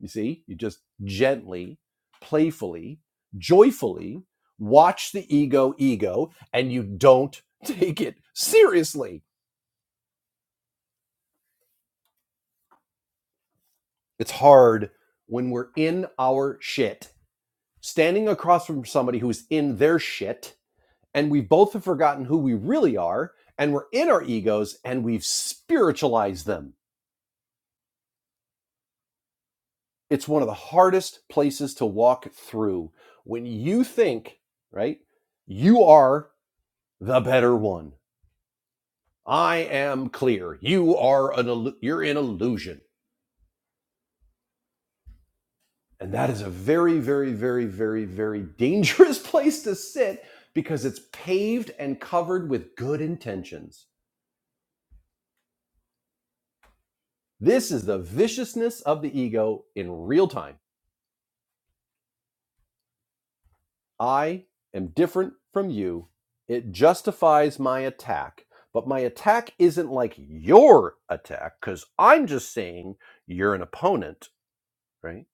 You see, you just gently, playfully, joyfully watch the ego ego and you don't take it seriously. It's hard when we're in our shit standing across from somebody who's in their shit and we both have forgotten who we really are and we're in our egos and we've spiritualized them it's one of the hardest places to walk through when you think right you are the better one i am clear you are an you're in illusion and that is a very very very very very dangerous place to sit because it's paved and covered with good intentions This is the viciousness of the ego in real time. I am different from you. It justifies my attack, but my attack isn't like your attack because I'm just saying you're an opponent, right?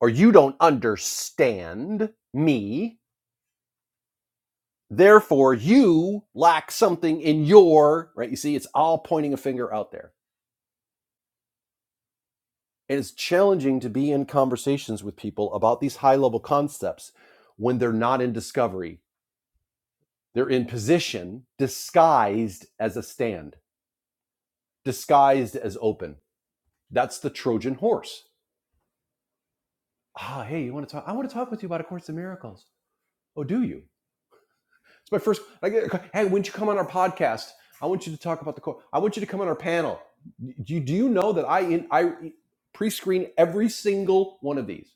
Or you don't understand me. Therefore, you lack something in your, right? You see, it's all pointing a finger out there. And it's challenging to be in conversations with people about these high level concepts when they're not in discovery They're in position, disguised as a stand, disguised as open. That's the Trojan horse. Ah, hey, you want to talk? I want to talk with you about A Course in Miracles. Oh, do you? It's my first. I get, hey, when'd you come on our podcast? I want you to talk about the. cour- I want you to come on our panel. Do you, do you know that I in, I pre-screen every single one of these?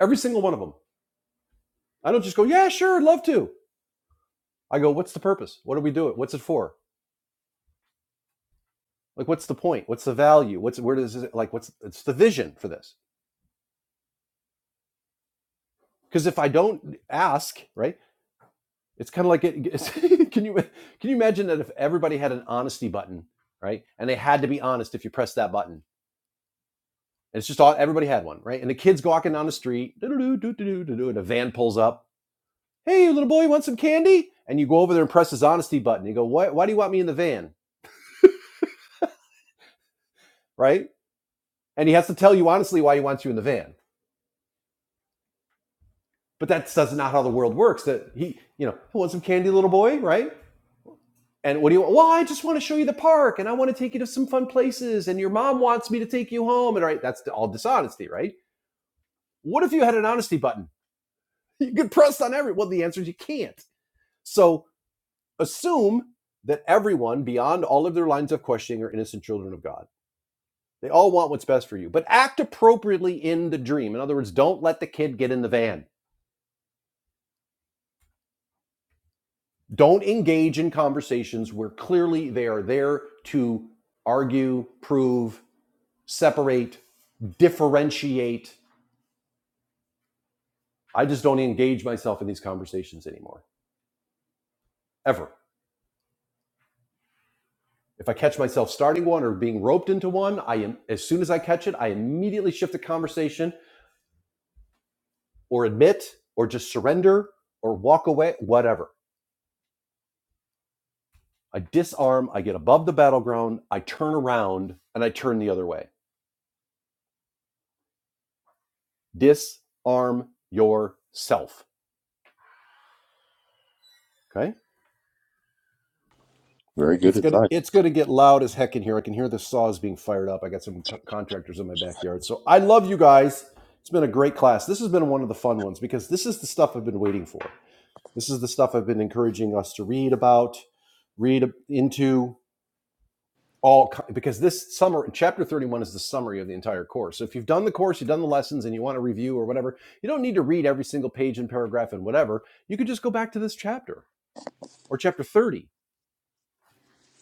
Every single one of them. I don't just go, yeah, sure, I'd love to. I go, what's the purpose? What do we do it? What's it for? Like, what's the point? What's the value? What's where does it like? What's it's the vision for this? because if I don't ask, right, it's kind of like it. It's, can you can you imagine that if everybody had an honesty button, right, and they had to be honest if you press that button, and it's just all everybody had one, right, and the kids go walking down the street, doo-doo-doo, doo-doo-doo, doo-doo, and a van pulls up, hey, little boy, you want some candy? And you go over there and press his honesty button. You go, why, why do you want me in the van, right? And he has to tell you honestly why he wants you in the van. But that's, that's not how the world works. That he, you know, "You want some candy, little boy, right? And what do you? want? Well, I just want to show you the park, and I want to take you to some fun places, and your mom wants me to take you home, and right, that's all dishonesty, right? What if you had an honesty button? You could press on every. Well, the answer is you can't. So assume that everyone beyond all of their lines of questioning are innocent children of God. They all want what's best for you, but act appropriately in the dream. In other words, don't let the kid get in the van. Don't engage in conversations where clearly they are there to argue, prove, separate, differentiate. I just don't engage myself in these conversations anymore, ever. If I catch myself starting one or being roped into one, I am as soon as I catch it, I immediately shift the conversation or admit or just surrender or walk away, whatever. I disarm, I get above the battleground, I turn around and I turn the other way. Disarm yourself. Okay? All Very right, good it's gonna advice. it's gonna get loud as heck in here. I can hear the saws being fired up. I got some co- contractors in my backyard. So I love you guys. It's been a great class. This has been one of the fun ones because this is the stuff I've been waiting for. This is the stuff I've been encouraging us to read about, read into all because this summer chapter 31 is the summary of the entire course. So if you've done the course, you've done the lessons and you want to review or whatever, you don't need to read every single page and paragraph and whatever. You could just go back to this chapter or chapter 30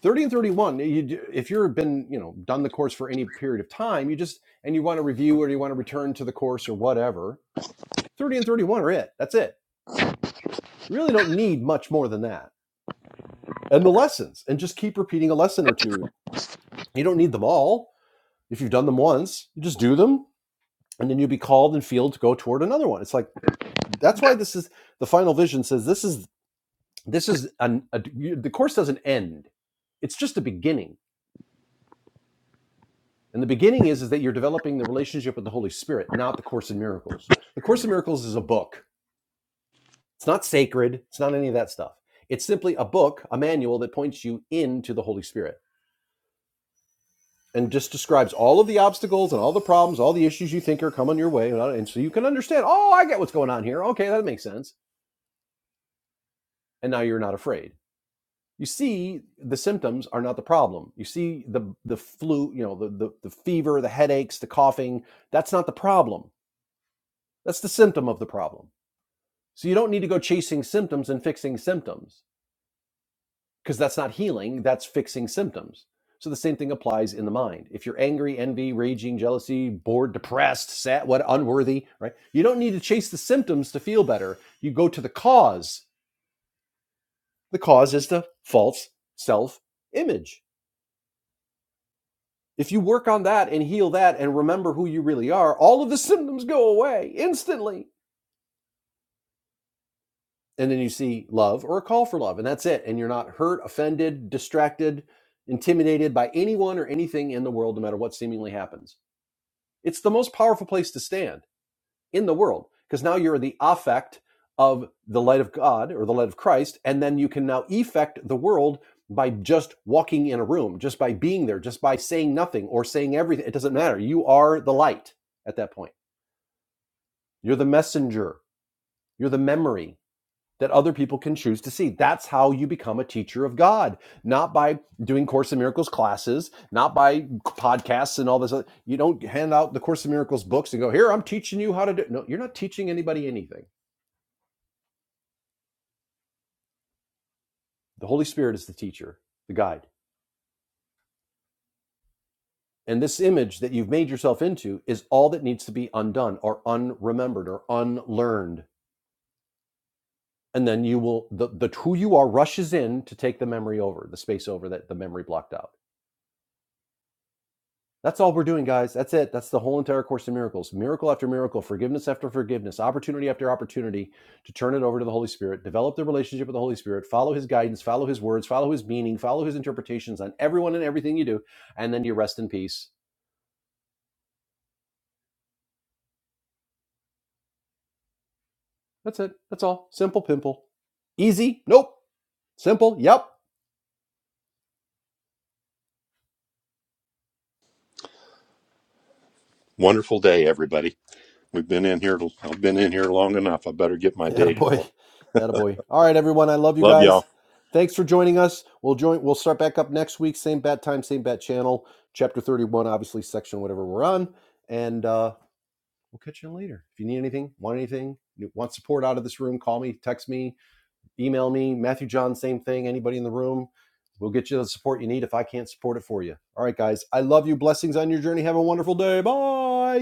30 and 31 you, if you've been you know done the course for any period of time you just and you want to review or you want to return to the course or whatever 30 and 31 are it that's it you really don't need much more than that and the lessons and just keep repeating a lesson or two you don't need them all if you've done them once you just do them and then you'll be called and feel to go toward another one it's like that's why this is the final vision says this is this is an, a, the course doesn't end it's just the beginning And the beginning is, is that you're developing the relationship with the Holy Spirit, not the Course in Miracles. The Course in Miracles is a book. It's not sacred. It's not any of that stuff. It's simply a book, a manual that points you into the Holy Spirit and just describes all of the obstacles and all the problems, all the issues you think are coming your way. And so you can understand, oh, I get what's going on here. Okay, that makes sense. And now you're not afraid. You see, the symptoms are not the problem. You see the the flu, you know, the, the, the fever, the headaches, the coughing. That's not the problem. That's the symptom of the problem So you don't need to go chasing symptoms and fixing symptoms because that's not healing, that's fixing symptoms. So the same thing applies in the mind. If you're angry, envy, raging, jealousy, bored, depressed, sad, what unworthy, right? You don't need to chase the symptoms to feel better. You go to the cause. The cause is the false self-image. If you work on that and heal that and remember who you really are, all of the symptoms go away instantly and then you see love or a call for love and that's it and you're not hurt offended distracted intimidated by anyone or anything in the world no matter what seemingly happens it's the most powerful place to stand in the world because now you're the affect of the light of god or the light of christ and then you can now effect the world by just walking in a room just by being there just by saying nothing or saying everything it doesn't matter you are the light at that point you're the messenger you're the memory that other people can choose to see. That's how you become a teacher of God, not by doing Course in Miracles classes, not by podcasts and all this. Other. You don't hand out the Course in Miracles books and go, here, I'm teaching you how to do. it. No, you're not teaching anybody anything. The Holy Spirit is the teacher, the guide. And this image that you've made yourself into is all that needs to be undone or unremembered or unlearned. And then you will, the, the who you are rushes in to take the memory over, the space over that the memory blocked out That's all we're doing, guys. That's it. That's the whole entire course of miracles. Miracle after miracle, forgiveness after forgiveness, opportunity after opportunity to turn it over to the Holy Spirit, develop the relationship with the Holy Spirit, follow his guidance, follow his words, follow his meaning, follow his interpretations on everyone and everything you do, and then you rest in peace. That's it. That's all. Simple pimple. Easy? Nope. Simple? Yep. Wonderful day, everybody. We've been in here. I've been in here long enough. I better get my day Attaboy. going. Attaboy. All right, everyone. I love you Love y'all. guys. Thanks for joining us. We'll join we'll start back up next week. Same bat time, same bat channel. Chapter 31, obviously, section whatever we're on. And uh we'll catch you later. If you need anything, want anything, want support out of this room, call me, text me, email me, Matthew John, same thing. Anybody in the room, we'll get you the support you need if I can't support it for you. All right, guys. I love you. Blessings on your journey. Have a wonderful day. Bye.